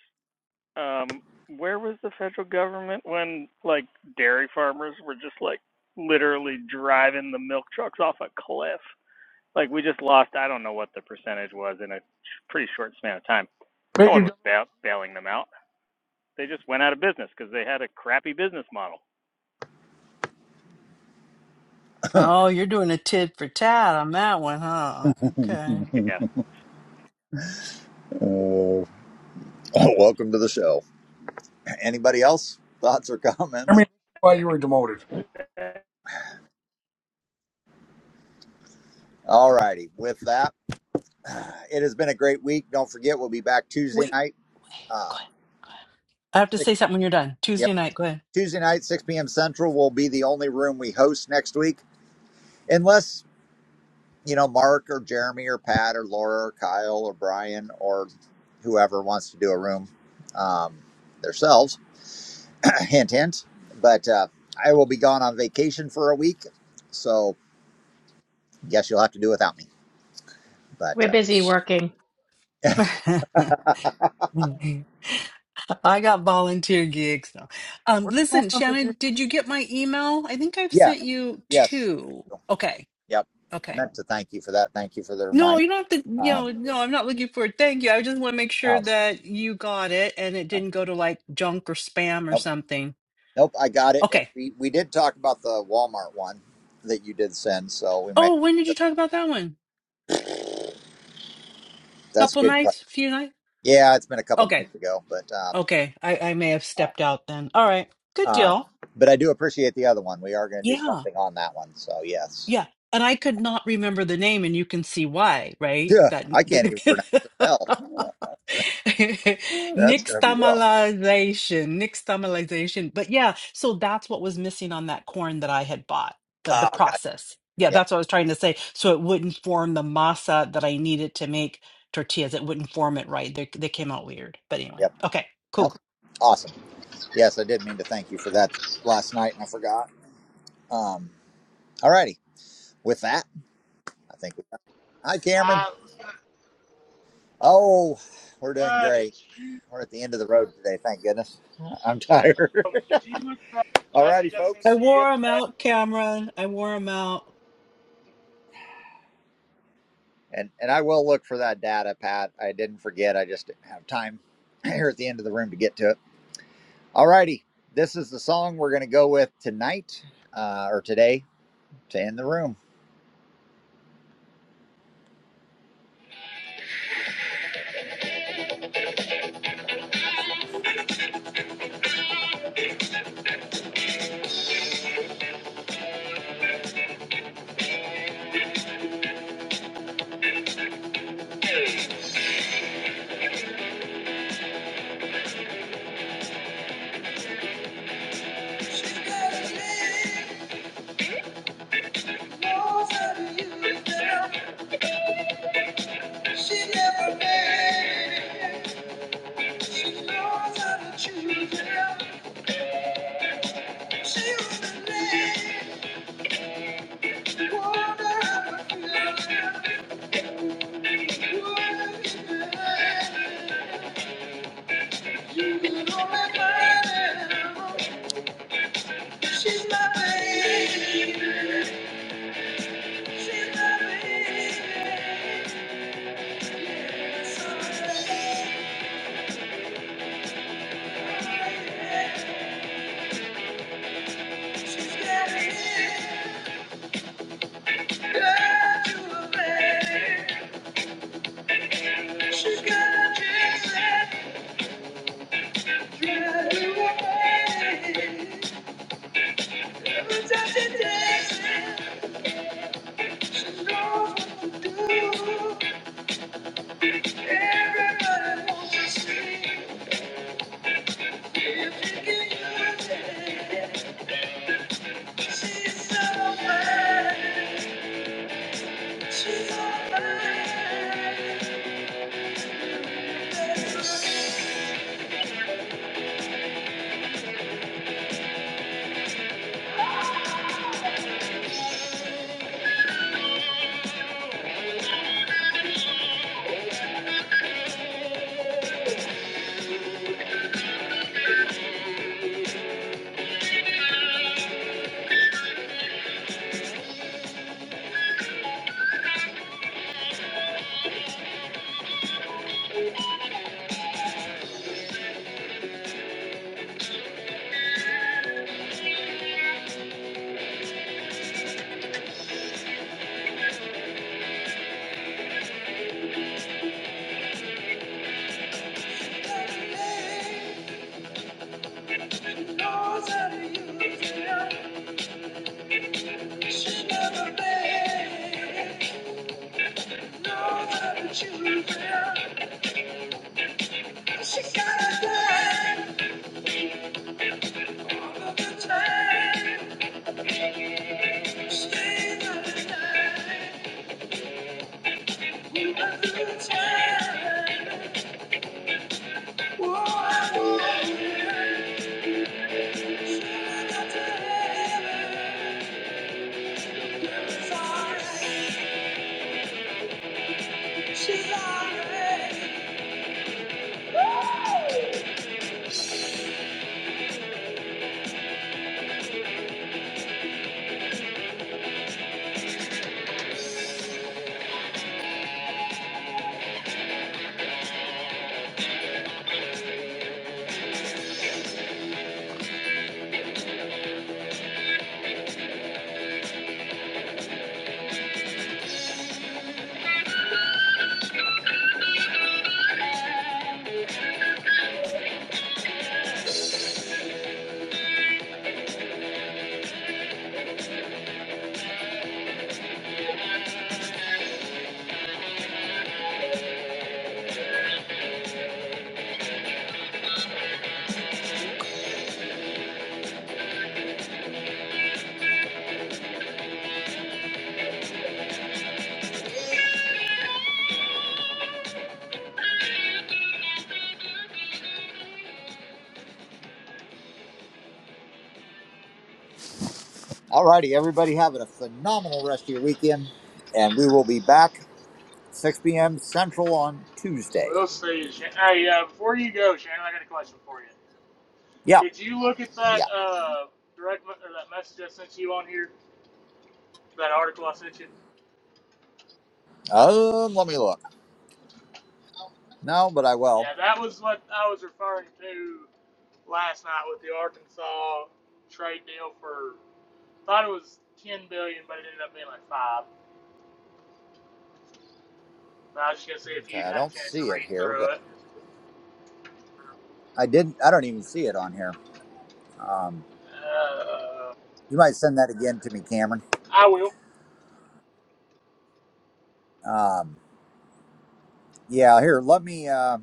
um, where was the federal government when like dairy farmers were just like literally driving the milk trucks off a cliff? Like we just lost, I don't know what the percentage was in a pretty short span of time. No one
Making,
was bail- bailing them out. They just went out of business because they had a crappy business model.
ahead
Oh, you're doing a tit for tat on that one, huh? Okay.
(laughs)
Yes,
Oh, welcome to the show anybody else thoughts or
I
comments
mean, why you were demoted?
all righty with that It has been a great week. Don't forget, we'll be back
Wait,
Tuesday
wait,
night.
go
Um,
ahead. I have to
six,
say something when you're done. Tuesday
yep,
night, go
Tuesday night, 6 p.m. Central will be the only room we host next week, unless you know Mark or Jeremy or Pat or Laura or Kyle or Brian or whoever wants to do a room um, themselves. (clears throat) (laughs) hint, hint. But uh, I will be gone on vacation for a week, so guess you'll have to do without me. But
We're
uh,
busy working.
ahead. (laughs) I got volunteer gigs. No. Um,
Where are you going
listen,
on vacation?
Shannon, did you get my email? I think I've
yeah,
sent you
yes,
two. Okay.
yep. I
Okay.
meant to thank you for that. Thank you for the
No,
reminder.
you don't have to, you
Um,
know, no, I'm not looking for it. Thank you. I just want to make sure
oh,
that you got it and it
no.
didn't go to like junk or spam or
nope.
something.
Nope, I got it. And
Okay.
we we did talk about the Walmart one that you did send, so we may.
Oh, when did you talk about that one?
That's a
Couple
good. question.
nights, few nights?
Yeah, it's been a couple
Okay.
nights ago, but um,
Okay. I, I may have
uh,
stepped out then. All right. Good
um,
deal.
but I do appreciate the other one. We are going to do
Yeah.
something on that one, so yes.
Yeah, and I could not remember the name, and you can see why, right?
Yeah,
That
I
that (laughs)
can't even pronounce it. Hell, uh, that's going
nixtamalization,
to be rough.
nixtamalization. But yeah, so that's what was missing on that corn that I had bought. The the
Oh God.
process. Yeah,
Yep.
that's what I was trying to say. So it wouldn't form the masa that I needed to make tortillas. It wouldn't form it right. They they came out weird. But anyway,
Yep.
okay,
Nope.
cool.
Awesome. Yes, I did mean to thank you for that last night, and I forgot. Um. Alrighty. With that, I think. We Hi, Cameron.
I
Oh, we're doing
Uh, did
great.
you
We're at the end of the road today, thank goodness. I'm tired.
um, did you look at that
(laughs) All righty,
message I
folks.
I
sent you
wore them
yesterday?
out, Cameron. I wore them out.
And and I will look for that data, Pat. I didn't forget. I just didn't have time (laughs) here at the end of the room to get to it. All righty. This is the song we're going to go with tonight uh, or today to end the room. She doesn't knows how to use them. She never made it. She knows how to choose them. She was the name, wonder how to feel them. She's got a kiss that drives you away. Every time she dances. She got a plan all of the time. Alrighty, everybody, have a phenomenal rest of your weekend, and we will be back 6 p.m. Central on Tuesday.
We'll see. Hey, uh, before you go, Shannon, I got a question for you.
Yeah,
Did you look at that
yeah.
uh direct or that message I sent you on here? That article I sent you.
Um, let me look. No, but I will.
Yeah, that was what I was referring to last night with the Arkansas trade deal for. Thought it was ten billion, dollars, but it ended up being like five. But I was just gonna see if
Okay,
you
I
had a
don't
chance to
see it
read
here,
through
but
it.
I didn't. I don't even see it on here. Um,
Uh,
you might send that again to me, Cameron.
I will.
Um, yeah, here, let me. Uh,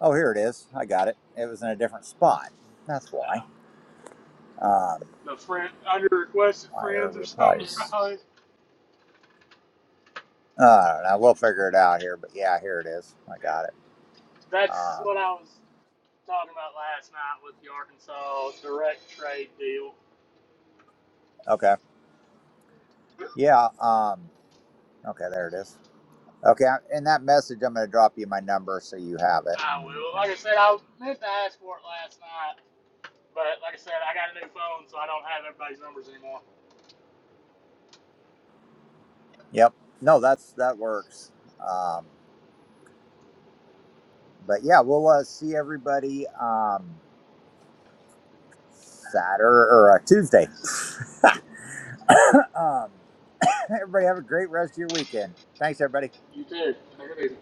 oh, here it is. I got it. It was in a different spot. That's why. Um,
the friend under requested
fire
friends or (laughs) something
replies.
probably.
Uh, I don't know. We'll figure it out here. But yeah, here it is. I
Yeah.
got it.
That's
Um,
what I was talking about last night with the Arkansas direct trade deal.
okay. Yeah. Um, okay, there it is. Okay, I- in that message, I'm going to drop you my number so you have it.
I
And you
will.
can,
Like I said, I meant to ask for it last night, but like I said, I got a new phone, so I don't have everybody's numbers anymore.
yep. No, that's that works. Um, but yeah, we'll uh, see everybody um, Saturday or uh, Tuesday. (coughs) (laughs) Um, everybody have a great rest of your weekend. Thanks, everybody.
You too. Take it easy.